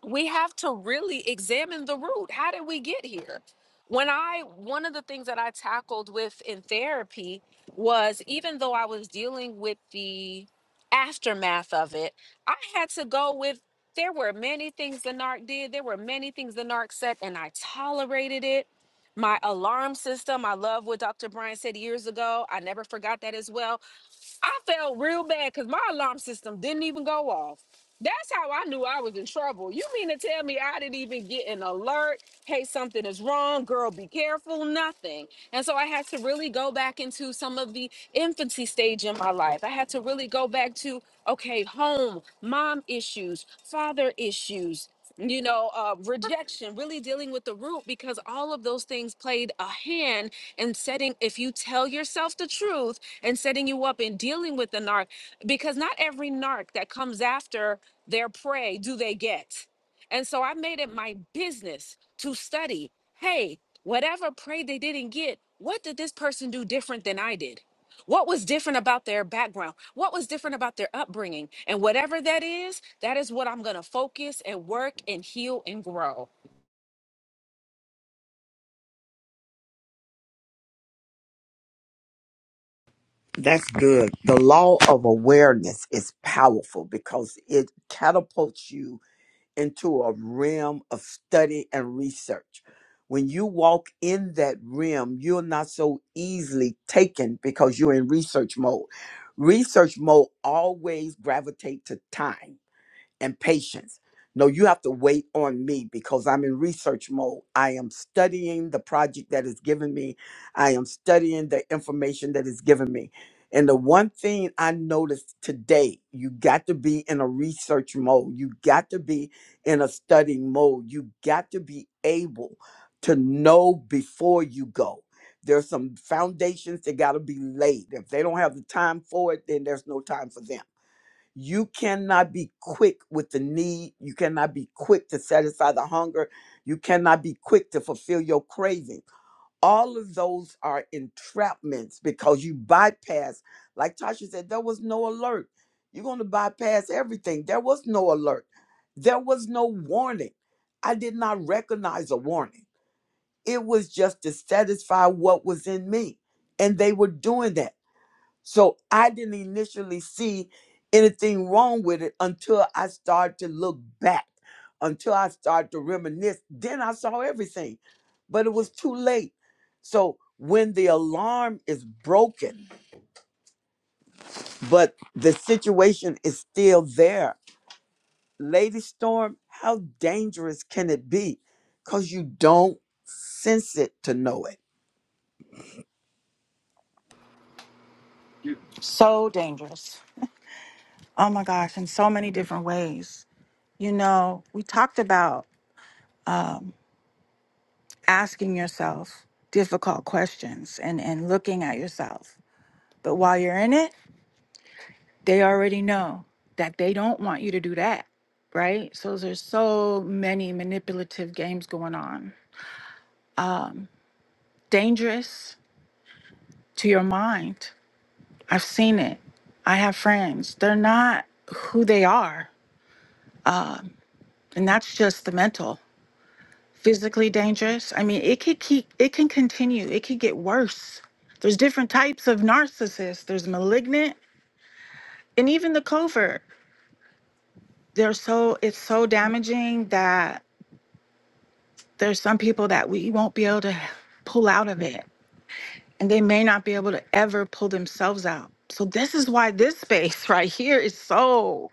Speaker 6: we have to really examine the root. How did we get here? When I, one of the things that I tackled with in therapy was even though I was dealing with the aftermath of it, I had to go with, there were many things the narc did, there were many things the narc said, and I tolerated it. My alarm system, I love what Dr. Brian said years ago. I never forgot that as well I felt real bad because my alarm system didn't even go off. That's how I knew I was in trouble. You mean to tell me I didn't even get an alert? Hey, something is wrong, girl, be careful, nothing. And so I had to really go back into some of the infancy stage in my life. I had to really go back to, okay, home, mom issues, father issues, you know, uh, rejection, really dealing with the root because all of those things played a hand in setting, if you tell yourself the truth, and setting you up and dealing with the narc because not every narc that comes after their prey do they get. And so I made it my business to study hey, whatever prey they didn't get, what did this person do different than I did? What was different about their background? What was different about their upbringing? And whatever that is, that is what I'm going to focus and work and heal and grow.
Speaker 1: That's good. The law of awareness is powerful because it catapults you into a realm of study and research. When you walk in that realm, you're not so easily taken because you're in research mode. Research mode always gravitate to time and patience. No, you have to wait on me because I'm in research mode. I am studying the project that is given me. I am studying the information that is given me. And the one thing I noticed today, you got to be in a research mode. You got to be in a studying mode. You got to be able to know before you go. There's some foundations that got to be laid. If they don't have the time for it, then there's no time for them you cannot be quick with the need. You cannot be quick to satisfy the hunger. You cannot be quick to fulfill your craving. All of those are entrapments because you bypass, like Tasha said, there was no alert. You're going to bypass everything. There was no alert. There was no warning. I did not recognize a warning. It was just to satisfy what was in me. And they were doing that. So I didn't initially see anything wrong with it until I started to look back, until I started to reminisce. Then I saw everything, but it was too late. So when the alarm is broken, but the situation is still there, Lady Storm, how dangerous can it be? Because you don't sense it to know it.
Speaker 9: So dangerous. Oh my gosh, in so many different ways. You know, we talked about asking yourself difficult questions and, and looking at yourself. But while you're in it, they already know that they don't want you to do that, right? So there's so many manipulative games going on. Dangerous to your mind. I've seen it. I have friends. They're not who they are. And that's just the mental. physically dangerous. I mean, it could keep it can continue. It could get worse. There's different types of narcissists. There's malignant and even the covert. They're so it's so damaging that there's some people that we won't be able to pull out of it. And they may not be able to ever pull themselves out. So this is why this space right here is so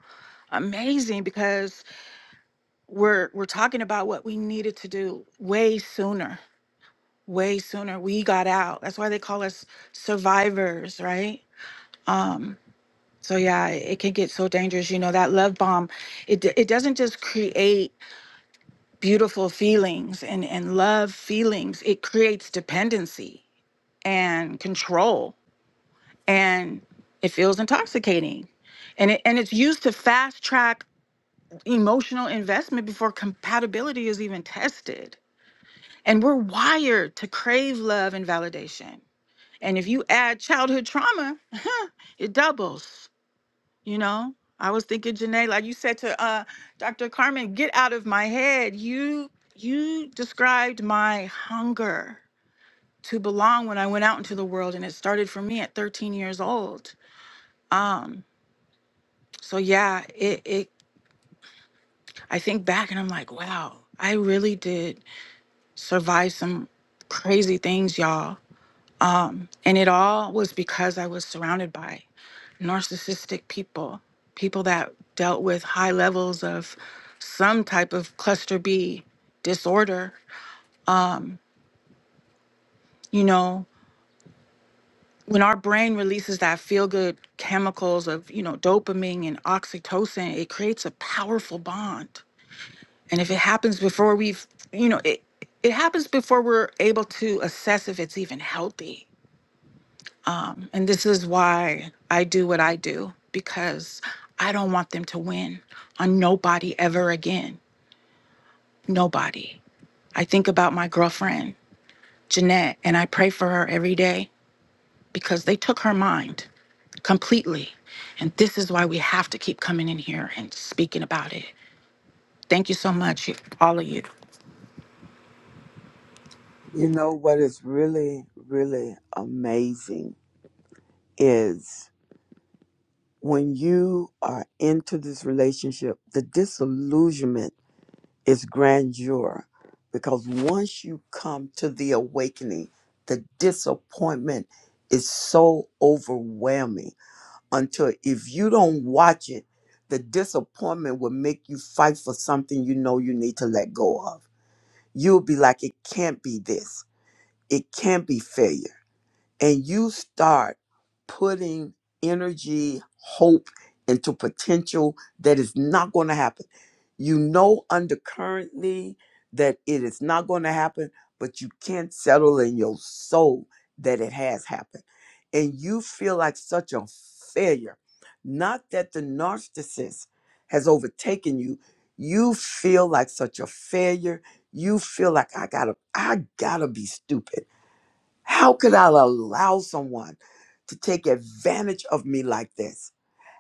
Speaker 9: amazing because we're we're talking about what we needed to do way sooner way sooner. We got out. That's why they call us survivors, right? Um, so yeah, it it can get so dangerous. You know, that love bomb, it d- it doesn't just create beautiful feelings and and love feelings. It creates dependency and control, and it feels intoxicating. And, it, and it's used to fast track emotional investment before compatibility is even tested. And we're wired to crave love and validation And if you add childhood trauma, it doubles, you know? I was thinking, Janae, like you said to uh, Dr. Carmen, get out of my head. You you described my hunger to belong when I went out into the world, and it started for me at 13 years old. Um, so yeah, it, it I think back and I'm like, wow, I really did survive some crazy things, y'all. Um, and it all was because I was surrounded by narcissistic people, people that dealt with high levels of some type of cluster B disorder. Um, you know, when our brain releases that feel good chemicals of, you know, dopamine and oxytocin, it creates a powerful bond. And if it happens before we've, you know, it, it happens before we're able to assess if it's even healthy. And this is why I do what I do because I don't want them to win on nobody ever again. Nobody. I think about my girlfriend, Jeanette, and I pray for her every day because they took her mind completely. And this is why we have to keep coming in here and speaking about it. Thank you so much, all of you.
Speaker 1: You know what is really, really amazing is. when you are into this relationship, the disillusionment is grandeur because once you come to the awakening, the disappointment is so overwhelming until if you don't watch it, the disappointment will make you fight for something you know you need to let go of. You'll be like, it can't be this. It can't be failure and you start putting energy, hope into potential that is not going to happen. You know undercurrently that it is not going to happen, but you can't settle in your soul that it has happened. And you feel like such a failure. Not that the narcissist has overtaken you. You feel like such a failure. You feel like I gotta, I gotta be stupid. How could I allow someone to take advantage of me like this?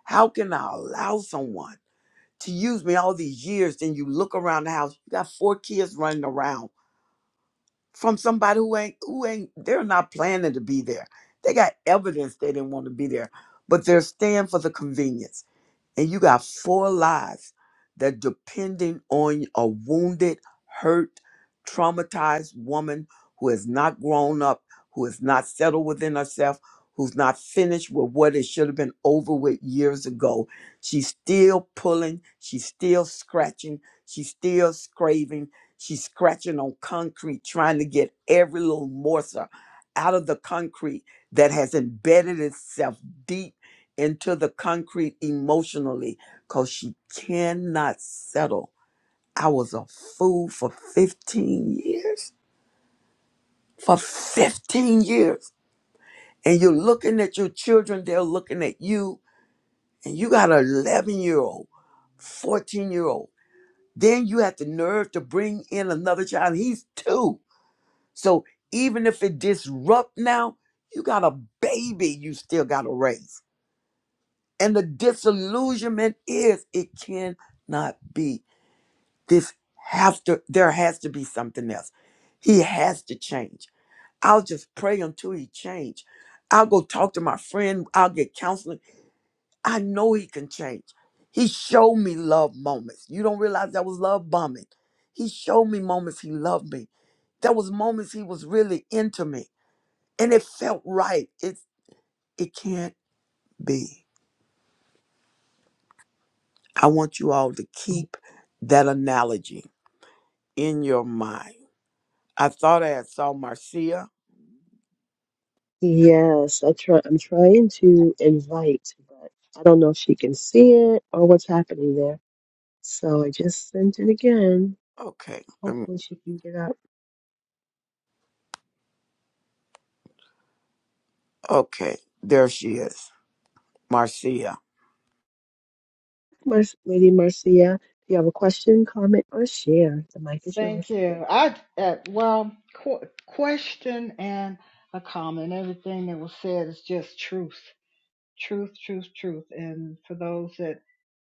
Speaker 1: How can I allow someone to use me all these years? Then you look around the house, you got four kids running around from somebody who ain't who ain't they're not planning to be there. They got evidence they didn't want to be there, but they're staying for the convenience and you got four lives that depending on a wounded, hurt, traumatized woman who has not grown up, who is not settled within herself, who's not finished with what it should have been over with years ago. She's still pulling, she's still scratching, she's still scraping, she's scratching on concrete, trying to get every little morsel out of the concrete that has embedded itself deep into the concrete emotionally because she cannot settle. I was a fool for 15 years. For 15 years. And you're looking at your children, they're looking at you, and you got an 11 year old, 14 year old. Then you have the nerve to bring in another child. He's two. So even if it disrupt now, you got a baby you still got to raise. And the disillusionment is it cannot be This have to there has to be something else. He has to change. I'll just pray until he change. I'll go talk to my friend. I'll get counseling. I know he can change. He showed me love moments. You don't realize that was love bombing. He showed me moments he loved me. There was moments he was really into me. And it felt right. It it can't be. I want you all to keep that analogy in your mind. I thought I had saw Marcia
Speaker 5: Yes, I try, I'm trying to invite, but I don't know if she can see it or what's happening there. So I just sent it again.
Speaker 1: Okay. Um,
Speaker 5: Hopefully she can get up.
Speaker 1: okay. There she is. Marcia.
Speaker 5: Mer- Lady Marcia, If you have a question, comment, or share? The mic is
Speaker 11: Thank
Speaker 5: yours.
Speaker 11: you. I uh, well, qu- question and a comment. Everything that was said is just truth, truth, truth, truth. And for those that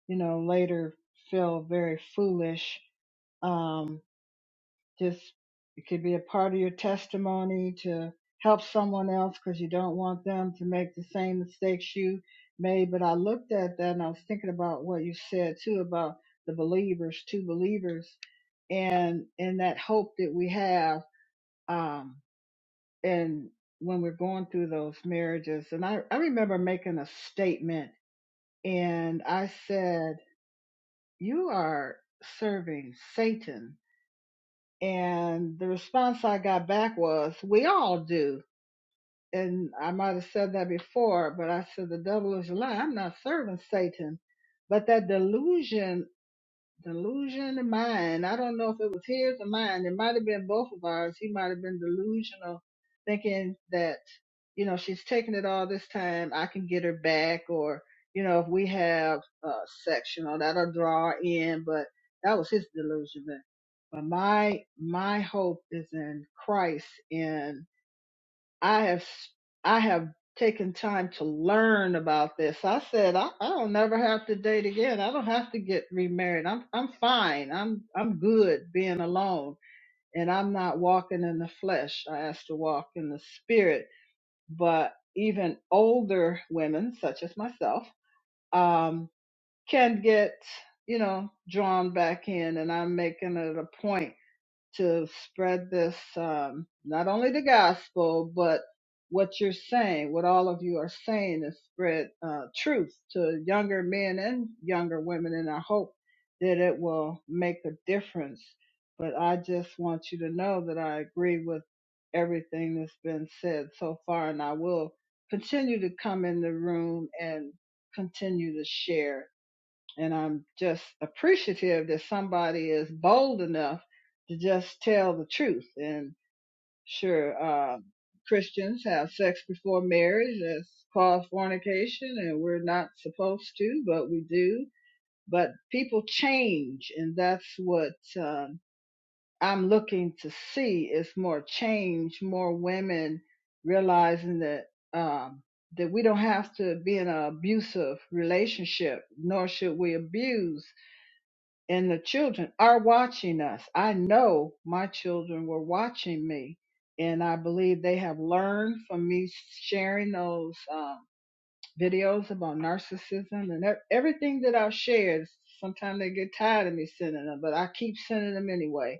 Speaker 11: you know later feel very foolish, um, just it could be a part of your testimony to help someone else because you don't want them to make the same mistakes you made. But I looked at that and I was thinking about what you said too about the believers, two believers and and that hope that we have um and when we're going through those marriages and I, I remember making a statement and I said, You are serving Satan and the response I got back was, We all do and I might have said that before, but I said the devil is a lie. I'm not serving Satan. But that delusion Delusion and mine. I don't know if it was his or mine. It might have been both of ours. He might have been delusional, thinking that, you know, she's taking it all this time. I can get her back. Or, you know, if we have a section, or that'll draw her in. But that was his delusion. But but my, my hope is in Christ In I have I have taken time to learn about this. I said I, I don't never have to date again. I don't have to get remarried. I'm I'm fine. I'm I'm good being alone, and I'm not walking in the flesh. I asked to walk in the spirit. But even older women, such as myself, um, can get you know drawn back in, and I'm making it a point to spread this, um, not only the gospel, but what you're saying, what all of you are saying is spread uh, truth to younger men and younger women. And I hope that it will make a difference. But I just want you to know that I agree with everything that's been said so far, and I will continue to come in the room and continue to share and I'm just appreciative that somebody is bold enough to just tell the truth. And sure, uh, Christians have sex before marriage. That's called fornication, and we're not supposed to, but we do. But people change, and that's what um, I'm looking to see is more change, more women realizing that um, that we don't have to be in an abusive relationship, nor should we abuse and the children are watching us. I know my children were watching me, and I believe they have learned from me sharing those um, videos about narcissism and ev- everything that I've shared. Sometimes they get tired of me sending them, but I keep sending them anyway.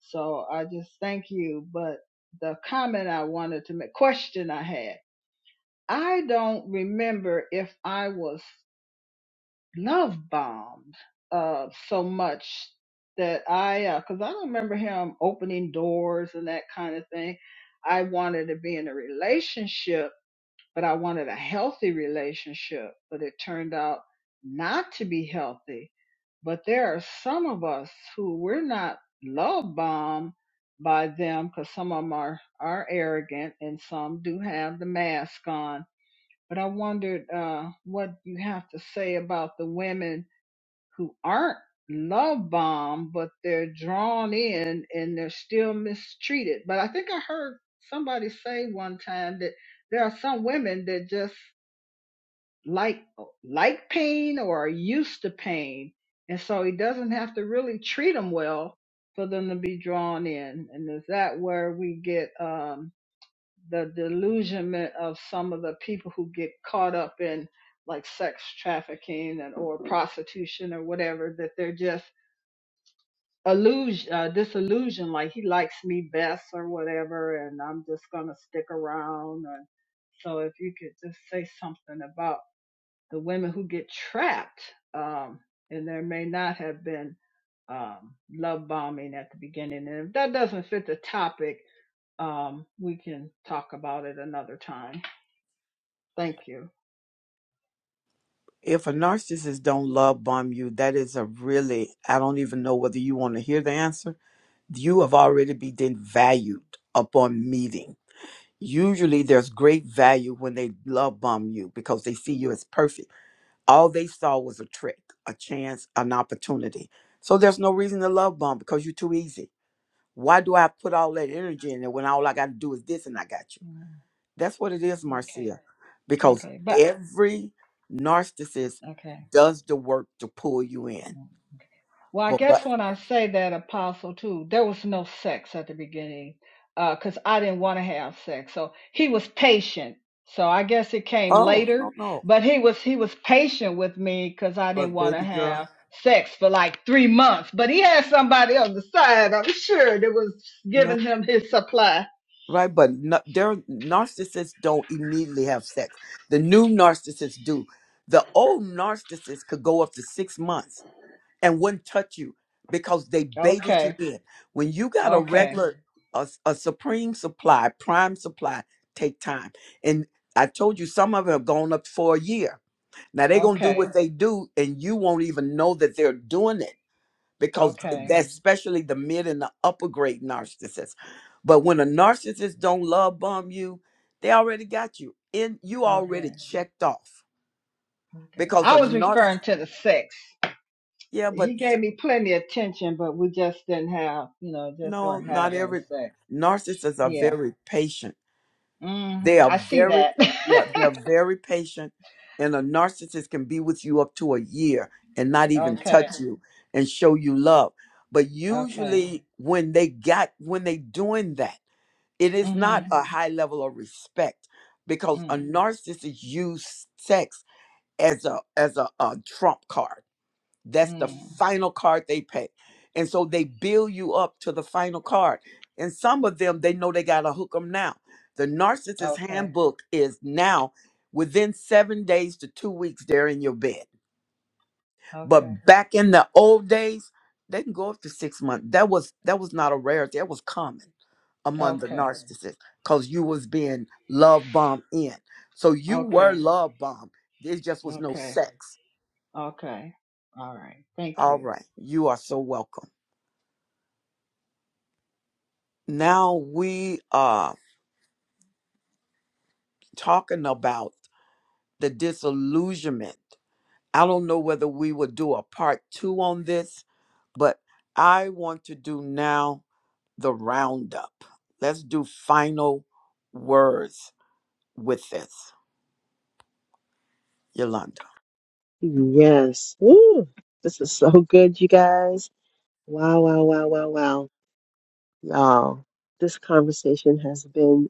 Speaker 11: So I just thank you. But the comment I wanted to make, question I had, I don't remember if I was love bombed uh, so much that I, because I don't remember him opening doors and that kind of thing. I wanted to be in a relationship, but I wanted a healthy relationship, but it turned out not to be healthy. But there are some of us who we're not love bombed by them because some of them are, are arrogant and some do have the mask on. But I wondered uh, what you have to say about the women who aren't love bombed, but they're drawn in and they're still mistreated. But I think I heard somebody say one time that there are some women that just like like pain or are used to pain, and so he doesn't have to really treat them well for them to be drawn in. And is that where we get um, the delusionment of some of the people who get caught up in like sex trafficking and or prostitution or whatever that they're just illusion, uh, disillusion, like he likes me best or whatever, and I'm just gonna stick around. And so, if you could just say something about the women who get trapped, um, and there may not have been um, love bombing at the beginning, and if that doesn't fit the topic, um, we can talk about it another time. Thank you.
Speaker 1: If a narcissist don't love bomb you, that is a really I don't even know whether you want to hear the answer. You have already been valued upon meeting. Usually there's great value when they love bomb you because they see you as perfect. All they saw was a trick, a chance, an opportunity. So there's no reason to love bomb because you're too easy. Why do I put all that energy in it when all I got to do is this and I got you?
Speaker 11: Mm,
Speaker 1: That's what it is,
Speaker 11: Okay,
Speaker 1: Marcia. Because
Speaker 11: okay, but
Speaker 1: every narcissist
Speaker 11: okay.
Speaker 1: does the work to pull you in.
Speaker 11: Well, I
Speaker 1: But what?
Speaker 11: guess when I say that, Apostle, too, there was no sex at the beginning because I didn't want to have sex. So he was patient. So I guess it came
Speaker 1: Oh
Speaker 11: later,
Speaker 1: no, no.
Speaker 11: but he was he was patient with me because I didn't
Speaker 1: But
Speaker 11: want to
Speaker 1: baby girl,
Speaker 11: have sex for like three months. But he had somebody on the side, I'm sure, that was
Speaker 1: no.
Speaker 11: giving him his supply.
Speaker 1: Right, but no, their narcissists don't immediately have sex. The new narcissists do. The old narcissist could go up to six months and wouldn't touch you because they baited you
Speaker 11: Okay,
Speaker 1: in. When you got a
Speaker 11: okay,
Speaker 1: regular, a a supreme supply, prime supply, take time. And I told you some of them have gone up for a year. Now they're gonna do
Speaker 11: okay,
Speaker 1: what they do, and you won't even know that they're doing it because
Speaker 11: okay,
Speaker 1: that's especially the mid and the upper grade narcissists. But when a narcissist don't love bomb you, they already got you in. You
Speaker 11: okay,
Speaker 1: already checked off
Speaker 11: okay.
Speaker 1: because a
Speaker 11: I was
Speaker 1: narcissist.
Speaker 11: referring to the sex.
Speaker 1: Yeah, but
Speaker 11: he gave me plenty of attention, but we just didn't have, you know, just
Speaker 1: No,
Speaker 11: weren't
Speaker 1: not
Speaker 11: having
Speaker 1: every
Speaker 11: sex.
Speaker 1: narcissists are
Speaker 11: Yeah.
Speaker 1: very patient.
Speaker 11: hmm
Speaker 1: They are
Speaker 11: I see
Speaker 1: very
Speaker 11: that.
Speaker 1: yeah, they are very patient. And a narcissist can be with you up to a year and not even
Speaker 11: okay.
Speaker 1: touch Mhm. you and show you love. But
Speaker 11: Okay.
Speaker 1: usually when they got when they doing that, it is
Speaker 11: hmm
Speaker 1: not a Mhm. high level of respect because a
Speaker 11: Mm.
Speaker 1: narcissist use sex as a as a, a trump card that's the Mm.
Speaker 11: Mm.
Speaker 1: final card they pay. And so they bill you up to the final card. And some of them, they know they got to hook them now. The narcissist
Speaker 11: Okay.
Speaker 1: handbook is now within seven days to two weeks, they're in your bed.
Speaker 11: Okay.
Speaker 1: But back in the old days, they can go up to six months. That was that was not a rarity. That was common among the Mhm.
Speaker 11: Okay.
Speaker 1: narcissists because you was being love bombed in. So you were
Speaker 11: Okay.
Speaker 1: love bombed. There just was no
Speaker 11: Okay.
Speaker 1: sex.
Speaker 11: Okay. All right. Thank
Speaker 1: All
Speaker 11: you.
Speaker 1: right. You are so welcome. now we are talking about the disillusionment. I don't know whether we will do a part two on this, but I want to do now the roundup. Let's do final words with this, Yolanda.
Speaker 5: Yes. Woo! This is so good, you guys. Wow, wow, wow, wow, wow. Y'all, this conversation has been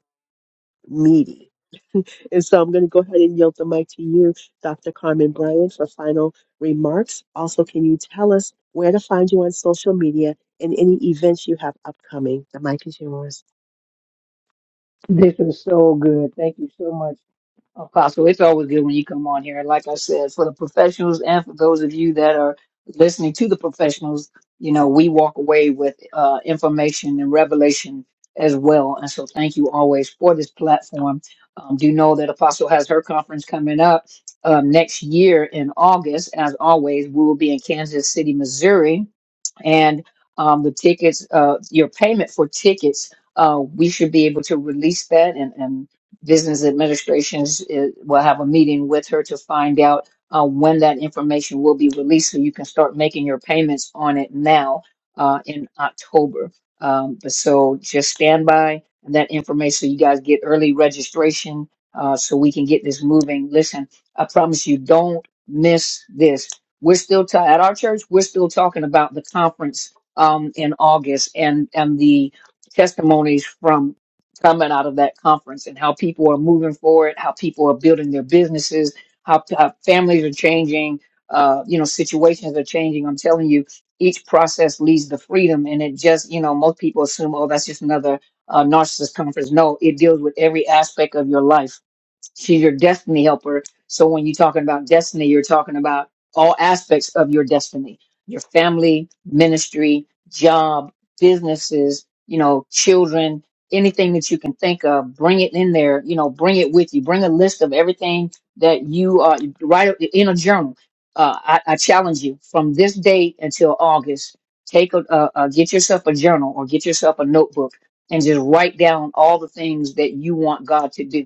Speaker 5: meaty. And so I'm going to go ahead and yield the mic to you, Dr. Carmen Bryan, for final remarks. Also, can you tell us where to find you on social media and any events you have upcoming? The mic is yours.
Speaker 7: This is so good. Thank you so much. Apostle, it's always good when you come on here. And like I said, for the professionals and for those of you that are listening to the professionals, you know, we walk away with uh, information and revelation as well. And so thank you always for this platform. Um, do know that Apostle has her conference coming up um, next year in August. As always, we will be in Kansas City, Missouri and um, the tickets, uh, your payment for tickets, uh, we should be able to release that, and, and business administrations uh, will have a meeting with her to find out uh, when that information will be released, so you can start making your payments on it now uh, in October. Um, but so just stand by and that information. So you guys get early registration, uh, so we can get this moving. Listen, I promise you, don't miss this we're still ta- at our church we're still talking about the conference um in august and and the testimonies from coming out of that conference and how people are moving forward how people are building their businesses how, how families are changing uh you know situations are changing i'm telling you each process leads to freedom and it just you know most people assume oh that's just another uh, narcissist conference no it deals with every aspect of your life She's your destiny helper. So when you're talking about destiny, you're talking about all aspects of your destiny, your family, ministry, job, businesses, you know, children, anything that you can think of, bring it in there, you know, bring it with you. Bring a list of everything that you uh, write it in a journal. Uh, I, I challenge you from this date until August, take a, uh, uh, get yourself a journal or get yourself a notebook and just write down all the things that you want God to do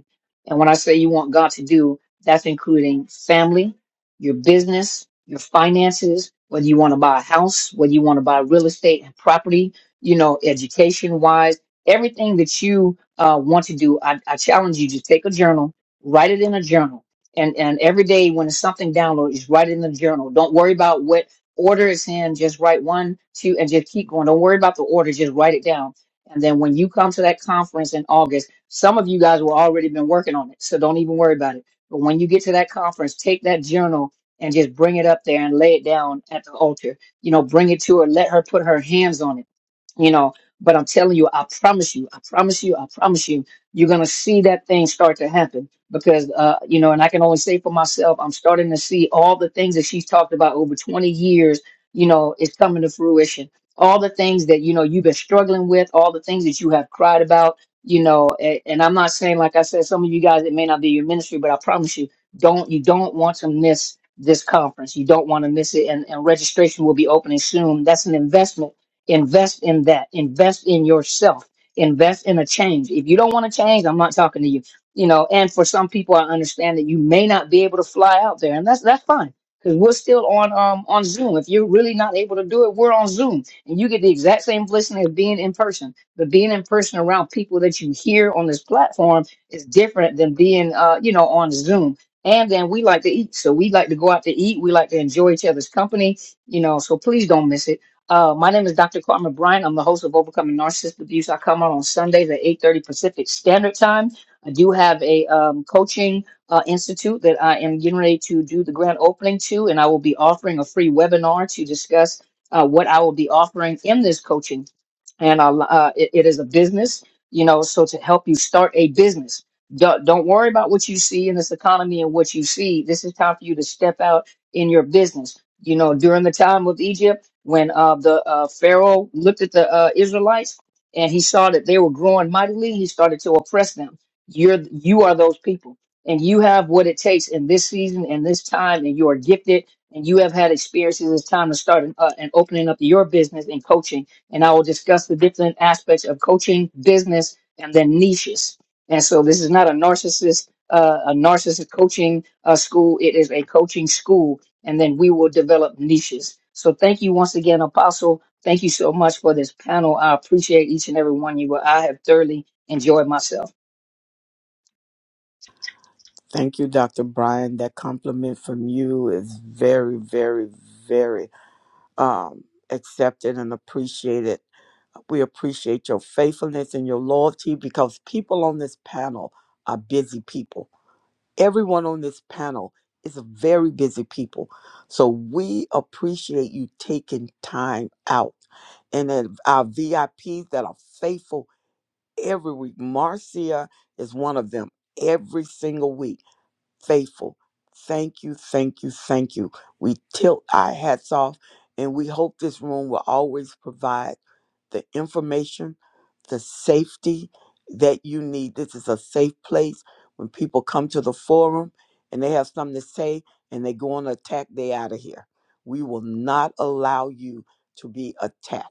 Speaker 7: and when I say you want God to do, that's including family, your business, your finances, whether you want to buy a house, whether you want to buy real estate and property, you know, education wise, everything that you uh, want to do. I, I challenge you to take a journal, write it in a journal. And, and every day when it's something downloaded, just write it in the journal. Don't worry about what order it's in. Just write one, two, and just keep going. Don't worry about the order. Just write it down. And then when you come to that conference in August, some of you guys will already been working on it, so don't even worry about it. But when you get to that conference, take that journal and just bring it up there and lay it down at the altar. You know, bring it to her, let her put her hands on it. You know, but I'm telling you, I promise you, I promise you, I promise you, you're gonna see that thing start to happen because uh, you know, and I can only say for myself, I'm starting to see all the things that she's talked about over 20 years. You know, it's coming to fruition all the things that you know you've been struggling with all the things that you have cried about you know and, and i'm not saying like i said some of you guys it may not be your ministry but i promise you don't you don't want to miss this conference you don't want to miss it and, and registration will be opening soon that's an investment invest in that invest in yourself invest in a change if you don't want to change i'm not talking to you you know and for some people i understand that you may not be able to fly out there and that's that's fine because we're still on um on zoom if you're really not able to do it we're on zoom and you get the exact same blessing as being in person but being in person around people that you hear on this platform is different than being, uh, you know, on Zoom. And then we like to eat, so we like to go out to eat. We like to enjoy each other's company, you know. So please don't miss it. Uh, my name is Dr. Carmen Bryant. I'm the host of Overcoming Narcissist Abuse. I come out on Sundays at 8:30 Pacific Standard Time. I do have a um, coaching uh, institute that I am getting ready to do the grand opening to, and I will be offering a free webinar to discuss uh, what I will be offering in this coaching and a lo- uh, it, it is a business you know so to help you start a business don't, don't worry about what you see in this economy and what you see this is time for you to step out in your business you know during the time with egypt when uh, the uh, pharaoh looked at the uh, israelites and he saw that they were growing mightily he started to oppress them you're you are those people and you have what it takes in this season and this time and you are gifted and you have had experiences it's time to start an, uh, and opening up your business and coaching and I will discuss the different aspects of coaching, business, and then niches. And so this is not a narcissist, uh, a narcissist coaching uh, school. It is a coaching school, and then we will develop niches. So thank you once again, Apostle. Thank you so much for this panel. I appreciate each and every one of you. I have thoroughly enjoyed myself.
Speaker 1: Thank you, Dr. Brian. That compliment from you is very, very, very um, accepted and appreciated. We appreciate your faithfulness and your loyalty because people on this panel are busy people. Everyone on this panel is a very busy people. So we appreciate you taking time out. And then our VIPs that are faithful every week. Marcia is one of them every single week faithful. Thank you, thank you, thank you. We tilt our hats off and we hope this room will always provide the information, the safety that you need. This is a safe place when people come to the forum and they have something to say and they go on attack, they out of here. We will not allow you to be attacked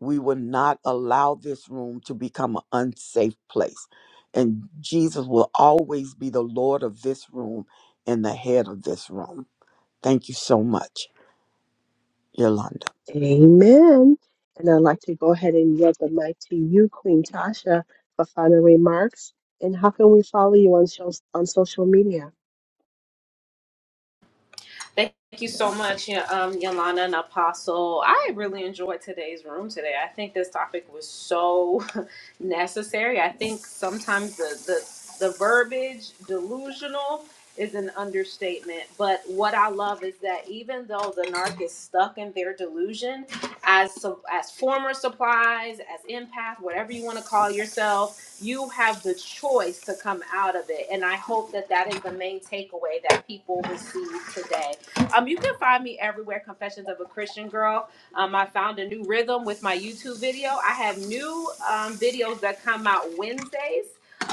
Speaker 1: we will not allow this room to become an unsafe place. And Jesus will always be the Lord of this room and the head of this room. Thank you so much, Yolanda.
Speaker 5: Amen. And I'd like to go ahead and yield the mic to you, Queen Tasha, for final remarks. And how can we follow you on shows, on social media?
Speaker 6: Thank you so much, Y- um, Yolanda and Apostle. I really enjoyed today's room today. I think this topic was so necessary. I think sometimes the, the, the verbiage delusional is an understatement. But what I love is that even though the narc is stuck in their delusion, as su- as former supplies, as empath, whatever you want to call yourself, you have the choice to come out of it. And I hope that that is the main takeaway that people receive today um, you can find me everywhere. Confessions of a Christian Girl. Um, I found a new rhythm with my YouTube video. I have new um, videos that come out Wednesdays.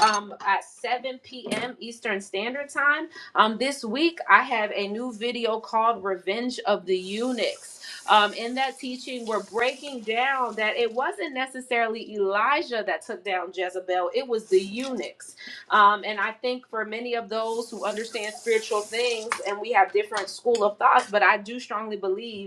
Speaker 6: Um, at 7 p.m. Eastern Standard Time. Um, this week, I have a new video called Revenge of the Eunuchs. Um, in that teaching, we're breaking down that it wasn't necessarily Elijah that took down Jezebel, it was the eunuchs um, and I think for many of those who understand spiritual things, and we have different school of thoughts, but I do strongly believe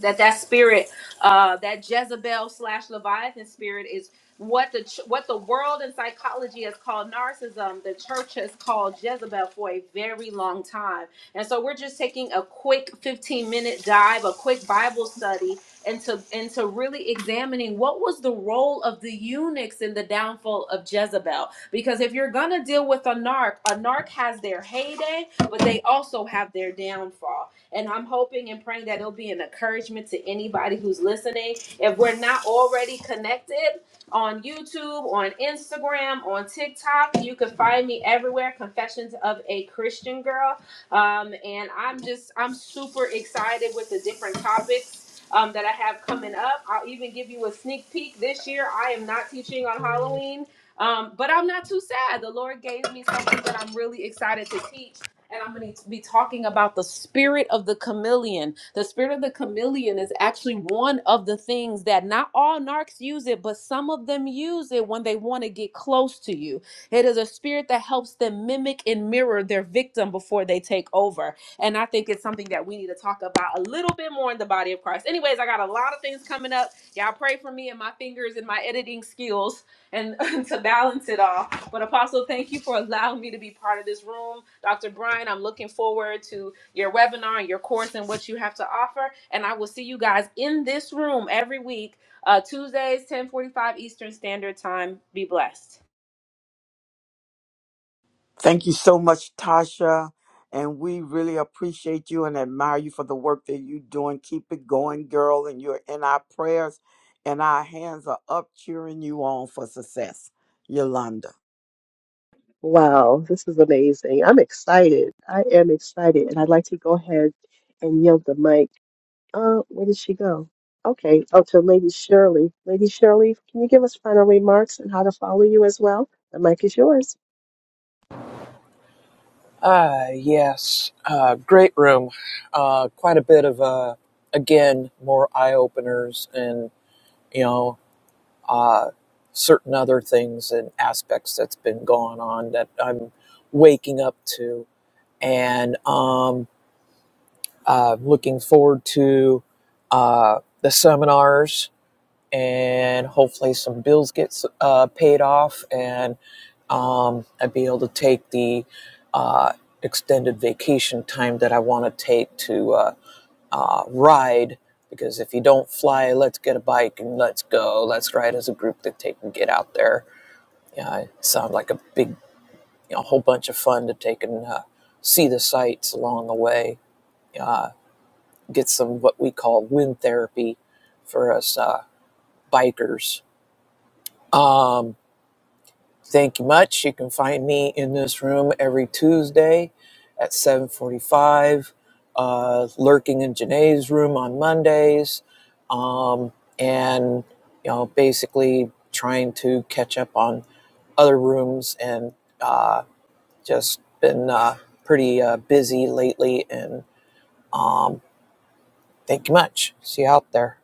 Speaker 6: that that spirit uh that jezebel slash leviathan spirit is what the ch- what the world in psychology has called narcissism the church has called jezebel for a very long time and so we're just taking a quick 15 minute dive a quick bible study into into really examining what was the role of the eunuchs in the downfall of jezebel because if you're gonna deal with a narc a narc has their heyday but they also have their downfall and I'm hoping and praying that it'll be an encouragement to anybody who's listening. If we're not already connected on YouTube, on Instagram, on TikTok, you can find me everywhere. Confessions of a Christian Girl. Um, and I'm just, I'm super excited with the different topics. Um, that I have coming up. I'll even give you a sneak peek this year. I am not teaching on Halloween. Um, but I'm not too sad. The Lord gave me something that I'm really excited to teach and I'm going to be talking about the spirit of the chameleon. The spirit of the chameleon is actually one of the things that not all narcs use it, but some of them use it when they want to get close to you. It is a spirit that helps them mimic and mirror their victim before they take over. And I think it's something that we need to talk about a little bit more in the body of Christ. Anyways, I got a lot of things coming up. Y'all pray for me and my fingers and my editing skills and to balance it all. But Apostle, thank you for allowing me to be part of this room. Dr. Brian, I'm looking forward to your webinar and your course and what you have to offer. And I will see you guys in this room every week, uh, Tuesdays, 1045 Eastern Standard Time. Be blessed.
Speaker 1: Thank you so much, Tasha. And we really appreciate you and admire you for the work that you're doing. Keep it going, girl. And you're in our prayers, and our hands are up cheering you on for success, Yolanda.
Speaker 5: Wow, this is amazing. I'm excited. I am excited. And I'd like to go ahead and yield the mic. Uh, where did she go? Okay, oh, to Lady Shirley. Lady Shirley, can you give us final remarks and how to follow you as well? The mic is yours.
Speaker 2: Ah, yes. Uh, great room. Uh, quite a bit of, uh, again, more eye openers and, you know, certain other things and aspects that's been going on that I'm waking up to. And um, uh, looking forward to uh, the seminars and hopefully some bills get uh, paid off and um, I'd be able to take the uh, extended vacation time that I want to take to uh, uh, ride. Because if you don't fly, let's get a bike and let's go. Let's ride as a group to take and get out there. Yeah, it sounds like a big, you know, whole bunch of fun to take and uh, see the sights along the way. Uh, get some what we call wind therapy for us uh, bikers. Um, Thank you much. You can find me in this room every Tuesday at 7:45, uh, lurking in Janae's room on Mondays, um, and you know, basically trying to catch up on other rooms and uh, just been uh, pretty uh, busy lately. And thank you much. See you out there.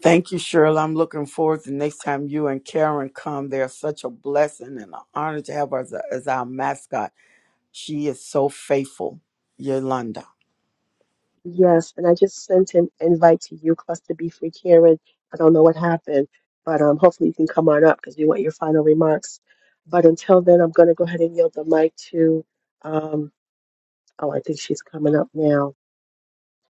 Speaker 1: Thank you, Shirley. I'm looking forward to next time you and Karen come. They're such a blessing and an honor to have her as, as our mascot. She is so faithful, Yolanda.
Speaker 5: Yes, and I just sent an invite to you, Cluster B Free Karen. I don't know what happened, but um, hopefully you can come on up because we want your final remarks. But until then, I'm going to go ahead and yield the mic to, um, oh, I think she's coming up now.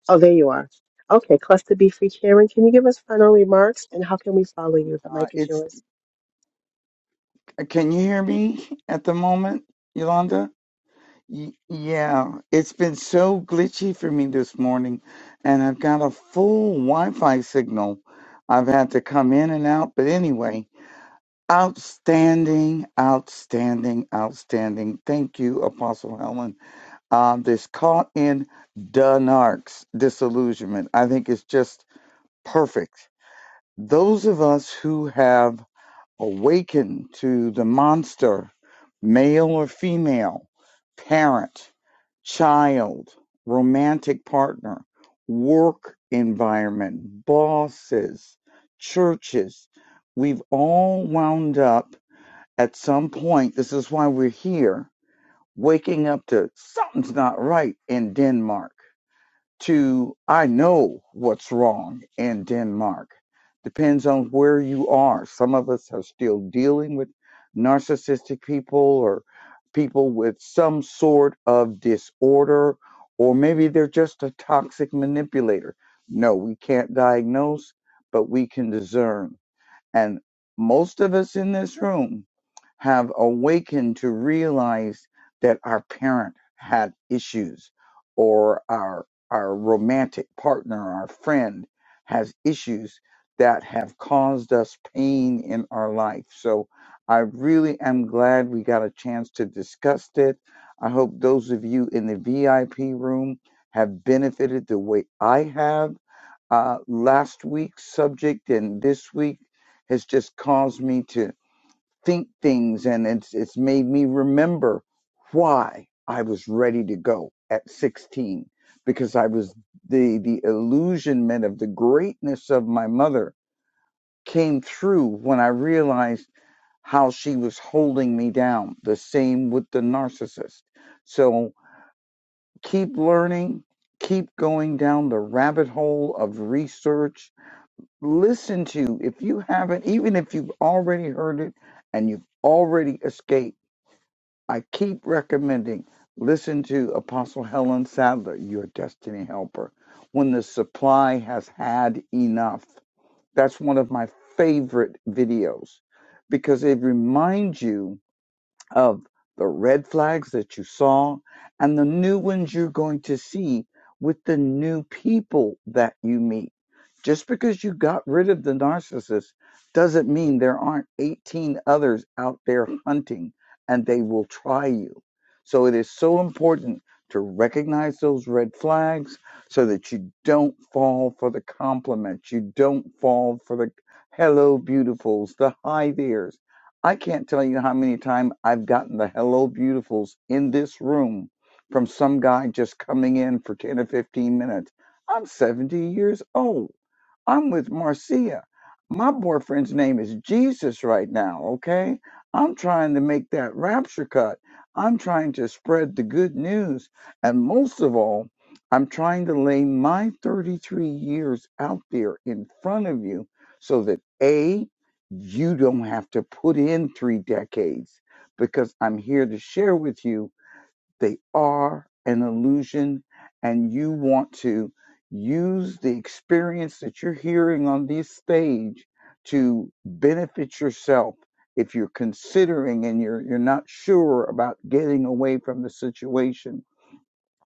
Speaker 5: Oh, there you are. Okay, Cluster B Free Karen, can you give us final remarks and how can we follow you? The
Speaker 4: Uh,
Speaker 5: mic is
Speaker 4: it's
Speaker 5: yours.
Speaker 4: Uh, Can you hear me at the moment, Yolanda? Y- yeah, it's been so glitchy for me this morning, and I've got a full Wi Fi signal. I've had to come in and out, but anyway, outstanding, outstanding, outstanding. Thank you, Apostle Helen. Um, this caught in Dunark's disillusionment, I think, is just perfect. Those of us who have awaken to the monster, male or female, parent, child, romantic partner, work environment, bosses, churches. We've all wound up at some point. This is why we're here, waking up to something's not right in Denmark to I know what's wrong in Denmark. Depends on where you are. Some of us are still dealing with narcissistic people or people with some sort of disorder, or maybe they're just a toxic manipulator. No, we can't diagnose, but we can discern. And most of us in this room have awakened to realize that our parent had issues or our our romantic partner, our friend has issues that have caused us pain in our life. So I really am glad we got a chance to discuss it. I hope those of you in the VIP room have benefited the way I have uh, last week's subject and this week has just caused me to think things, and it's it's made me remember why I was ready to go at 16 because I was the the illusionment of the greatness of my mother came through when I realized how she was holding me down. The same with the narcissist. So keep learning, keep going down the rabbit hole of research listen to if you haven't even if you've already heard it and you've already escaped i keep recommending listen to apostle helen sadler your destiny helper when the supply has had enough that's one of my favorite videos because it reminds you of the red flags that you saw and the new ones you're going to see with the new people that you meet. Just because you got rid of the narcissist doesn't mean there aren't 18 others out there hunting and they will try you. So it is so important to recognize those red flags so that you don't fall for the compliments, you don't fall for the hello beautifuls, the hi there's I can't tell you how many times I've gotten the hello beautifuls in this room from some guy just coming in for 10 or 15 minutes. I'm 70 years old. I'm with Marcia. My boyfriend's name is Jesus right now, okay? I'm trying to make that rapture cut. I'm trying to spread the good news. And most of all, I'm trying to lay my 33 years out there in front of you so that A, you don't have to put in three decades because I'm here to share with you they are an illusion, and you want to use the experience that you're hearing on this stage to benefit yourself. If you're considering and you're you're not sure about getting away from the situation,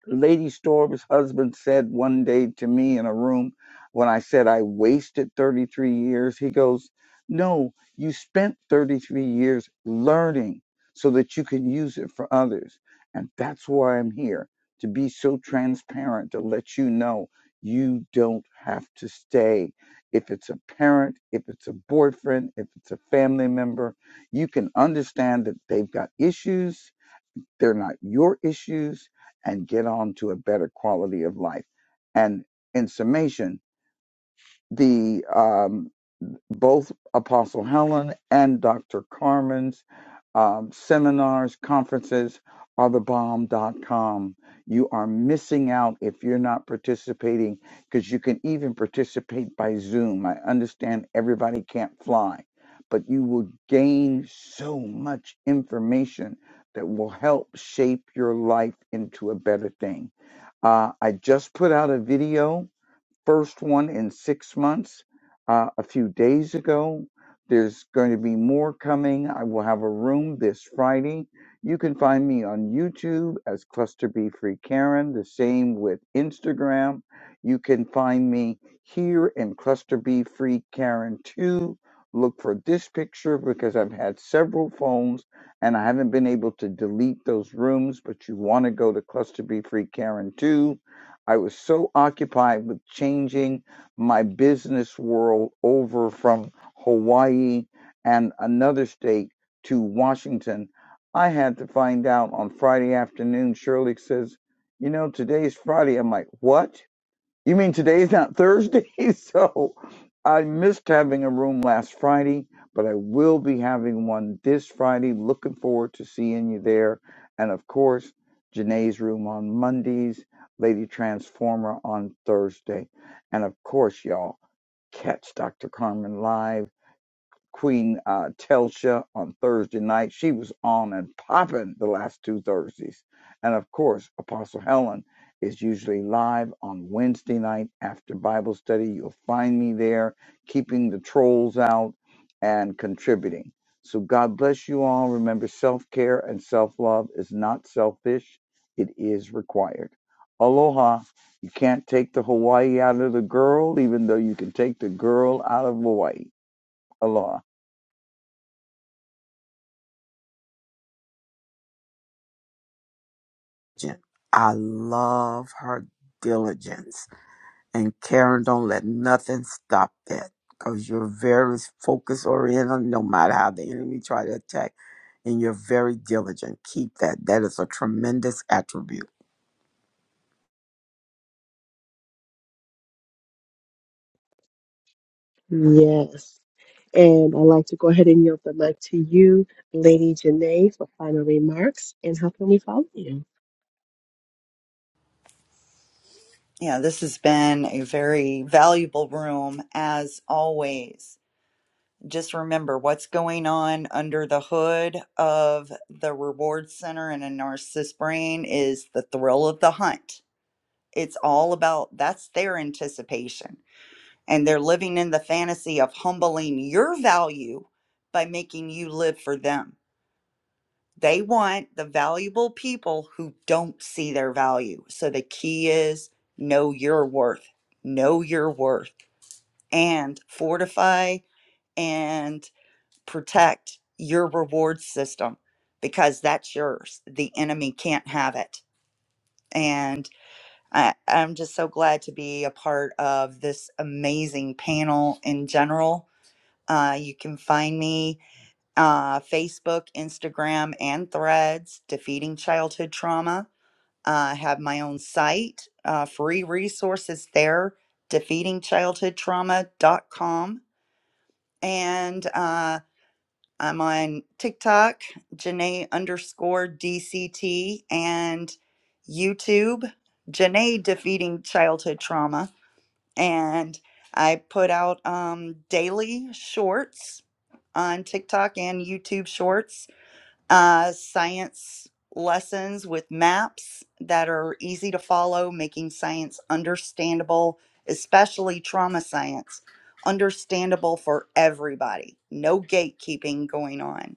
Speaker 4: Lady Storm's husband said one day to me in a room when I said I wasted 33 years, he goes, No, you spent 33 years learning so that you can use it for others. And that's why I'm here to be so transparent to let you know you don't have to stay. If it's a parent, if it's a boyfriend, if it's a family member, you can understand that they've got issues they're not your issues and get on to a better quality of life and in summation the um, both Apostle Helen and Dr. Carmen's um, seminars, conferences are the bomb.com. You are missing out if you're not participating because you can even participate by Zoom. I understand everybody can't fly, but you will gain so much information that will help shape your life into a better thing. Uh, I just put out a video first one in six months uh, a few days ago. There's going to be more coming. I will have a room this Friday. You can find me on YouTube as Cluster B Free Karen, the same with Instagram. You can find me here in Cluster B Free Karen 2. Look for this picture because I've had several phones and I haven't been able to delete those rooms, but you want to go to Cluster B Free Karen 2 I was so occupied with changing my business world over from Hawaii and another state to Washington. I had to find out on Friday afternoon. Shirley says, You know, today's Friday. I'm like, What? You mean today's not Thursday? So I missed having a room last Friday, but I will be having one this Friday. Looking forward to seeing you there. And of course, Janae's room on Mondays, Lady Transformer on Thursday. And of course, y'all, catch Dr. Carmen live. Queen uh, Telsha on Thursday night. She was on and popping the last two Thursdays. And of course, Apostle Helen is usually live on Wednesday night after Bible study. You'll find me there, keeping the trolls out and contributing. So God bless you all. Remember, self care and self love is not selfish, it is required. Aloha. You can't take the Hawaii out of the girl, even though you can take the girl out of Hawaii. Aloha.
Speaker 1: Diligent. I love her diligence. And Karen, don't let nothing stop that because you're very focus oriented no matter how the enemy try to attack. And you're very diligent. Keep that. That is a tremendous attribute.
Speaker 5: Yes. And I'd like to go ahead and yield the mic to you, Lady Janae, for final remarks and how can we follow you?
Speaker 3: Yeah, this has been a very valuable room as always. Just remember what's going on under the hood of the reward center in a narcissist's brain is the thrill of the hunt. It's all about that's their anticipation. And they're living in the fantasy of humbling your value by making you live for them They want the valuable people who don't see their value. So the key is know your worth, know your worth, and fortify and protect your reward system because that's yours. The enemy can't have it. And I, I'm just so glad to be a part of this amazing panel in general. Uh, you can find me uh, Facebook, Instagram, and Threads, Defeating Childhood Trauma I have my own site, uh, free resources there, defeatingchildhoodtrauma.com. And uh, I'm on TikTok, Janae underscore DCT, and YouTube, Janae Defeating Childhood Trauma. And I put out um, daily shorts on TikTok and YouTube shorts uh, science lessons with maps that are easy to follow, making science understandable, especially trauma science, understandable for everybody. No gatekeeping going on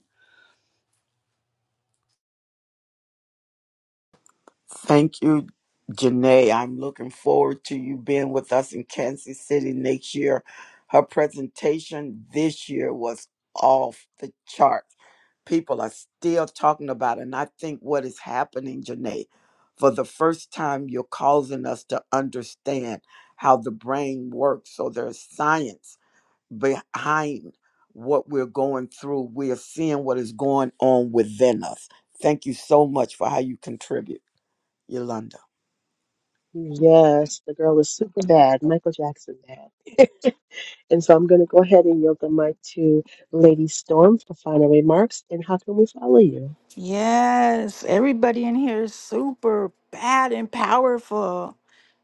Speaker 1: Thank you, Janae. I'm looking forward to you being with us in Kansas City next year. Her presentation this year was off the charts. People are still talking about it. And I think what is happening, Janae, for the first time, you're causing us to understand how the brain works. So there's science behind what we're going through. We are seeing what is going on within us. Thank you so much for how you contribute. Yolanda.
Speaker 5: Yes, the girl is super bad, Michael Jackson bad. And so I'm going to go ahead and yield the mic to Lady Storm for final remarks. And how can we follow you?
Speaker 9: Yes, everybody in here is super bad and powerful.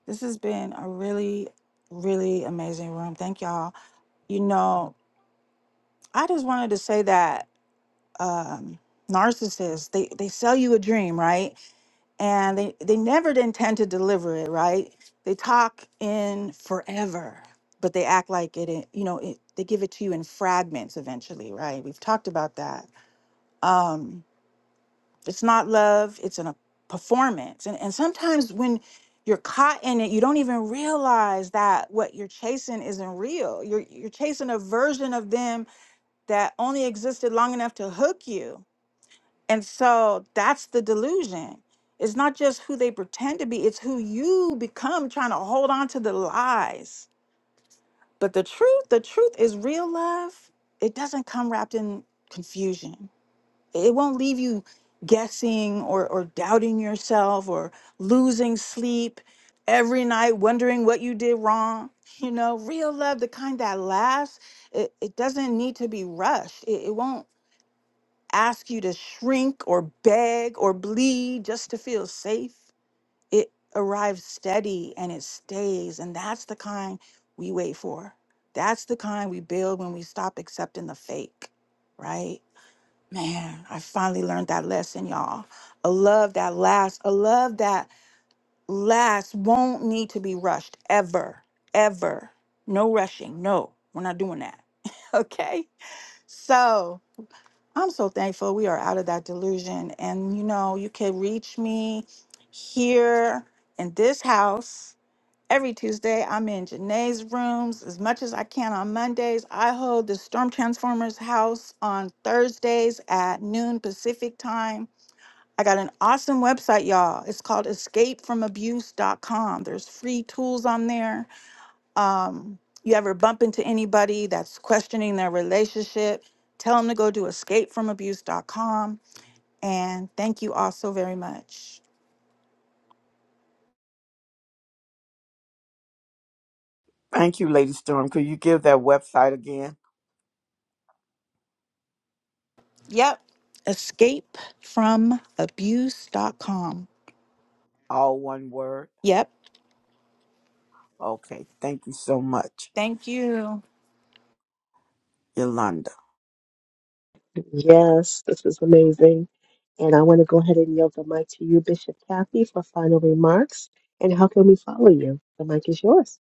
Speaker 9: This has been a really, really amazing room. Thank y'all. You know, I just wanted to say that um, narcissists, they, they sell you a dream, right? and they they never intend to deliver it right they talk in forever but they act like it i- you know it, they give it to you in fragments eventually right we've talked about that um it's not love it's an, a performance and and sometimes when you're caught in it you don't even realize that what you're chasing isn't real you're you're chasing a version of them that only existed long enough to hook you and so that's the delusion. It's not just who they pretend to be, it's who you become trying to hold on to the lies. But the truth, the truth is real love. It doesn't come wrapped in confusion. It won't leave you guessing or, or doubting yourself or losing sleep every night, wondering what you did wrong. You know, real love, the kind that lasts, it, it doesn't need to be rushed. It, it won't ask you to shrink or beg or bleed just to feel safe. It arrives steady and it stays. And that's the kind we wait for. That's the kind we build when we stop accepting the fake, right? Man, I finally learned that lesson, y'all. A love that lasts, a love that lasts won't need to be rushed ever, ever. No rushing. No, we're not doing that. okay. So, I'm so thankful we are out of that delusion. And you know, you can reach me here in this house every Tuesday. I'm in Janae's rooms as much as I can on Mondays. I hold the Storm Transformers house on Thursdays at noon Pacific time. I got an awesome website, y'all. It's called escapefromabuse.com. There's free tools on there um, you ever bump into anybody that's questioning their relationship, tell them to go to escapefromabuse.com. And thank you all so very much.
Speaker 1: Thank you, Lady Storm. Could you give that website again?
Speaker 9: Yep, escapefromabuse.com.
Speaker 1: All one word.
Speaker 9: Yep,
Speaker 1: Okay. Thank you so much,
Speaker 9: thank you.
Speaker 1: Yolanda.
Speaker 5: Yes, this was amazing. And I want to go ahead and yield the mic to you, Bishop Kathy, for final remarks. And how can we follow you? The mic is yours.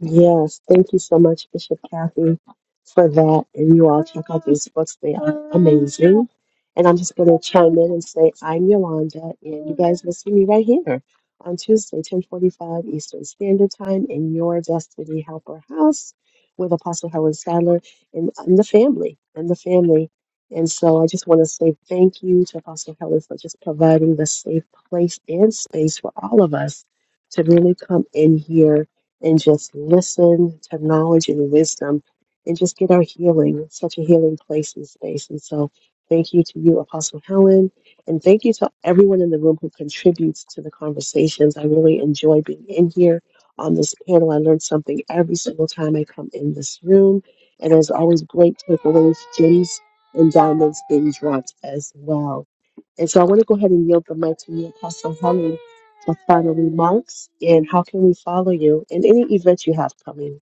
Speaker 5: Yes, thank you so much, Bishop Kathy, for that. And you all check out these books, they are amazing. And I'm just going to chime in and say, I'm Yolanda, and you guys will see me right here on Tuesday, 1045 Eastern Standard Time in your Destiny Helper House with Apostle Helen Sadler and, and the family, and the family. And so I just want to say thank you to Apostle Helen for just providing the safe place and space for all of us to really come in here and just listen to knowledge and wisdom and just get our healing. such a healing place and space. And so thank you to you, Apostle Helen, and thank you to everyone in the room who contributes to the conversations. I really enjoy being in here on this panel. I learn something every single time I come in this room. And there's always great takeaways, gems, and diamonds being dropped as well. And so I want to go ahead and yield the mic to you, Apostle Helen for final remarks and how can we follow you in any events you have coming.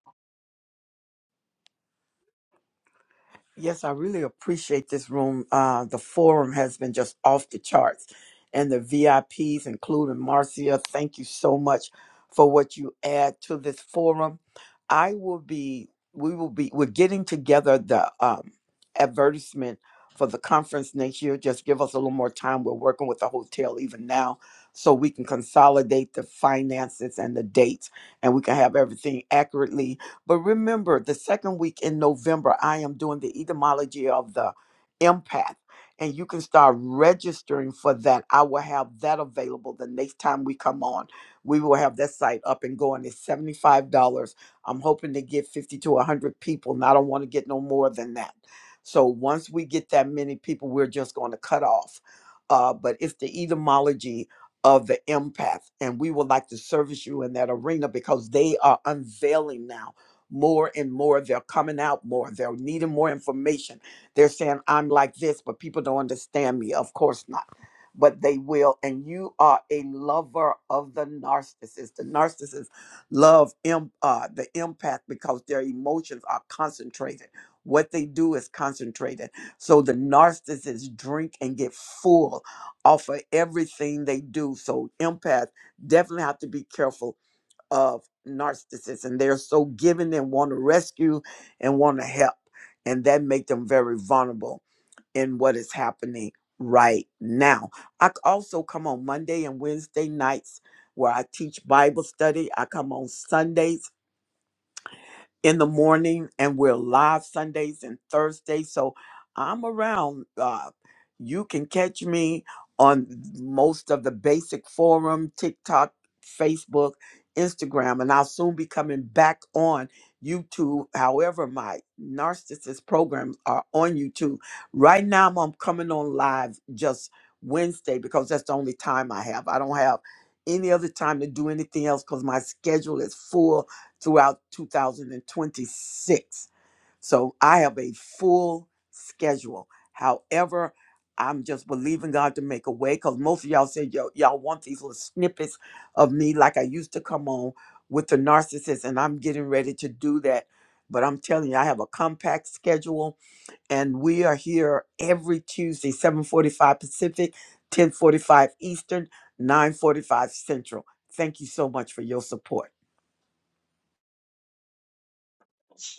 Speaker 1: Yes, I really appreciate this room. Uh, the forum has been just off the charts, and the VIPs, including Marcia, thank you so much for what you add to this forum. I will be, we will be, we're getting together the um, advertisement for the conference next year. Just give us a little more time. We're working with the hotel even now, so we can consolidate the finances and the dates, and we can have everything accurately but remember, the second week in November, I am doing the etymology of the empath. And you can start registering for that. I will have that available the next time we come on. We will have that site up and going. It's $75. I'm hoping to get 50 to 100 people, and I don't want to get no more than that. So once we get that many people, we're just going to cut off. Uh, but it's the etymology of the empath, and we would like to service you in that arena because they are unveiling now more and more. They're coming out more. They're needing more information. They're saying, I'm like this, but people don't understand me. Of course not. But they will. And you are a lover of the narcissist. The narcissist love im- uh, the empath because their emotions are concentrated. What they do is concentrated. So the narcissists drink and get full off of everything they do. So empaths definitely have to be careful of narcissism. They're so giving and want to rescue and want to help. And that make them very vulnerable in what is happening right now. I c- also come on Monday and Wednesday nights where I teach Bible study. I come on Sundays in the morning and we're live Sundays and Thursdays. So I'm around. Uh, you can catch me on most of the basic forum, TikTok, Facebook, Instagram, and I'll soon be coming back on YouTube. However, my narcissist programs are on YouTube. Right now, I'm coming on live just Wednesday because that's the only time I have. I don't have any other time to do anything else because my schedule is full throughout 2026. So I have a full schedule. However, I'm just believing God to make a way because most of y'all said y'all, y'all want these little snippets of me like I used to come on with the narcissist, and I'm getting ready to do that. But I'm telling you, I have a compact schedule and we are here every Tuesday, 7:45 Pacific, 10:45 Eastern, 9:45 Central. Thank you so much for your support.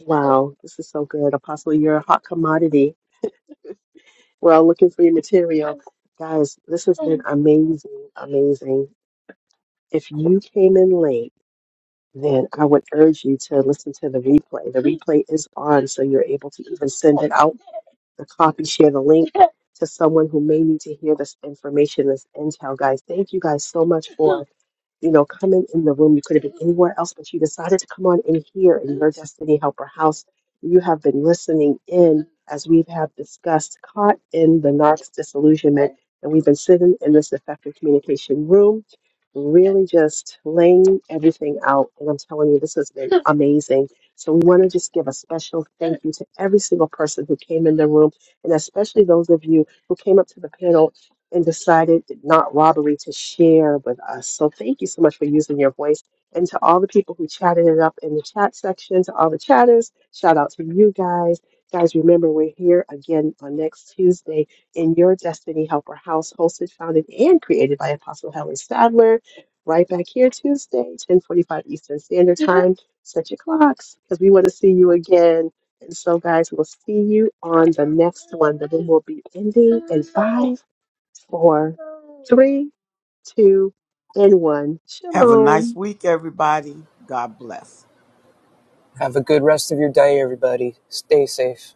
Speaker 5: Wow, this is so good. Apostle, you're a hot commodity. We're all looking for your material. Guys, this has been amazing, amazing. If you came in late, then I would urge you to listen to the replay. The replay is on, so you're able to even send it out, the copy, share the link to someone who may need to hear this information, this intel. Guys, thank you guys so much for you know, coming in the room. You could have been anywhere else, but you decided to come on in here in your Destiny Helper house. You have been listening in as we have discussed, caught in the narc's disillusionment. And we've been sitting in this effective communication room, really just laying everything out. And I'm telling you, this has been amazing. So we want to just give a special thank you to every single person who came in the room, and especially those of you who came up to the panel and decided not robbery to share with us. So thank you so much for using your voice. And to all the people who chatted it up in the chat section, to all the chatters, shout out to you guys. Guys, remember we're here again on next Tuesday in your Destiny Helper House, hosted, founded, and created by Apostle Helen Sadler. Right back here Tuesday, 1045 Eastern Standard Time. Set your clocks because we want to see you again. And so, guys, we'll see you on the next one. The room will be ending in five four, three, two, and one.
Speaker 1: Have a nice
Speaker 5: Shalom.
Speaker 1: week, everybody. God bless.
Speaker 2: Have a good rest of your day, everybody. Stay safe.